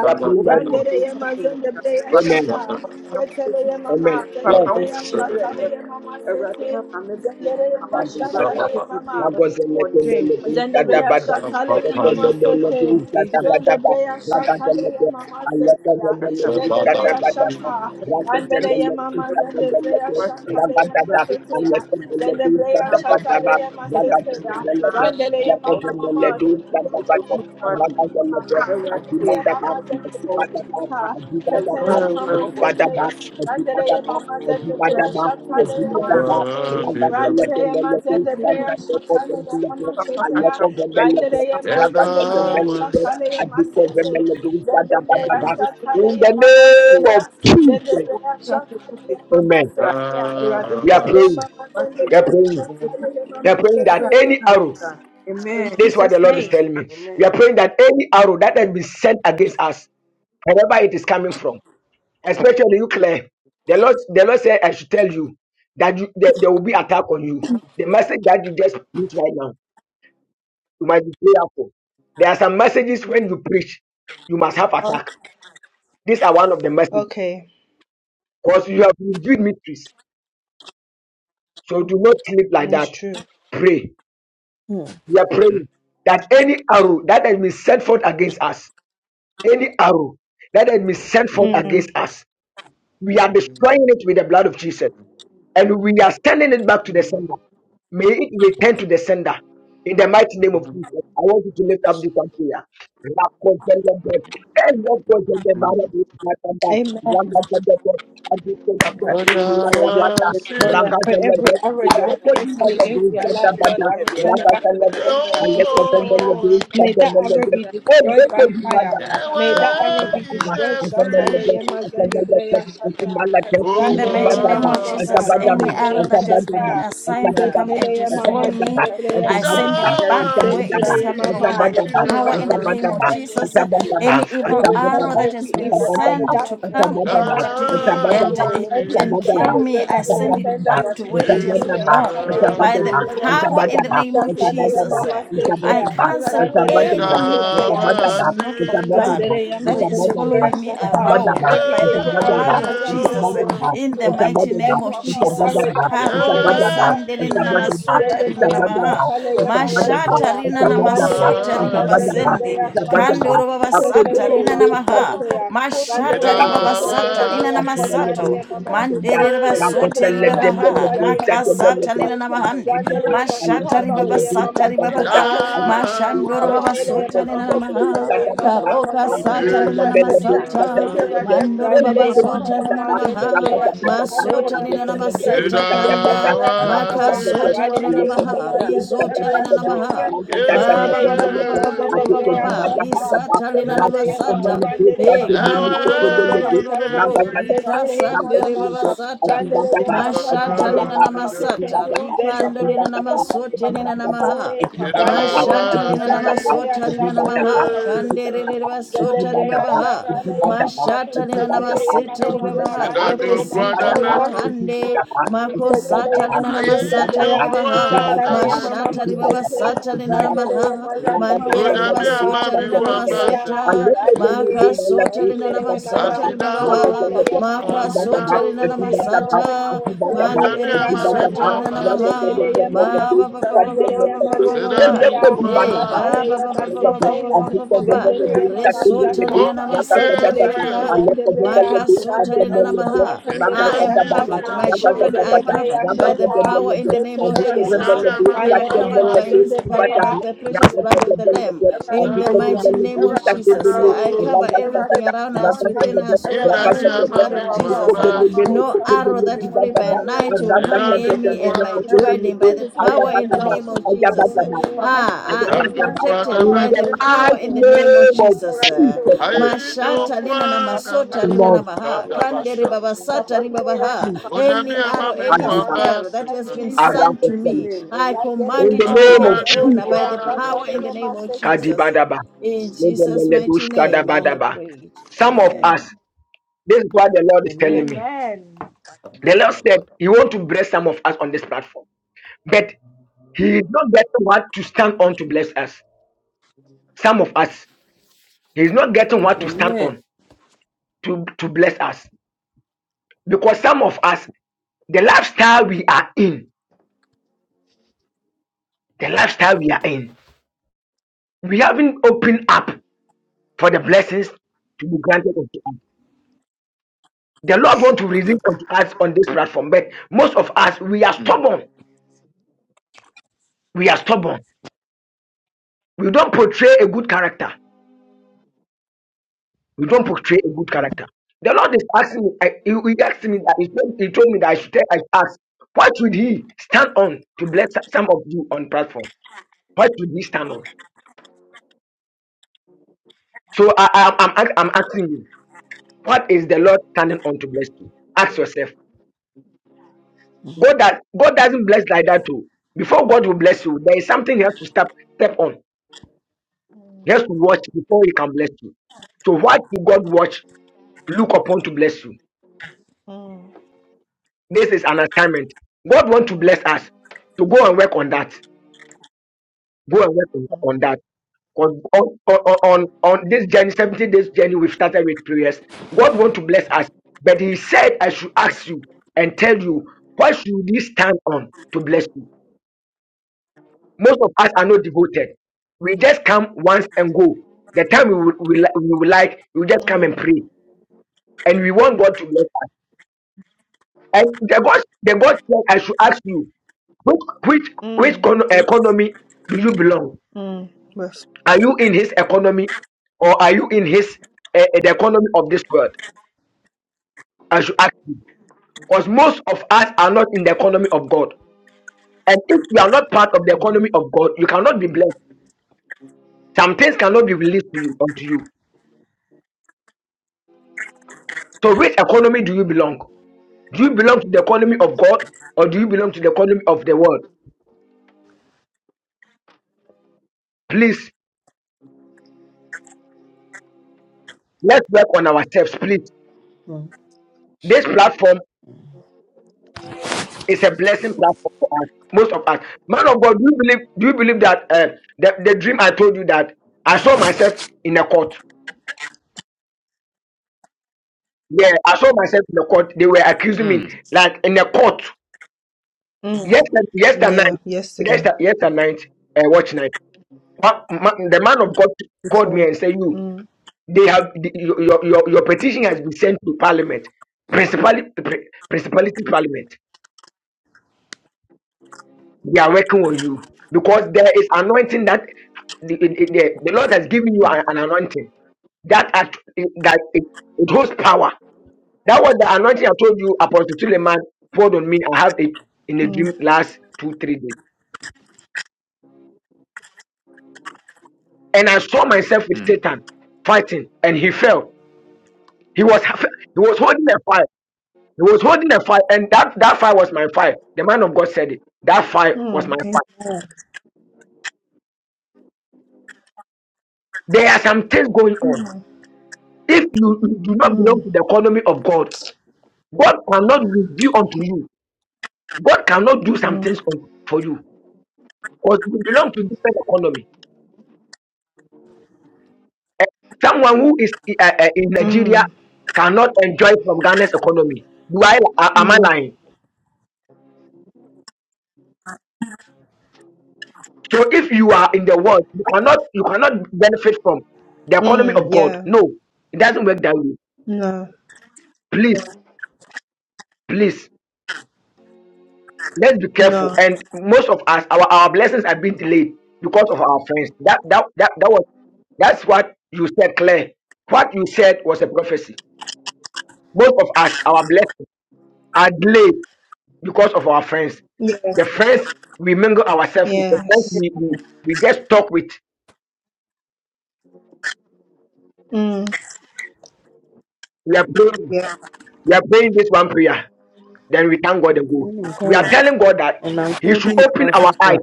we are praying right now.
Randere ye mazende beya
Amen.
shata. Seteleye mama,
Amen. Lord,
zendebreya şataleye mama sete, zendereye
Kadabada.
maşataleye mama.
Ragozelekelebu.
Zende breya
Kadabada.
şakale ye mama
Rekozelebu.
sete. Zende
Kadabadaba.
breya şakale ye
Ragazeleke.
mama sete ya.
Alekozelebu.
Zende breya
Kadabadaba.
şaka. Zendele ye
Ragozelelebu.
mama zende breya
Kadabadaba.
şakale ye mama
Ragadada.
sete ya.
Alekozelebu.
Zende breya şakale
Kadabadaba.
ye mama sete ya.
Ragazeleleke.
Zendele ye mama mama.
Lekozelebu.
Zende breya
Kadabada.
şakale ye mama mama.
Ragazeleke.
Sete ye
Akimadaba.
mama zende breya
Akimadaba.
şaka. Sete
Akibadaba.
ye mama
Akibadaba.
sete. Zendele ye
Akibadaba.
mama zende breya
Akibadaba.
şakale ye mama
Akibadaba. In
sete.
the
Randereya
name of
mazende breya şataleye maseteya. Randereya mazende breya şataleye masete. Zende breya şataleye mamaseya. Zende
Jesus,
breya şataleye
Amen.
mamaseteya.
We are
Randereya
praying.
mamazende
We are
breya
praying.
şataleye
We are praying that
mamaseteya.
any arrow.
In
amen
This is what the
Jesus'
Lord is
name.
telling me. We are
amen
praying that any arrow that has been sent against us, wherever it is coming from, especially you, Claire. The Lord, the Lord said, I should tell you that you, there, there will be attack on you. The message that you just put right now. You must be prayerful. There are some messages when you preach, you must have attack. These are one of the messages
Okay,
because you have revealed mysteries. So do not sleep like
it's
that.
true.
Pray.
Mm.
We are praying that any arrow that has been sent forth against us, any arrow that has been sent forth
Mm.
Mm.
against us, we are destroying it with the blood of Jesus. and we are sending it back to the sender. May it return to the sender. In the mighty name of Jesus, I want you to lift up this one prayer. Rakotendebe, Elokotendebe, Barabikatamba,
Amen.
Rakatendebe,
papa
I
Abikotendebe,
ekiri fo ọjà
Rakatambata,
ẹgbẹ
was
mi ọjà
Lord,
saying,
that for
ẹgbẹ ọjà
every
Rakatendebe,
arrow
ẹgbẹ ọjà
that has
ẹgbẹ ọjà ẹgbẹ
been
ọjà
sent
ẹgbẹ
Alokotendebe,
ọjà
against
ẹgbẹ ọjà ẹgbẹ ọjà
my life, Lord,
Rakatambata,
I
ẹgbẹ
return it back to the
Rakatendebe,
sender
ọjà
in Jesus'
ẹgbẹ
name.
Alokotendebe,
uh.
oh,
ọjà
May that arrow
Rakatendebe,
be destroyed by
Obokotendebe,
Lazima
fire. May
waitafute
that
watu
arrow
Ẹ̀wẹ̀
be
ìmí
duniani,
destroyed.
Rakatendebe,
Shata
ẹ̀fírí
leye
lazima
zendebreya
wapende
Rakatendebe,
shata.
sasa.
In the
owó
Rakatendebe,
mighty
Randereye ma
name
Rakatendebe,
of
mama ma
it's
ma
Jesus,
abídẹ́mú.
any
zende
arrow
breya
that
Lazima
has been
shata.
assigned to
Hallelujah.
come and
Seteleye
That they
mama
destroy
must
me,
have to
zendebreya
work
breya
I
through.
send it
shata.
They are
Ìdáwà
back where
returning
sí
it's
back
Seteleye
to
come
their
mama,
from
sense
I
by
of
the
return
ìdíjà,
it
performing
power
back
in
to
the
to
their
the
name
job
of
sender
of
in
doing
Jesus'
Jesus.
name.
media.
uh.
Any
We
evil
Ẹ̀rọ̀dé
return
arrow
ìdúró
that has
every
been
evil
ẹ̀rọ̀dé
arrow
sent
back
to
to the
ìdúró
come
sender
and
in
ẹ̀rọ̀dé
de-
Jesus'
nínú
name. uh.
and
kọ́bọ̀
ìdáwà
eh,
o
sí
Every
and
evil
ẹ̀rọ̀dé
kill
nínú
arrow
me,
go
I
back to
kọ́bọ̀ o
the
send it
sender
back
in
ẹ̀rọ̀dé
to
tó
where
Jesus'
ṣe
it
name.
has
fún yẹn mà ní
belonged
wá
Shatalaya
sí
by the
ìtàkùrọ̀.
ẹ̀rọ̀dé
Mazendebrea.
power
nínú
in
I
the
want
name
tó
of
ṣe fún yẹn mà
Shatalaya
Jesus.
ní wá
Mama
sí
I
Setea.
ẹ̀rọ̀dé
cancel
wọn náà
Randereya
wọ́n ní pàpà
anything
Masetea.
Ìdáwà
that is
kan
sí
not of God
Randereya
Ẹ̀rọ adé
that is
máa lọ
mandereya
following me
sí
shaka.
sẹ́kọ̀ọ́
around
Every
by the
evil arrow
blood
that
of
has been sent
Jesus
to
ìhòòhò.
attack
in
me,
the
yeah.
mighty
a
name
every
of
it's
evil
Jesus.
arrow that has been sent
Karoka
to
Ẹ̀wẹ̀
attack me,
sandelena
ìmí
yeah.
na masota
ẹ̀fírí
rina na
Zendebreya
maha.
shaka leya
ẹ̀mí wá sí i.
Mashata
maseteya.
rina
Ẹ̀rọ
na
adé
owó
ní
Randereya
masota
ìṣàn
mama
wọ́n ènìyàn.
abídẹ́mú.
ribabasende.
zendebreya
Awurade
shaka.
mo
Kandoro
ti kó bi mo
babasata
o,
Sekeleya
rina na
mama
Thank
papa
maha.
mo
seteya.
ti kó bi mo
Mashata
o,
Randereya
Thank
mama ma
Ìdáwà
awurade
ribabasata
hyɛ
rina
me
na
zendebreya
ne
sí
mo nya
shaka
papa
masato.
leya
mo fɔ
mama
ɔfɛ wa
seteya.
Mandere
brɛ,
basote
wɔn bi
Zendebreya
a
ìdíjà.
ma yɛ
ribabaha.
bi
shaka leya
asafo
mama
awurade
Makasata
fa
rina
seteya.
na
hyɛ me,
mahande.
awurade
Randereya
ne
mama
mpa
Mashata
aba
shaka
wɔ
leya
ogu,
ribabasata
mama
awurade hyɛ
zendebreya
ribabaha.
wo din
shaka.
animuonyam,
Mashandoro
papa wo nsa
Sekere
mi
mama
babasota
ama
rina
sɛ
mama
na
obi gyina
maha.
anim
sekere
ase,
mama mama
papa
Karoka
wo wu
zendebre
sata
m'anim
rina
yaşa
na
ase da,
kare mama
masata.
nti
seke.
awurade ɛpere
Mandoro
Randere
m'akoma, papa
mama
babazota
yɛ ma
rina
mama
no
na
yɛ
maha
sononko
zendebre yaşa
ase, ɛwɔ
kare
masota
mama
lina na
Jesus
seke.
Christ
maseta
din mu,
Zendebre
kanda
awurade
yaşa
ma
ka.
wɔn nsa so
makasota lina
ato
Randere
na
tumi
maha
mama
yi a,
zendebre
rizota
awurade
lina na
hyɛ
yaşa
wo
ka.
din
maha
animuonyam.
ma
In the name of Jesus, in the name
ba ba
Sekere
ba
mama
ba ba
you.
mama
ba ba
Thank
ba ba
zendebre
ba ba
yaşa ka.
risata lina na
Setereye mama
masata
rendereye
he
mama
kando ro ro ro ro ro
mazendereye
ro ro ro ro
şaka. Setereye
rikasande
mama
re baba
mama
sata
rendereye
mashata
maşakareye
lina na
mama sete.
masata rikando
Zendereye
lina na
şakareye
masote lina
mama
na maha
sete. Rendereye
mashata
mama
lina na
zendereye
masota lina na
şakareye
maha
mama
kande re
sete.
re re basota
Zendereye
ribabaha
şakareye mama.
mashata lena
Setereye
namasete
mama mama
ribabaha
rendereye
Sidaju kwada
lebakosita
maşaka.
betu,
ribabahande
Teteleye
makosata lena
mama
aye
namasata
inyo
zendebreya,
ribabaha
of
kwada
şakaleye
Jesus,
betu,
mama
mashata
in the name
masete,
ribabasata
of
lena
Jesus.
you.
randereye
namaha
Ẹwurade ma wɔn
mazendebreya
unyami
ntaase
şaka,
wate
mandororobasota
amami
fo mu
lena
wura.
zekeya,
wabase,
namaseta
Ẹwurade hyɛ
randere,
n'anuonyam
makasota
wate.
lena
rendereye
namasata
Ẹwurade
mama,
kasa
Asidao,
wate.
ribabaha
Papa
şakaleye
ma wɔn
mama,
ntaase
makasota
asidao,
wate.
lena
zekeleye
Ẹwurade ma
mama,
namasata
wɔn ntaase o.
unyami
zendebreya
amami
Ẹwurade
manderebasota
ma
shaka
lena
wɔn
wamba
ntaase
namaha
o.
semwa.
zekeleye
Papa
ba
mi
mama,
ba
mi
ba
da
ba
so
ba ba
onyina
ba
Randereya
ba
ne wo
ba
o.
ba
Asida
ba
mazendebreya,
Wosɔ.
hey
nukwa,
ba
takaleya
ba ba ba ba
Papa
ba
woyɛ
ba
maseteya,
ba ba
kɛse.
ba
Woyɛ
zendereya
kɛse ɛfiri
Resota
deɛ
lina
mamashata,
onipa ka.
okumu
namasata
yesu
zeteleya
Ẹwurade hyɛ wo
ribabaha.
deɛ
yehu.
mazendebreya,
Makasota lina
Papa
randereya
sɛ wɔn
namaha.
ankasa
Eshi
I
atɔ
am
mamazendebreya
ho
asisu
covered.
ya
My
shata,
anuonyam. In
children
the
are
sori,
mighty
zendebreya
covered by
name
the
of
shata,
power in
Jesus.
the name of
Ẹ̀rọ̀dé
zeteleya
náà
Jesus.
mọ̀
ma,
unyami
mẹ́lẹ́ mọ̀
We
amami
are
randereya
covered
wamba
by
wáṣíwáṣí.
his by,
Ramba
by
Àpapọ̀
mazendebreya,
the
in the mighty name of Jesus Christ,
kọ́ńtì
precious
ẹ̀kọ́
blood of the
ìlú.
Lamb
Ẹ̀rọ̀dé
in the
kàṣà.
Asidao,
mighty name of
Ẹ̀rọ̀dé
Jesus.
kàṣà
I
wáṣí.
Right there mama.
cover
asidao,
Ẹ̀rọ̀dé
everything around
kàṣà
us,
wáṣí.
within us, over
Ẹ̀rọ̀dé
us
inyami
with the
ìwádìí
blood
sí
amami
of
ẹ̀wà bá wà
Jesus.
pàpà
wamba
máa wọn
No
semwa.
ṣáṣọ
arrow
wáṣí.
that
Mo
flee
ní
by
fẹ́mi rẹ̀ ń
night will
ṣọ̀pọ̀
come
fún
Asida
òye
near
èèyàn
me
mi.
and my
nukwa,
Ẹ̀rọ̀dé
dwelling by the
sílẹ̀ sílẹ̀ yá
power
mi
in the
náà wọ̀
name of Jesus.
the
Pàpà ṣàwọn
Ah, I
àwọn
da
am
tí a ṣe
nukwa
ẹnu
na
àbá
protected
àwọn
by
Then
the
the day
metu.
amẹ́lẹ́lẹ̀
I
wọn
power
àti
in the
òṣèlú.
name of Jesus.
Ẹ̀rọ̀dé ṣe
Uh,
ojú ẹ̀
Ayeyi
Mashata
nukwa
lina na
Pàpà
na
masota
kàṣó.
rina na
Lord,
metu,
maha.
Pàpà
kaya
Kande
kàṣó.
basha.
ribabasata
Pàpà kàṣó.
ribabaha.
please,
Onyame
Any
ama
arrow,
me
and
wɔ
any
give us
aba
spell that
asɛm
has
In
na
been
Jesus'
around
sent
the
to
mighty
sun.
me, I
name,
command
In
it
the
to
name
locate
of
the
asedaadwe
owner
nko
Jesus,
by the
ara
shot
na
power
other
in the
mɛkyi.
mama
name of
Kadaba,
sitting.
Jesus. In Jesus' mighty
Legemelebushtaba.
name, I have prayed.
Some,
amen.
Amen.
this is what is
Amen.
telling me. The Lord said He want to bless some of us on this platform, but He is not getting what to stand on to bless us. Some of us, He is not getting what to stand
Amen.
on to, to bless us. Because some of us, the lifestyle we are in, the lifestyle we are in, we haven't opened up for the blessings to be granted unto us. The Lord want to release unto us on this platform, but most of us, we are stubborn. We are stubborn. We don't portray a good character We don't portray a good character. The Lord is asking me, I, he, he asked me that he told, he told me that I should tell, I should ask, what should he stand on to bless some of you on platform? What should he stand on? So I, I, I'm, ask- I'm asking you, what is the Lord standing on to bless you? Ask yourself. God that God doesn't bless like that too. Before God will bless you, there is something he has to step step on.
Mm,
He has to watch before he can bless you. So what did God watch, look upon to bless you?
mm,
This is an assignment. God wants to
mm,
bless us to go and work on that. Go and work on
mm,
on that. on on, on, on on this journey, 70 days journey, we've started with prayers. God want to bless us, but He said, I should ask you and tell you, what should we stand on to bless you? Most of us are not devoted. We just come once and go. The time we would, we, li- we would like, we just come and pray. And we want God to bless us. And the God, the God said, I should ask you, which which
mm.
which con- uh,
Preach.
economy do you belong?
Mm. Yes.
Are you in His economy, or are you in His uh, the economy of this world? I should ask you, because most of us are not in the economy of God. And if you are not part of the economy of God, you cannot be blessed. Some things cannot be released to you unto you. So, which economy do you belong? Do you belong to the economy of God, or do you belong to the economy of the world? Please, let's work on ourselves. Please,
Amen.
this platform It's a blessing platform for us, most of us. Man of God, do you believe? Do you believe that uh, the the dream I told you that I saw myself in a court? Yeah, I saw myself in the court. They were accusing me
Mm,
like in the court. Yesterday, yesterday night,
Yeah, yeah, Oh.
yesterday, yesterday night, uh, watch night. Ma- ma- the man of God called me
full.
and said, "You, they have the, your, your your petition has been sent to Parliament, principally pri- principality Parliament." They are working on you because there is anointing that the, the, the the Lord has given you an, an anointing that at, that it, it holds power. That was the anointing I told you, Apostle Suleiman poured on me. I have it in a
Mm,
dream last two three days, and I saw myself with Satan fighting, and he fell. He was ha- he was holding a fire. He was holding a fire, and that that fire was my fire. The man of God said it. That fire
mm,
was my fire. There are some things going on. If you, you do not
mm,
belong to the economy of God, God cannot reveal unto you. God cannot do some things for for you because you belong to different economy. Someone who is uh, uh, in Nigeria cannot enjoy from Ghana's economy. Do I uh, am I lying? So if you are in the world, you cannot you cannot benefit from the economy of God.
yeah,
No, it doesn't work that way.
uh,
Please, please. let's be careful.
no,
And most of us, our, our blessings are being delayed because of our friends. That that that, that was that's what you said, Claire. What you said was a prophecy. Most of us, our blessings are delayed because of our friends.
yeah,
The friends we mingle ourselves with, the friends
yes,
we, we, we just talk with.
mm,
We are praying,
yeah,
we are praying this one prayer. Then we thank God and go. We are
Choir,
telling God that
And I'm
He should
holding the
open our
powerful
eyes.
prayer.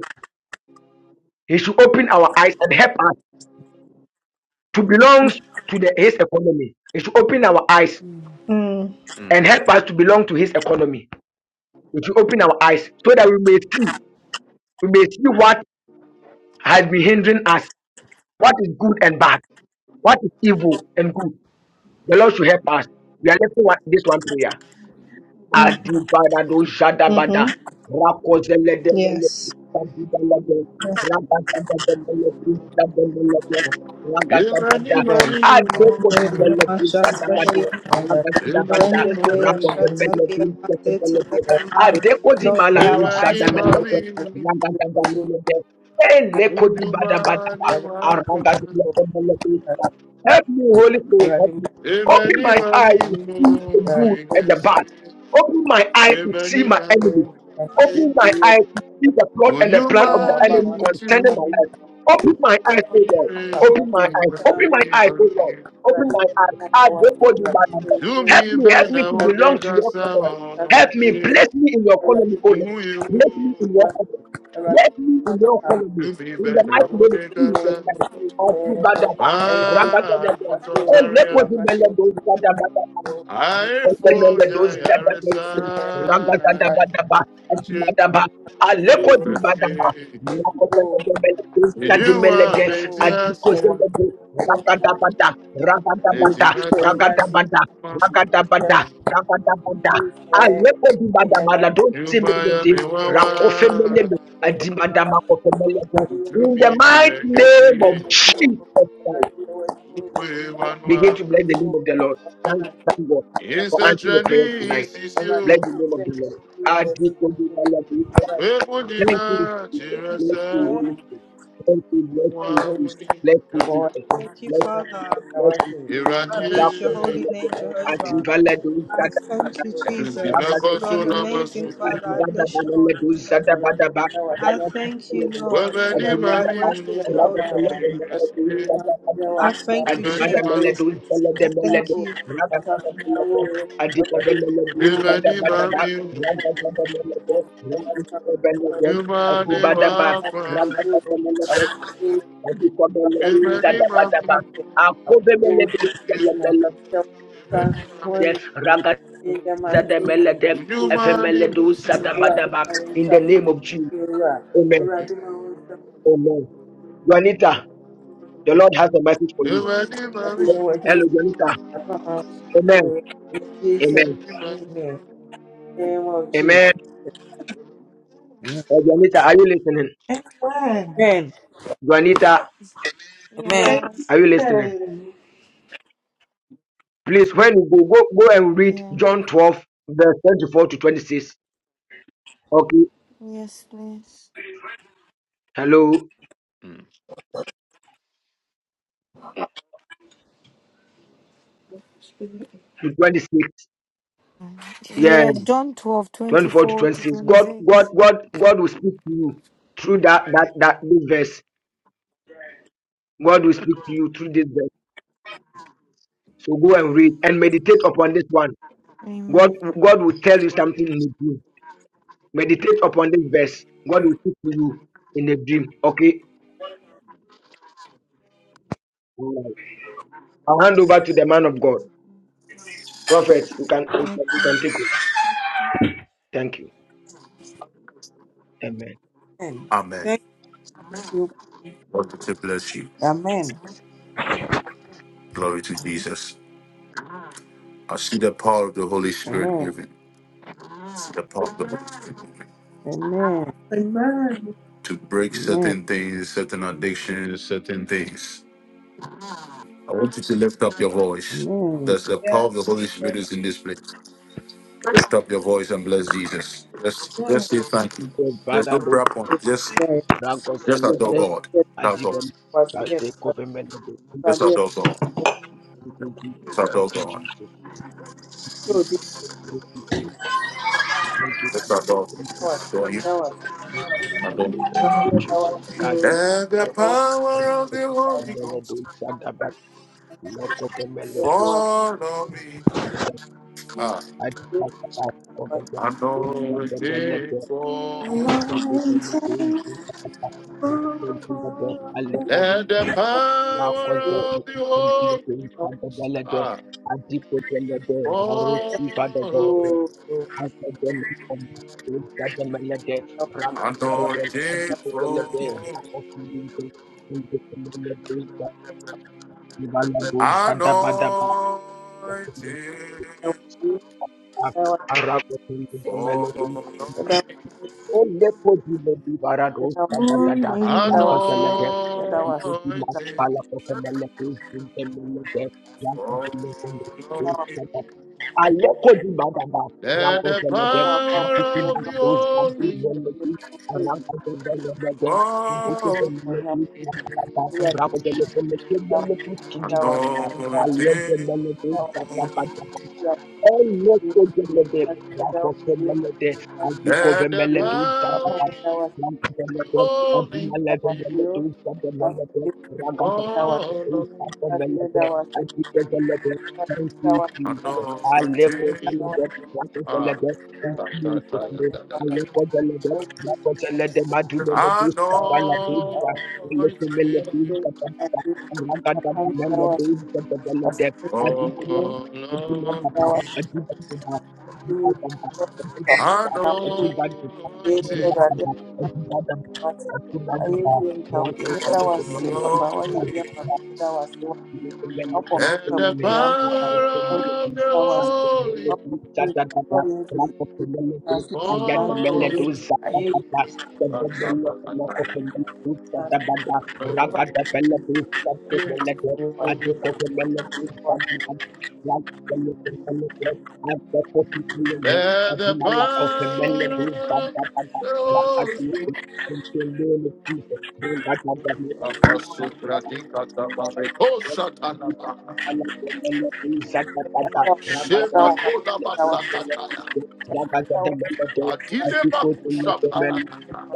He should open our eyes and help us to belong to the, his economy. It should open our eyes
mm-hmm,
mm.
and help us to belong to his economy. It should open our eyes so that we may see, we may see what has been hindering us, what is good and bad, what is evil and good. The Lord should help us. We are left with this one prayer. Adibarado Jadabada, Rakozele de Melody,
yes.
Ewurade mami, me hu,
Hallelujah, my shout, hallelujah, then
Ewurade
the
ma
day
me
I
hu,
shout, hallelujah, my day to the Lamb. Lord, may our
Ewurade
eyes be
ma
opened.
me hu, wo nnwuma ne w'akwan.
Help me, Holy Spirit, help me. Open
Ewurade
my
ma
eyes
me
to
hu,
see the
wo
good and the bad.
kɛseɛ.
Open my eye to see
Ewurade
my enemy. Open my eyes to see the plot and the plan of the enemy concerning my life. Open my eyes, O Lord. Open my eyes. Open my eyes, O Lord. Open my eyes. I before you, my Lord.
Do do
Help
me
me, help me
better,
to
what they
belong to your
got
family.
on the
Help me,
way.
place me in your colony, O Lord.
Who you
Place me in your family. Place me in your colony.
do me
In the
better, better, Dumi bena ode kasa wana wanyere muyu. Dumi bena
mighty name of
you,
Jesus
kasa
Christ. I give that. Rabba,
ma
Oh, let what
motozaria.
you may let go. In
Aifo da
the
yaresa de kache. Dubefe. Ijuwa benti asiru. Eti maso. Yumaya mewawa. Utumi
mighty
yekesi.
name of Jesus Christ.
Ukwe
Begin to
wanwa.
bless the name of the Lord. Thank, thank God for answering the prayer tonight.
Instantaneous is
Bless the
you.
name of the Lord. I do thank you, Father, for this Thank you,
Webudina,
Jesus. Bless you,
Chirasa,
Holy Spirit. Thank you, bless you, Jesus.
Wawuni,
Bless you, Jesus.
Thank you,
Bless you,
Father.
Jesus. Bless you,
I bless
Adibada
your
Iradi,
holy name, Jehovah. I thank you, Jesus. You are an
Dimakoso
amazing
Namasu,
Father. I bless your holy name. I thank you, Lord.
Webani
I worship your
Mami,
holy name. I thank you,
Webani
Jesus.
Mami,
I thank you
Webani Mami, Numani Wapa, Webani Mami, Webani
de
Mami,
ragadademele de
Numani
efemele
Wusi,
In the name of Jesus. Amen. Amen. Juanita, the Lord has a message for you.
Webani
Hello, Juanita. Amen. Amen.
Mami,
Amen. Uh, Juanita, are you listening?
Amen.
Amen.
Juanita,
Yeah,
Amen.
hello.
are you listening?
Amen.
Please, when you go, go, go and read
Yeah,
John 12, verse 24 to 26. Okay.
yes, please.
Hello.
Mm.
To 26. Yeah.
Yeah, John 12 twenty
24 to
four to
26. God, God,
26.
God, God will speak to you through that, that, that this verse. God will speak to you through this verse. So go and read and meditate upon this one. God,
Amen.
God will tell you something in a dream. Meditate upon this verse. God will speak to you in a dream. Okay. All right. I'll hand over to the man of God, prophet. You can you can, you
Okay.
can take over. Thank you. Amen.
Amen.
Amen.
Thank you.
God to bless you.
Amen.
Glory to Jesus. I see the power of the Holy Spirit
Amen.
moving. I see the power of the Holy Spirit moving
Amen.
Amen.
to break
Amen.
certain things, certain addictions, certain things. I want you to lift up your voice.
Amen.
There's the power of the Holy Spirit is in this place. Lift up your voice and bless Jesus. Let's let's say thank you.
Oh,
There's no
Father, those
prayer point. Just,
dragons
just
and them
adore
there,
God.
I
That's
give
all.
them shall take over me.
Just adore God.
Thank
Just
you,
adore God.
Jesus. Thank you, Jesus. Thank you,
Just
Jesus.
adore,
Thank
adore you.
you,
Adore.
Jesus. Thank you, Jesus. I give
And the
them, and
power of the Holy Ghost.
mend them, those that Lock of the melody,
Follow me. Ah,
I pass out of the melody, and the melody,
Anointing for
I think of the melody, and the melody, I lock of the
let the
melody,
power
Rakos the
of the Holy
melody, and the melody,
ah,
I dip of the melody, Haruki Vada the
follow me.
melody, I said the melody, the melody, Ram and the melody, I
Anointing
dip of the
for
melody, Rakos the melody, and the melody, Ivala
anointing
Bada
for
Bada. Only for the
Morning.
anointing follow
Thank
me.
Aleko di badaba,
Let
ranko
the
zele de,
power
nitiki
of
bandos gadi
the
zele di, lele di ranko zele de de, nitiki
Holy
zele di, badaba, ranko zele zele zele di, kidi badaba, aleko
anointing.
zele de, badaba, badaba, eleko zele de, ranko zele de, adiko
Let the
vemele di,
power
badaba,
of
ranko zele de,
holy
adimale
be
vemele di, badaba, de, raga zele
born
de,
of
badaba, de, adiko zele de, Thank you,
anointing. Ah, ta, ta, ta, ta, ta, ta. ta. Anointing. All of me. Anointing. All of
Thank
me. Let the power
you. Thank
of,
you,
let the power of the Lord.
Lord Jesus.
Reko
In
shatanaba. Shema koda basakataya. Adile bakusha panakata.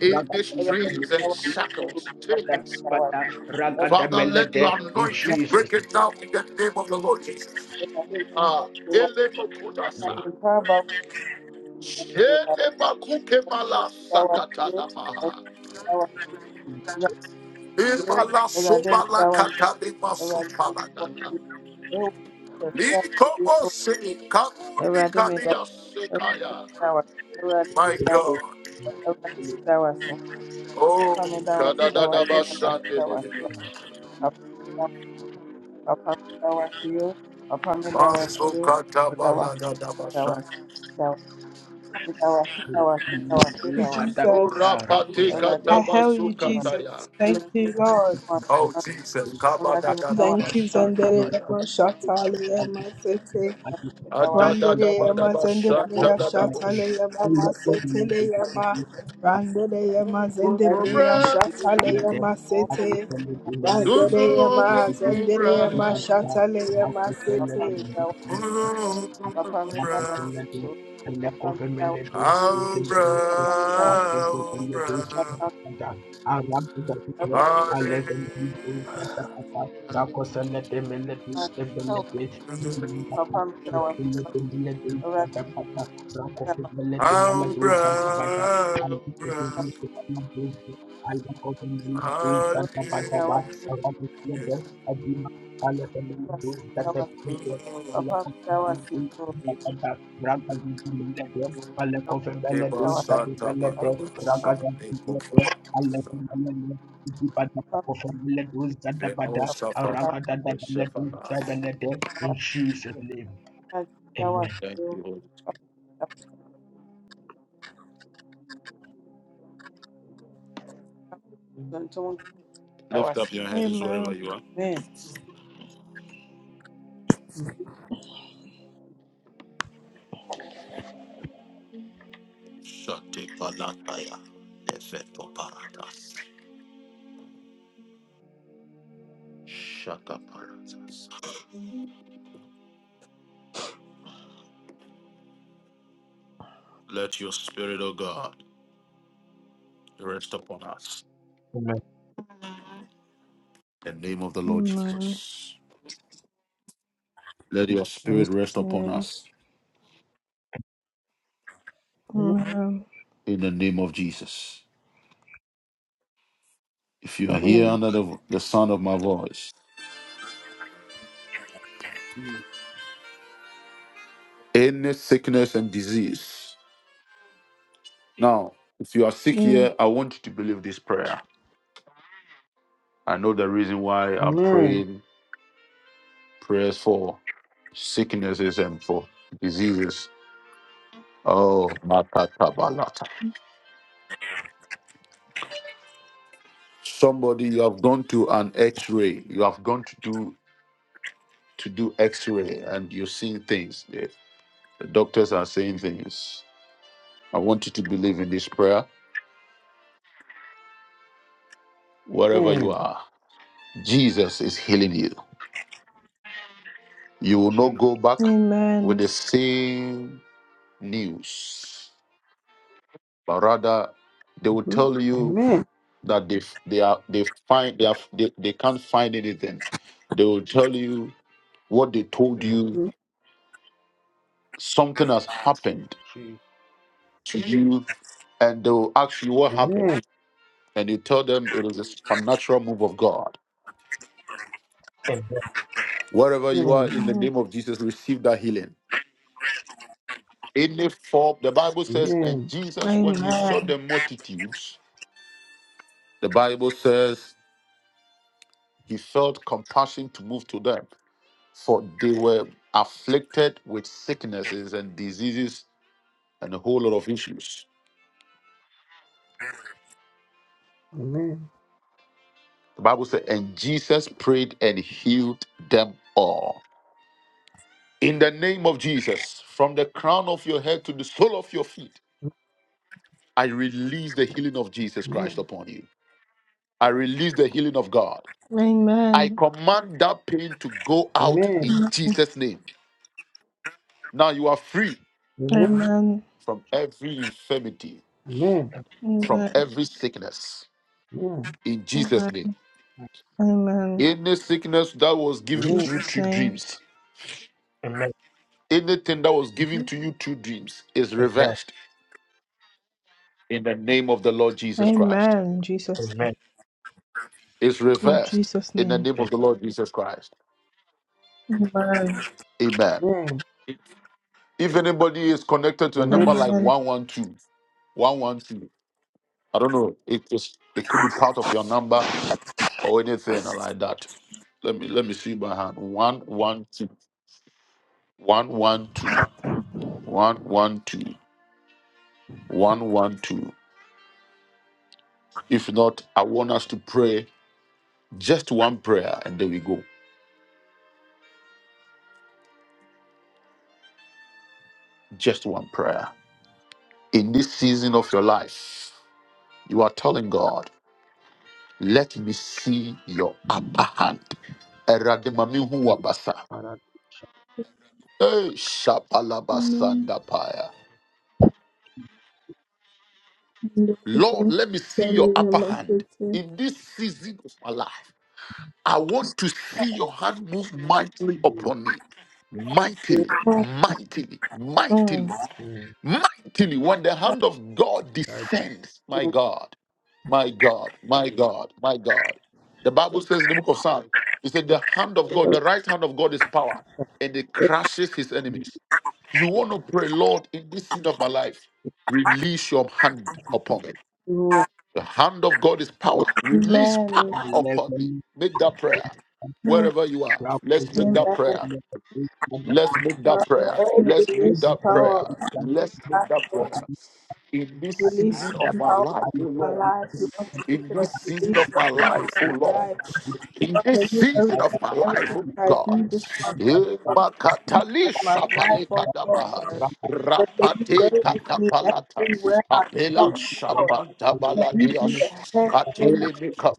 In these chains and shackles, chains. Father, let your anointing
Jesus'
break it down in the name of the Lord Jesus. Ah, ele
name.
mokudasa. Shele bakuke bala sakatanaba.
So,
Ibala
Ewurade
sobala
meda wo
katali
ase,
masupalagana. Likobo se kamundi
Ewurade meda
kaniya
wo
sekaya.
ase, Ewurade
My
meda wo ase, Ewurade meda wo ase,
God.
Ewurade meda wo ase,
Oh,
Woamfa me da wo ase, da wo ase, da wo ase, da wo
kadadadabashandedede.
ase. upon the wasio, upon the wasio, the wasio,
Masokatabalagadabasan.
the wasio, the wasio,
Jesus. I hail you, Jesus.
Orapatekatabasukataya.
Thank you, Lord.
Oh, Jesus.
Thank you, Zendere
kabadadadabashandabaya.
Emma Shatale Emma Sete.
I just want to be
Randere
part of
Emma Zende
that. I
Brea
just want to
Shatale
Adadadabadabashandadadabush.
Emma
be a part of
Masete
the
Emma.
community. I
Randere Emma Zende
just want to
Brea
be
Gugubra,
part of
Shatale
that.
Emma
I just
Sete.
want to be in the community. I
Randere
just
Emma
want
gugubra.
to
Zendere
be
Emma
part of
Shatale
the
Emma
people that. that I just want to be
Sete.
Thank
Abra, abra. Hallelujah. Abra, abra. God is good.
you. In
Ebasata banabasa, ekobanabasa. Benosafalaba, deshefala.
Jesus' name, amen.
Thank you, Holy Spirit.
and someone can
Amen.
amen.
Let the rest upon us
Amen.
in the name of the Lord Jesus. Let your
Amen.
spirit rest upon
Amen.
us in the name of Jesus. If you are here
Amen.
under the, the sound of my voice,
Mm,
any sickness and disease. Now, if you are sick
Amen.
here, I want you to believe this prayer. I know the reason why I'm
Amen.
praying prayers for sicknesses and for diseases. Oh, matatabalata. somebody you have gone to an X-ray. You have gone to do to do X-ray, and you're seeing things. The, the doctors are saying things. I want you to believe in this prayer. Wherever you
Amen.
are, Jesus is healing you. You will not
Jesus.
go back with the same news, but rather they will
Mhm.
tell you
Amen.
that they f- they are they find they are they, they can't find anything. They will tell you what they told
Mm,
you.
Mhm.
Something has happened
Jesus.
to you, and they will ask you what happened,
Amen.
and you tell them it is a supernatural move of God.
Amen.
Wherever you are, in the
Mm.
name of Jesus, receive that healing. Any form, the Bible says, and
Amen.
Jesus, when he saw
Amen.
the multitudes, the Bible says he felt compassion to move to them, for they were afflicted with sicknesses and diseases and a whole lot of issues.
Amen.
The Bible said, and Jesus prayed and healed them all. In the name of Jesus, from the crown of your head to the sole of your feet, I release the healing of Jesus Christ
Amen.
upon you. I release the healing of God. I
Amen.
command that pain to go out
Amen.
in Jesus' name. Now you are free
Amen.
Amen.
from every infirmity,
Amen.
from
Amen.
every sickness
Amen.
in Jesus'
Amen.
name.
Amen.
Any sickness that was
Amen.
given to
Amen.
you
Jesus'
through
name.
dreams,
Amen.
Anything that was given to
Mhm.
you through dreams is
Amen.
reversed in the name of the Lord Jesus Christ.
Amen. Jesus.
Amen.
It's
Oh,
reversed
Jesus.
in the name of the Lord Jesus Christ.
Amen.
Amen.
Amen.
If anybody is connected to a
Amen.
number like
Amen.
112 112, I don't know, it just it could be part of your number or anything like that. Let me let me see my hand. 112. 112. 112. 112. If not, I want us to pray just one prayer and there we go. Just one prayer. in this season of your life, you are telling God, let me see your upper hand. Erademamihu
Amen.
wabasa.
Father,
Eh, shapalabasandapaya. Lord, let me see your upper hand in this season of my life. I want to see your hand move mightily
we
upon me. Mightily, mightily, mightily,
Mm.
mightily. When the hand of God
That
descends, my
Amen.
God. My God, my God, my God. The Bible says in the book of Psalms, it said the hand of God, the right hand of God is power, and it crushes his enemies. You want to pray, Lord, in this season of my life, release your hand upon me.
Everyone,
The hand of God is power. Release
I
Amen.
power
love
upon me.
you.
Make that prayer.
Mm.
Wherever you are,
You are
let's
good.
make
Amen.
You
that
Father,
prayer.
are
Let's make that prayer.
good.
Let's make
You
that
are
prayer.
power,
good.
Let's make that prayer. In this
release
season of my
power,
life, oh
Thank
our
Lord.
lives. You want to lift
In
it
this
up. to You
season
lift
of
your
my
hand
life, oh
upon our
Lord.
life.
In
Lord,
this
may you
season
everything,
of my life,
everything
oh
I do
God.
this month.
Eh,
Lord, may you take my
makatalisha
life, oh Lord.
valekadabaha.
But may you go
Rapate
with me everywhere I go,
Apela
oh Lord.
Shapanta
May you be the
Baladios
head, oh Lord.
Atilimica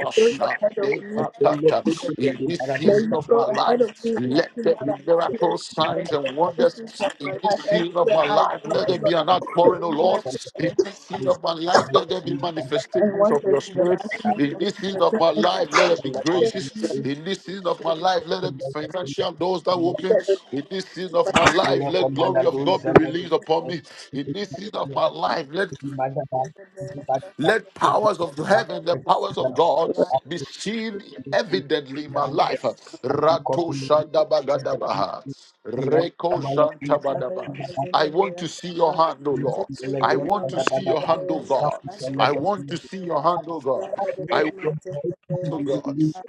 And go ahead of
De
me, oh
Makata.
Jesus.
In this
May
season
you
of my
go ahead
life,
of me,
let
everything
there
that
be
I do,
miracles,
oh Jesus.
signs, and
This is
wonders.
of my
In this
life,
season of
everywhere
my life,
I go,
let
oh
there be an outpouring,
Lord.
O Lord. In this season of my life, let there be
and
manifestations of
wonders
your
in the
spirit.
mighty name
In this season of my life, let there be graces. In this season of my life, let there be financial doors that will open. In this season of my life, let glory of God be released upon me in this season of my life, let
of Jesus.
let powers
Thank
of
you,
heaven,
Lord, in
the
this
powers
season
of
of my
God,
life.
be seen evidently in my life. Rato shandabagadabaha. Reko
Ataleya
jantabadaba.
mazende
I want
breya
to see
shasa.
your hand, O Lord. I
Seteleya
want
mama
to see your
kende
hand, O
breya
God.
shasa.
I
Leya
want
you.
to see
maseteleya
your hand, O God
Let
ndeleya
your mercy
mazende breya
to
be
God.
released
shasa.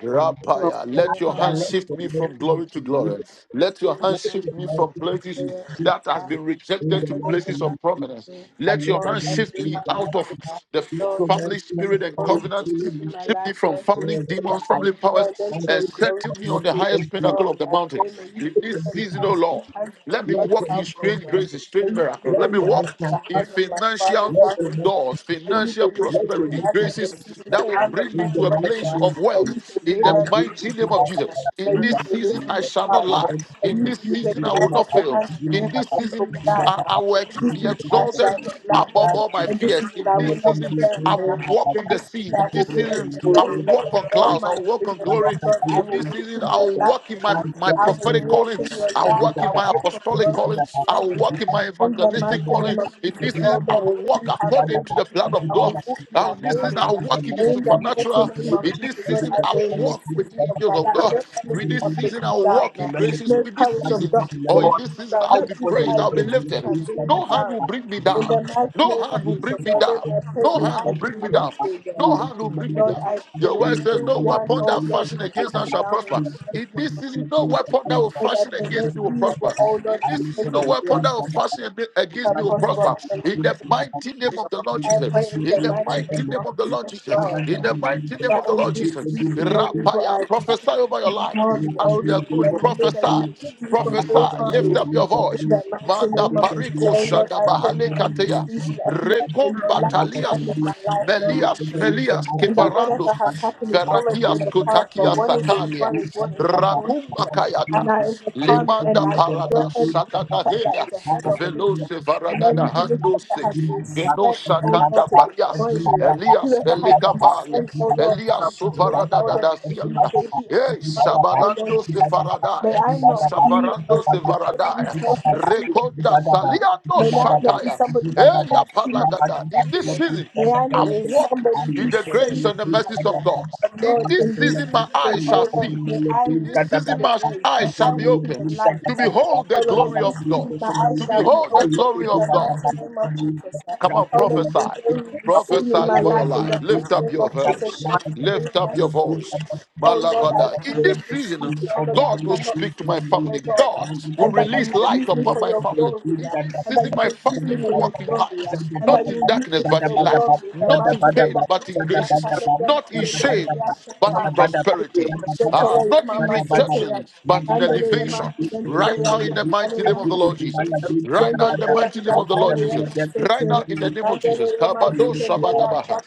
everyone,
Rapaya,
Seteleya
let your
mama
hand
let
shift
zende.
your
me
mercy
from
be
glory to
released.
glory. Let your
Seteleya
hand
Let
shift
your
me
mama
mercy
from
mazende
places
be
breya
released
that
shasa.
has been
in
rejected
the
to
mighty
Seteleya
places
name.
of prominence.
mazende.
I
Let your
let the
Lord,
hand
I
name
shift
pray
be
me
right
out
that
of
now. uh,
the
let
Lord,
your
let
mercy
family
and
your
spirit and
God
glory
be
covenant.
be
filling
seen in
me.
my
Shift me
life,
from
Lord
family
Jesus.
Wherever
demons,
I
family
Lord,
powers,
let
want
your
and
to be,
glory
I
settle me
let
on the
be
you
seen,
highest
and you.
Lord.
pinnacle of the
I
mountain.
pray, may you
In
Let
this
your
deliver
mercy
me
season,
out
oh
of
be-
Lord,
the hands of
let
my
me
let
mother's
your
walk
mercy
in
household.
and
strange
God.
God be-
graces,
May
strange
you
miracles.
let
deliver
Let me
me
your
out
mercy
of
walk
and God
the
be-
in
hands of my
financial
father's
let
household. God.
doors,
May you
financial
deliver me
prosperity,
out of
graces
the
that
single
will
hands of
bring me
my
in the
to a place
mighty
brother.
of
May
wealth
you
in the
Thank
deliver me,
mighty
Jesus.
name of
God.
Jesus. In
May you
this season,
deliver
I
me,
shall not
Father.
lack.
May
In
you
this
deliver
season,
me
I will
out of
not
the
fail.
hands of
In
every
this
evil
season, I,
plan.
I will ex-
This
be
is I shall
exalted
not lack
above
her,
all my
and this is
fears.
it
In
I
this
will not
season,
fail
I
her.
will walk
The
on the
this
sea.
is I
In
will
this
be
season, I will
exalted above
walk on clouds
all
clouds.
my
I'll walk
dreams.
on
Oh
glory
Lord, I
in
will
this
walk
season.
in your light.
I'll walk in my,
Lord.
my
I will
you.
prophetic
walk
calling.
in your
I'll
light.
walk
I
in
Thank
will
my
walk from
apostolic
glory to
calling. I'll
glory. Lord.
walk in my
In the
evangelistic
mighty
calling.
name of
In
Jesus,
this
oh
season,
Lord,
I will
what
walk
you have
according
called me
to the plan
to do,
of
I
God.
will walk in my
And in this season,
calling.
I'll
Lord.
walk in the
In the mighty
supernatural.
name of
In this
Jesus, Lord,
season,
I
I
pray
will
in this
walk with
season of
angels
my
of
life,
God.
no enemy
With this
can bring
season,
me
I will
down.
walk
Lord.
in graces.
No
With this
powers of
season,
darkness
or
can bring
in this
me
season,
that
I'll
no
be
evil
praised. I'll be
identity
lifted.
can bring me
No hand
down.
will bring me
In
down.
the mighty
No
name of
hand will
Jesus,
bring me
oh Lord,
down.
I pray,
No
may
hand
I
will
be
bring me down.
lifted.
No
uh,
hand will bring me
Lord,
down.
I pray,
Your word says,
no
No
one,
weapon
oh
that
Lord,
fashion
can bring
against
me
us shall
down. In
prosper. In
the
this season, no weapon that
you.
will
mighty name of Jesus, Lord, I
fashion
pray,
Thank
against me will
no evil,
prosper.
oh
In
Lord,
this season, no
identity uh,
weapon that will fashion ab- against me
can
will
prosper.
prosper.
In the
In
mighty
the mighty name of the Lord
I pray in
Jesus. In
the
the
mighty
mighty
name
name
of
of the Lord
Jesus,
Jesus.
Lord.
In
uh,
the mighty name
That
of the
in this
Lord Jesus.
season, no
you.
evil
Rapaya,
identity
prophesy over your
can
life.
harm me, oh
As we
Lord.
are going,
And I know that you
prophesy.
will keep me from all
Prophesy.
harm.
Lift up your
In
voice.
the mighty
Thank
Manda
name of Jesus,
pariko
oh Lord,
shanda
I pray
bahale
that in this
kateya.
season, oh Lord, may
Rekom
your light
batalia
shine in my life, Lord
Melias, Melias,
and that
Kevarandos,
whatever has happened is already in
Verakias,
the past,
Kotakia,
but what is in
Sakalia,
front is what is important.
Rakuma
And
Kayata,
I overcome and
Lemanda
I destroy
Parada,
every evil trap that
Sakadahelia,
is ahead of me,
Velose
and every
Varadada
evil trap that
Handose,
has been
Veno
sent, oh Lord,
Sakanda
to destroy
Parias,
me.
Elias,
Whoever has been
Eligavale,
sent, oh Lord, to
Elias
destroy me,
Sovarada
oh Lord, may
Dazianda,
they be
Ei,
exposed, oh Lord
Sabalando
Jesus. May
Sefaradaya,
I not be
Safarando
a person who
Sevaradaya,
tells my
you.
secret this
Rekonda
Thank
season.
Saliano
May I not be
Shataya,
somebody who
Eya
thinks too much
Palagada,
this
in this
season.
season.
May I
I
not be
will walk
somebody who
in the
sins
grace and the
too
mercies
much. uh,
of God.
But
In
Lord,
this
in this
season, my
season,
eyes shall
oh Lord,
see.
may I
In
walk
this
in
season,
the
my
grace. May
eyes shall
I
be
walk in
opened
the light.
to
uh,
behold
Oh
the
Lord,
glory
in this
of
season,
God.
my eyes
To
shall be
behold the
open
glory
in
of
the
God.
mighty name of Jesus. uh,
Come on,
Oh Lord, the
prophesy.
glory will be seen
Prophesy
in my
over your
life in
life.
the
Lift
mighty
up
name
your
of
voice.
Jesus. Shout
Lift up
hallelujah.
your voice. My
Oh Lord, I
Malavada. In
pray
this
in this
season,
season, oh Lord, that I
God will
cannot
speak to
be
my
kept, oh
family.
Lord, uh,
God will
and that you
release
will
light
use
you.
me
upon
for
my
your
Thank
family.
glory,
In
uh,
this
and that
season,
you
my
will use
family
me
will
for your
walk in
glory,
light.
uh, and that
Not
you
in
will use me
darkness,
for
but in
your
light.
glory. In the
Not in
mighty name
pain,
of
but in
Jesus,
graces.
Shanta, Lord, Yama,
Not in
Zende,
shame,
Bria,
but in
Shanta.
prosperity. Ah,
Zetele ye
not in
mama sete ya.
rejection, but in
ye
elevation.
mama zende
Right
breya
now, in the mighty
ye
name of the
mama
Lord Jesus.
sete.
Right
Zende
now, in the
breya
mighty name of the Lord
ye
Jesus.
mama
Right now,
sete.
in the name of
Mandele
Jesus.
ye mama
Kabado
zende breya
Shabadabaha.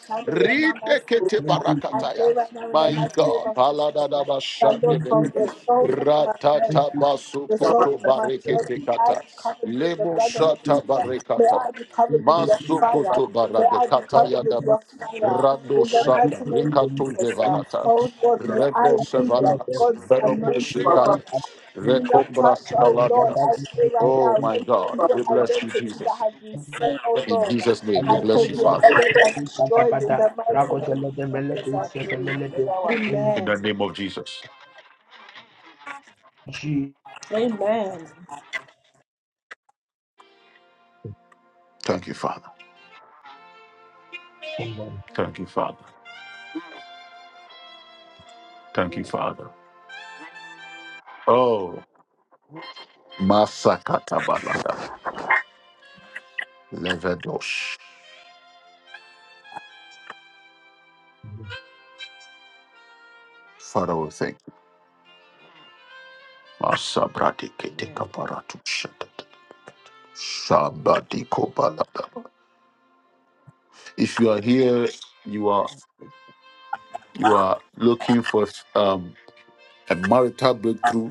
ye mama sete
Ridekete
I pray
Barakataya.
right now in the
My
mighty name
God.
of Jesus. uh,
Paladadaba
That Lord, from
Shandedede.
the soles of my head,
Ratata
uh, the soul
Basukoto
of my head,
Barekete
may I
Kata.
be covered with the
Lemo
blood of Jesus.
Shata
uh, May
Barekata.
I be covered with your fire.
Masukoto
May I be
Baradekata
covered with
Yadaba.
your fire
Rando
in the
Shanda.
mighty name of
Rekato
Jesus. Uh,
Devarata.
you.
oh Lord, may
In Jesus, amen, amen, amen, amen, Jesus, amen, Jesus, mm,
Rendo
I be uh,
Sevara.
God's
Beroko
anointed one.
Shekaya.
Do not touch,
Recombras
oh Lord, I
Caladias.
pray right
Oh
now,
my
any
God.
evil
We bless you,
identity
Jesus.
that has been sent, oh
Jesus,
In
Lord. Uh,
Jesus' name, we
amen,
I
Jesus, amen,
pray
bless you,
be
amen,
Father.
expect
Jesus, amen,
and destroyed in
amen,
the mighty name of
amen, Jesus,
Jesus, I
Jesus,
pray.
In
Amen.
the name of Jesus. Thank you, Father. Thank you, Father. Thank you,
Amen.
Father. Oh, Masakata Balagad. Levedos. Father, we thank you. Masabrati Kete
Amen.
Kaparatu Shatat. Shabati Kobalada. If you are here, you are
Amen. Jesus.
you are looking for um, a marital breakthrough.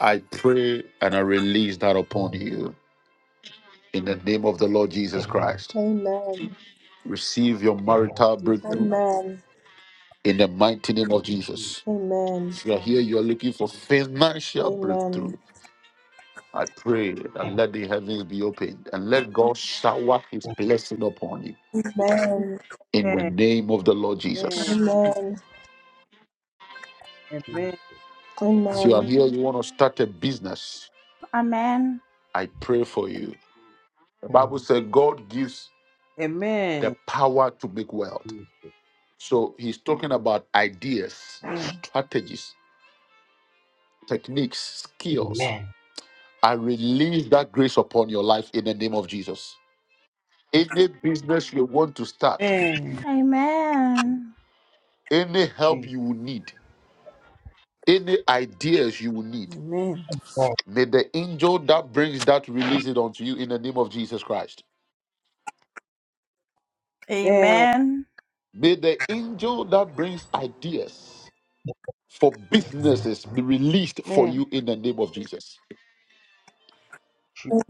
I pray and I release that upon you in the name of the Lord Jesus Christ.
Amen.
Receive your marital
Jesus.
breakthrough
Amen.
in the mighty name of Jesus.
Amen.
If you are here, you are looking for financial
Amen.
breakthrough. I pray that let the heavens be opened and let God shower his blessing upon you
Amen.
in the name of the Lord
Amen.
Jesus.
Amen.
Amen.
If you are
Amen.
here, you want to start a business,
Amen.
I pray for you. The Bible says God gives the
Amen.
power to make wealth. So he's talking about ideas,
Amen.
strategies, techniques, skills. I release that grace upon your life in the name of Jesus. any business you want to start,
Amen.
Amen.
any help you will need, any ideas you will need,
Amen.
may the angel that brings that release it unto you in the name of Jesus Christ.
Amen.
Amen.
May the angel that brings ideas for businesses be released for you in the name of Jesus.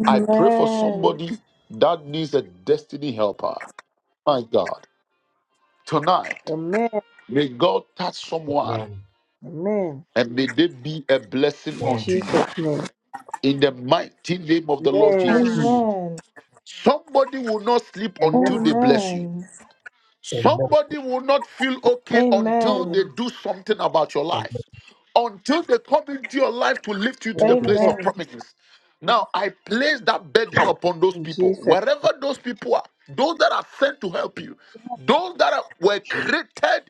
I pray for somebody that needs a destiny helper. My God,
Amen.
tonight,
Amen.
may God touch someone
Amen.
and may they be a blessing
In
unto you.
Jesus' name.
In the mighty name of the Lord Jesus.
Amen.
Somebody will not sleep
Amen.
until
Amen.
they bless you. Somebody will not feel okay until
Amen.
Amen.
they do something about your life. Until they come into your life to lift you to the
Amen.
place of
Amen.
promises. Now, I place that burden upon those
In
people.
Jesus.
Wherever those people are, those that are sent to help you, those that are, were created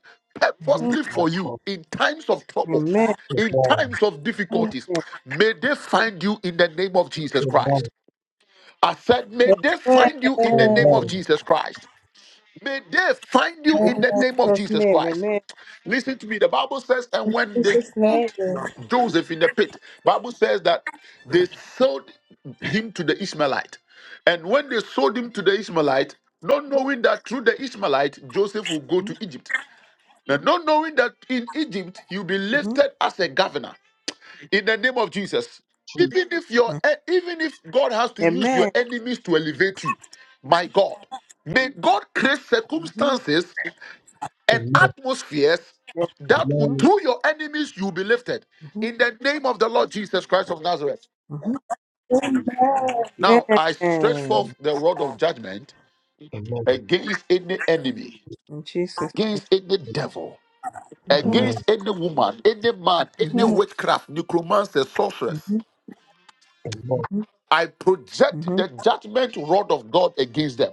Mhm.
purposely
my
for you
God,
in times of troubles,
Amen.
in times of difficulties,
Amen.
may they find you in the name of Jesus Christ.
amen,
I said, may they
Amen.
find you
amen,
in the name of
amen,
Amen.
Jesus Christ. May they find you
In
in the name of
Jesus'
Jesus
name.
Christ.
Amen.
Listen to me. The Bible says, and when they
Jesus' name.
put Joseph in the pit, Bible says that they sold him to the Ishmaelite. And when they sold him to the Ishmaelite, not knowing that through the Ishmaelite, Joseph will go
Mm-hmm.
to Egypt. Now, not knowing that in Egypt, he'll be lifted as a governor in the name of Jesus.
Jesus,
Even if your e- even if God has to use your
Amen.
enemies to elevate you, my God, may God create
Mm-hmm.
circumstances and
amen.
atmospheres that will,
hmm
Amen.
through your enemies you'll be lifted. In the name of the Lord Jesus Christ of Nazareth.
hmm
Now I stretch forth
Amen.
the rod of judgment
Amen.
against any enemy,
In Jesus' name.
against any devil,
Mm-hmm.
Amen.
against any woman, any man, any
Mm-hmm.
witchcraft, necromancer, sorceress
Mm-hmm.
Amen.
I project
hmm
the judgment rod of God against them.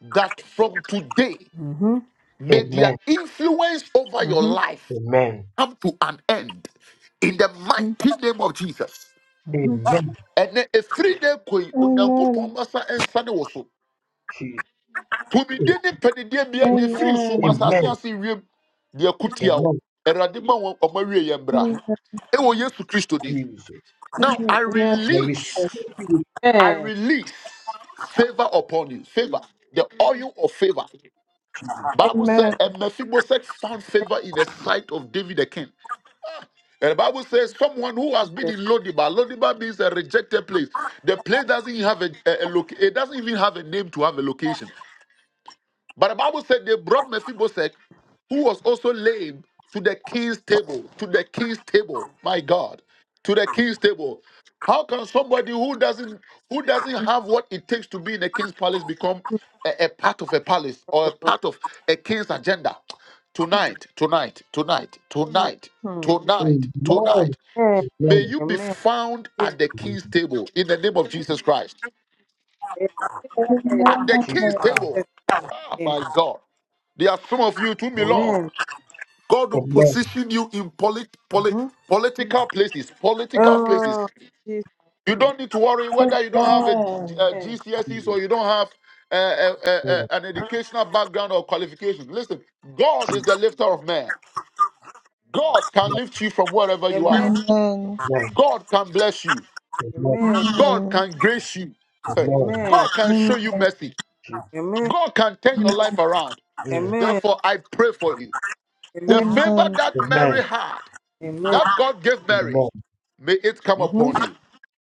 That from today,
hmm
may their
Amen.
influence over your
hmm
life
Amen.
come to an end. In the mighty name of Jesus.
Mm-hmm.
Amen.
And a free day koi, unyanko masa and sane woso.
Jesus.
To be dene pedidia bia de free so masa
Amen.
siansi wiem, dia kutiao,
Amen.
eradima wa omari yembra. Ewo Yesu Kristo di.
Jesus.
Now I
I receive
release.
it,
I
Amen.
release favor upon you. Favor. The oil of favor.
Jesus.
Bible said, and Mephibosheth found favor in the sight of David the king. And the Bible says, someone who has been in Lodibar. Lodibar means a rejected place. The place doesn't have a, a, location. It doesn't even have a name to have a location. But the Bible said they brought Mephibosheth, who was also lame, to the king's table. To the king's table, my God, to the king's table. How can somebody who doesn't who doesn't have what it takes to be in a king's palace become a, a part of a palace or a part of a king's agenda? Tonight, tonight, tonight, tonight,
Mhm.
tonight,
Amen.
tonight. May
Amen.
you be
Amen.
found
Amen.
at the king's table in the name of Jesus Christ at the king's
Jesus.
Jesus'
table. Ah,
name.
my God. There are some of you to belong.
Amen.
God will
Amen.
position you in polit-
Uh
polit-
huh.
political places. Political places.
Oh, Jesus.
You don't need to worry whether you don't have a, G- a GCSEs or
Jesus.
you don't have uh, uh, uh, uh,
Mm.
an educational background or qualification. Listen, God is
Jesus.
the lifter of man. God can lift you from wherever you are.
Amen.
Amen.
Amen.
God can bless you.
Amen.
Amen.
God
Amen.
can grace you. Hey,
Amen.
God
Amen.
can show
Amen.
you mercy.
Jesus.
Amen.
God can turn your life around.
Mm.
Amen.
Therefore, I pray for you.
Amen.
The
Amen.
favor
Amen.
that
Amen.
Mary had,
Amen.
that God gave Mary,
Amen.
may it come
Mm-hmm.
upon you.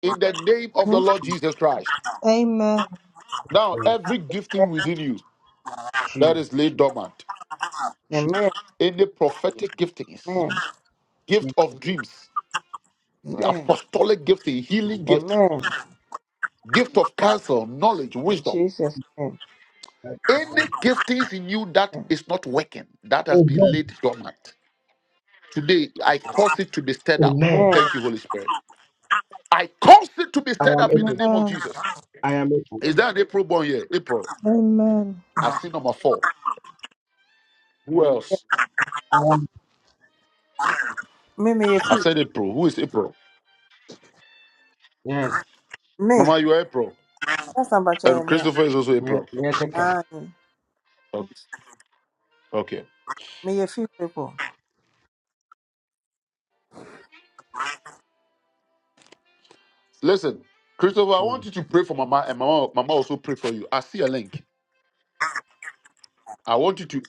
In the name of the
Mm-hmm.
Lord Jesus Christ.
Amen.
Now,
Jesus.
every gifting within you that
Jesus.
is laid dormant,
Amen.
any prophetic giftings,
Amen.
gift
Jesus.
of dreams,
Amen.
apostolic gifting, healing
Jesus.
gift,
Amen.
gift of counsel, knowledge,
In
wisdom,
Jesus' name.
Thank you,
any
God.
giftings in you that is not working, that has been
Amen.
laid dormant. Today, I cause it to be stirred up.
Amen.
Amen.
Thank you, Holy Spirit. I cause it to be
I
stirred
am
up in the
able.
name of
Amen.
Jesus.
I am able.
Is there an April born here? April.
Amen.
I see number four. Who else?
I am.
Me, me, you
I
feel
said April. Who is April?
Yes.
me.
Mama, you are April.
That's not
And
about me.
Christopher is also
Yes.
April.
Yes.
Ah,
Okay. okay.
me, you feel people.
Listen, Christopher, I want you to pray for Mama, and Mama, Mama also pray for you. I see a link. I want you to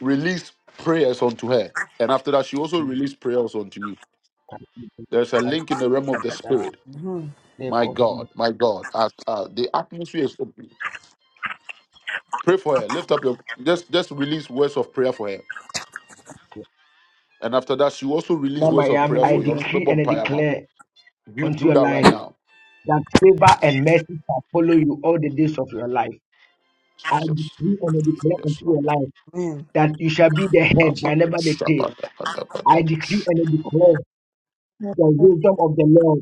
release prayers unto her. And after that, she also released prayers unto you. There's a link in the realm of the spirit.
Mama
Mm-hmm.
My God, my God. Uh, uh, the atmosphere is open. Pray for her. Lift up your just just release words of prayer for her. And after that, she also released words of
Yami,
prayer
I
for you. Also,
decree
remember
and
on
I
prayer now.
declare
You
unto
do
your
that right
life
now.
that favor and mercy shall follow you all the days of your life. I
Jesus.
decree and I declare
Yes,
unto your
Lord.
life
Amen.
that you shall be the
In
head,
Papa,
but
Jesus'
never the tail.
Shabba, Dabba, Dabba,
I decree
Dabba.
and I declare the wisdom of the Lord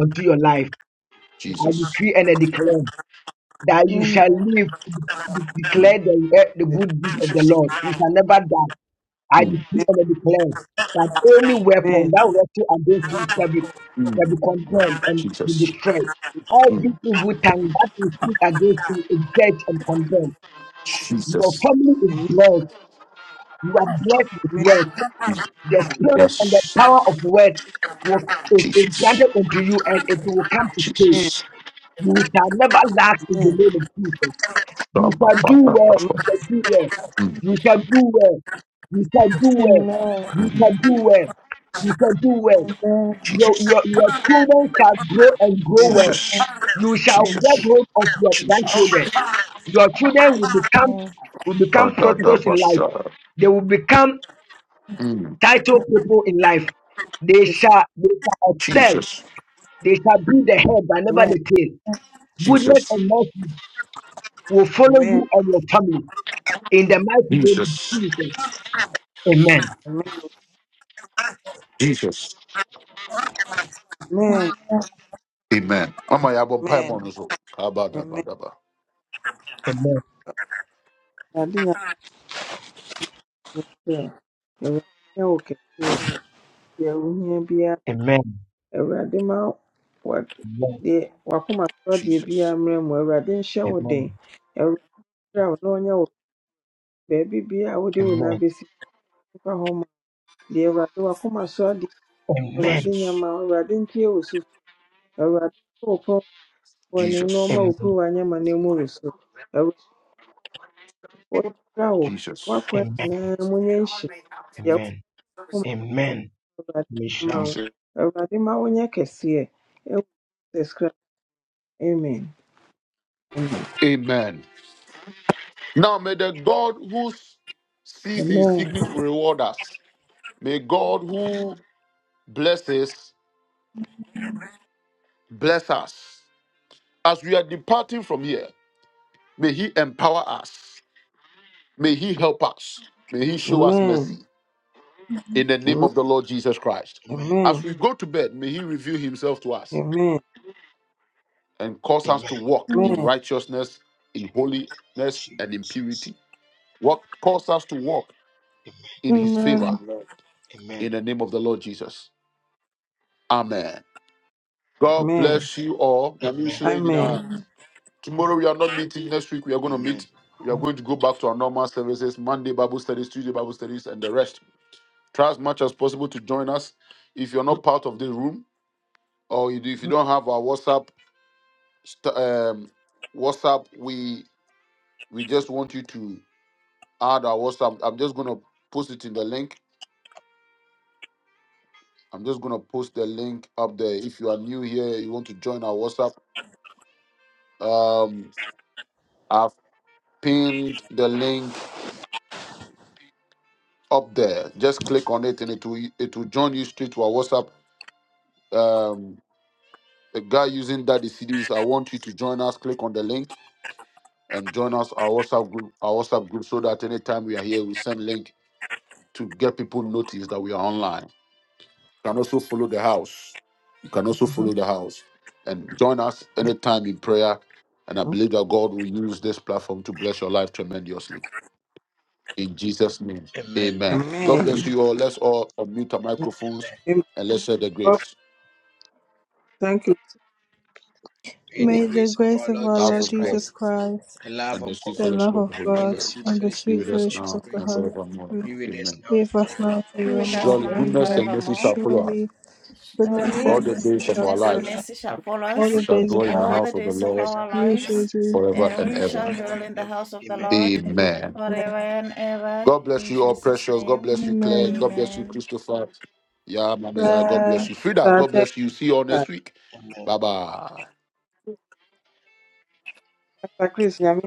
unto your life. I
Jesus.
decree and I declare that you
name.
shall live, to declare
Mm,
the, eh, the good deeds of the
Jesus.
Lord. You shall never die. I
Mm,
decree and I declare that any weapon
Amen.
that will wrestle against you shall be, shall
mm,
be condemned and be
Jesus.
destroyed. Every
Mm,
evil tongue that is speak against you is judged and condemned. Your
Jesus.
family is
Amen.
blessed. You are blessed with
Amen.
wealth.
Mm,
The spirit and the
Yes.
power of wealth will, is, is
Jesus.
granted unto you and it will come to stay.
Amen.
Jesus.
You shall never lack in the
Amen.
name of Jesus. You
Shabba,
shall do
Dabba,
well. You
Dabba.
shall do well.
Mm,
You shall do well. You shall do well. You shall do well. You shall do well. your,
Jesus.
your, your children shall grow and grow
Amen.
well.
Jesus.
You shall
Amen.
get
Jesus.
hold of your
Jesus.
grandchildren.
Amen.
Your children will become will become prosperous in life. They will become
Mm,
titled people in life. They
Yes,
shall they shall excel.
Jesus.
They shall be the head and never
Amen.
the tail. Goodness
Jesus.
and mercy will follow
Amen.
you and your family in the mighty name
Jesus.
of Jesus. Amen.
Amen.
Jesus. Amen. Mama, you have pie on
Amen.
so.
Amen. Amen.
Abadabadaba.
Amen.
Awurade nyɛ ahoɔden. Awurade nyɛ wo kɛseɛ. Deɛ wohia biara,
Amen.
Awurade ma wa-
Amen.
deɛ wakoma soɔ deɛ
Jesus,
biara mmerɛ mu. Awurade nhyɛ wo
Amen.
den. Awurade hyira wo na ɔnyɛ wo baabi biara a wode wo nan
Amen.
bɛsi mfa hɔ ma. Deɛ Awurade wakoma soɔ deɛ Awurade
Amen.
nyɛ
Jesus,
mma wo. Awurade ntie wo sufrɛ. Awurade nto wo pon wɔ na ɔmma
Jesus,
Amen.
wo kuruwa nyɛ amane mmɔ wo so. wɔnhyira wo
Jesus,
w'akwan
Amen.
nyinaa mu nyɛ nhyira deɛ
Amen.
wokum
Amen.
awurade ma wo
Michelle.
Jesus.
awurade ma wonyɛ kɛseɛ ɛwɔ jesus christ amen
Amen. Now may the God who sees in
amen
secret reward us. May God who blesses bless us. As we are departing from here, may He empower us. May He help us. May He show us
amen
mercy. In the name of
amen
the Lord Jesus Christ.
Amen.
amen
As we go to bed, may He reveal Himself to us.
amen
and cause us
Amen.
to walk in
amen
righteousness, in holiness, and in
Jesus.
purity. Walk, cause us to walk
Amen.
in his favor
Amen.
Amen.
in the name of the Lord Jesus. Amen. God
amen
bless you all. Na mi
Amen.
sure
amen
nyina. Tomorrow we are not meeting. Next week we are going to meet. We are
amen
going to go back to our normal services Monday Bible studies, Tuesday Bible studies, and the rest. Try as much as possible to join us. If you're not part of this room or you do- if you don't have our WhatsApp, st- um, WhatsApp, we we just want you to add our WhatsApp. I'm just gonna post it in the link. I'm just gonna post the link up there. If you are new here, you want to join our WhatsApp. Um, I've pinned the link up there. Just click on it, and it will it will join you straight to our WhatsApp. Um, the guy using Daddy CDs, I want you to join us. Click on the link and join us our WhatsApp group. Our WhatsApp group, so that anytime we are here, we send link to get people notice that we are online. You can also follow the house. You can also
Mhm.
follow the house and join us anytime in prayer. And I believe that God will use this platform to bless your life tremendously. In Jesus' name,
Amen.
amen. God
amen
bless you all. Let's all unmute our microphones
amen
and let's share the
god
grace,
thank you
May
Mr.
the
May the
grace of
grace
our
of
Lord
our
love
Jesus
Lord
of God,
Jesus
Christ,
Christ,
the love
and
of
the sweet
God,
the
fellowship
love
of
of
the Holy
and
God,
the
Spirit.
sweet
and the
fellowship
Be
sweet
with
of the
us
Holy
fellowship of
now
the
Spirit
and
Holy
forevermore.
Spirit
be with us
Amen.
now
be
and
with us now
forever.
and
Be with us
forevermore.
Amen.
Surely
now and
goodness
Amen.
and mercy
forevermore.
shall follow us
Surely,
Surely
goodness and
all
Surely
the
goodness and
mercy
days of
mercy
shall
our
shall
goodness
follow
and
follow
us
lives.
me
mercy shall follow
all
We
the
all
us
the
shall
days
days
dwell
of
of
in
my
our
the
all
life.
the
life,
house of the
days
and
of
I
Lord
shall
our
dwell
We
in the
shall
lives,
house
do
forever
and
the
and
we
ever.
shall
forever
dwell
and
in the
ever.
house of the
Amen.
Lord
Amen.
forever
Lord.
and ever.
God bless
In
you all,
Jesus'
precious. God
name,
bless you, Claire.
Amen.
God bless you,
amen.
Christopher. Yeah, man. Yeah, God
Bye.
bless you, Frida. God
Thank
bless you. See you all
you,
next week.
Amen.
Bye bye.
Mr. Chris. Nyame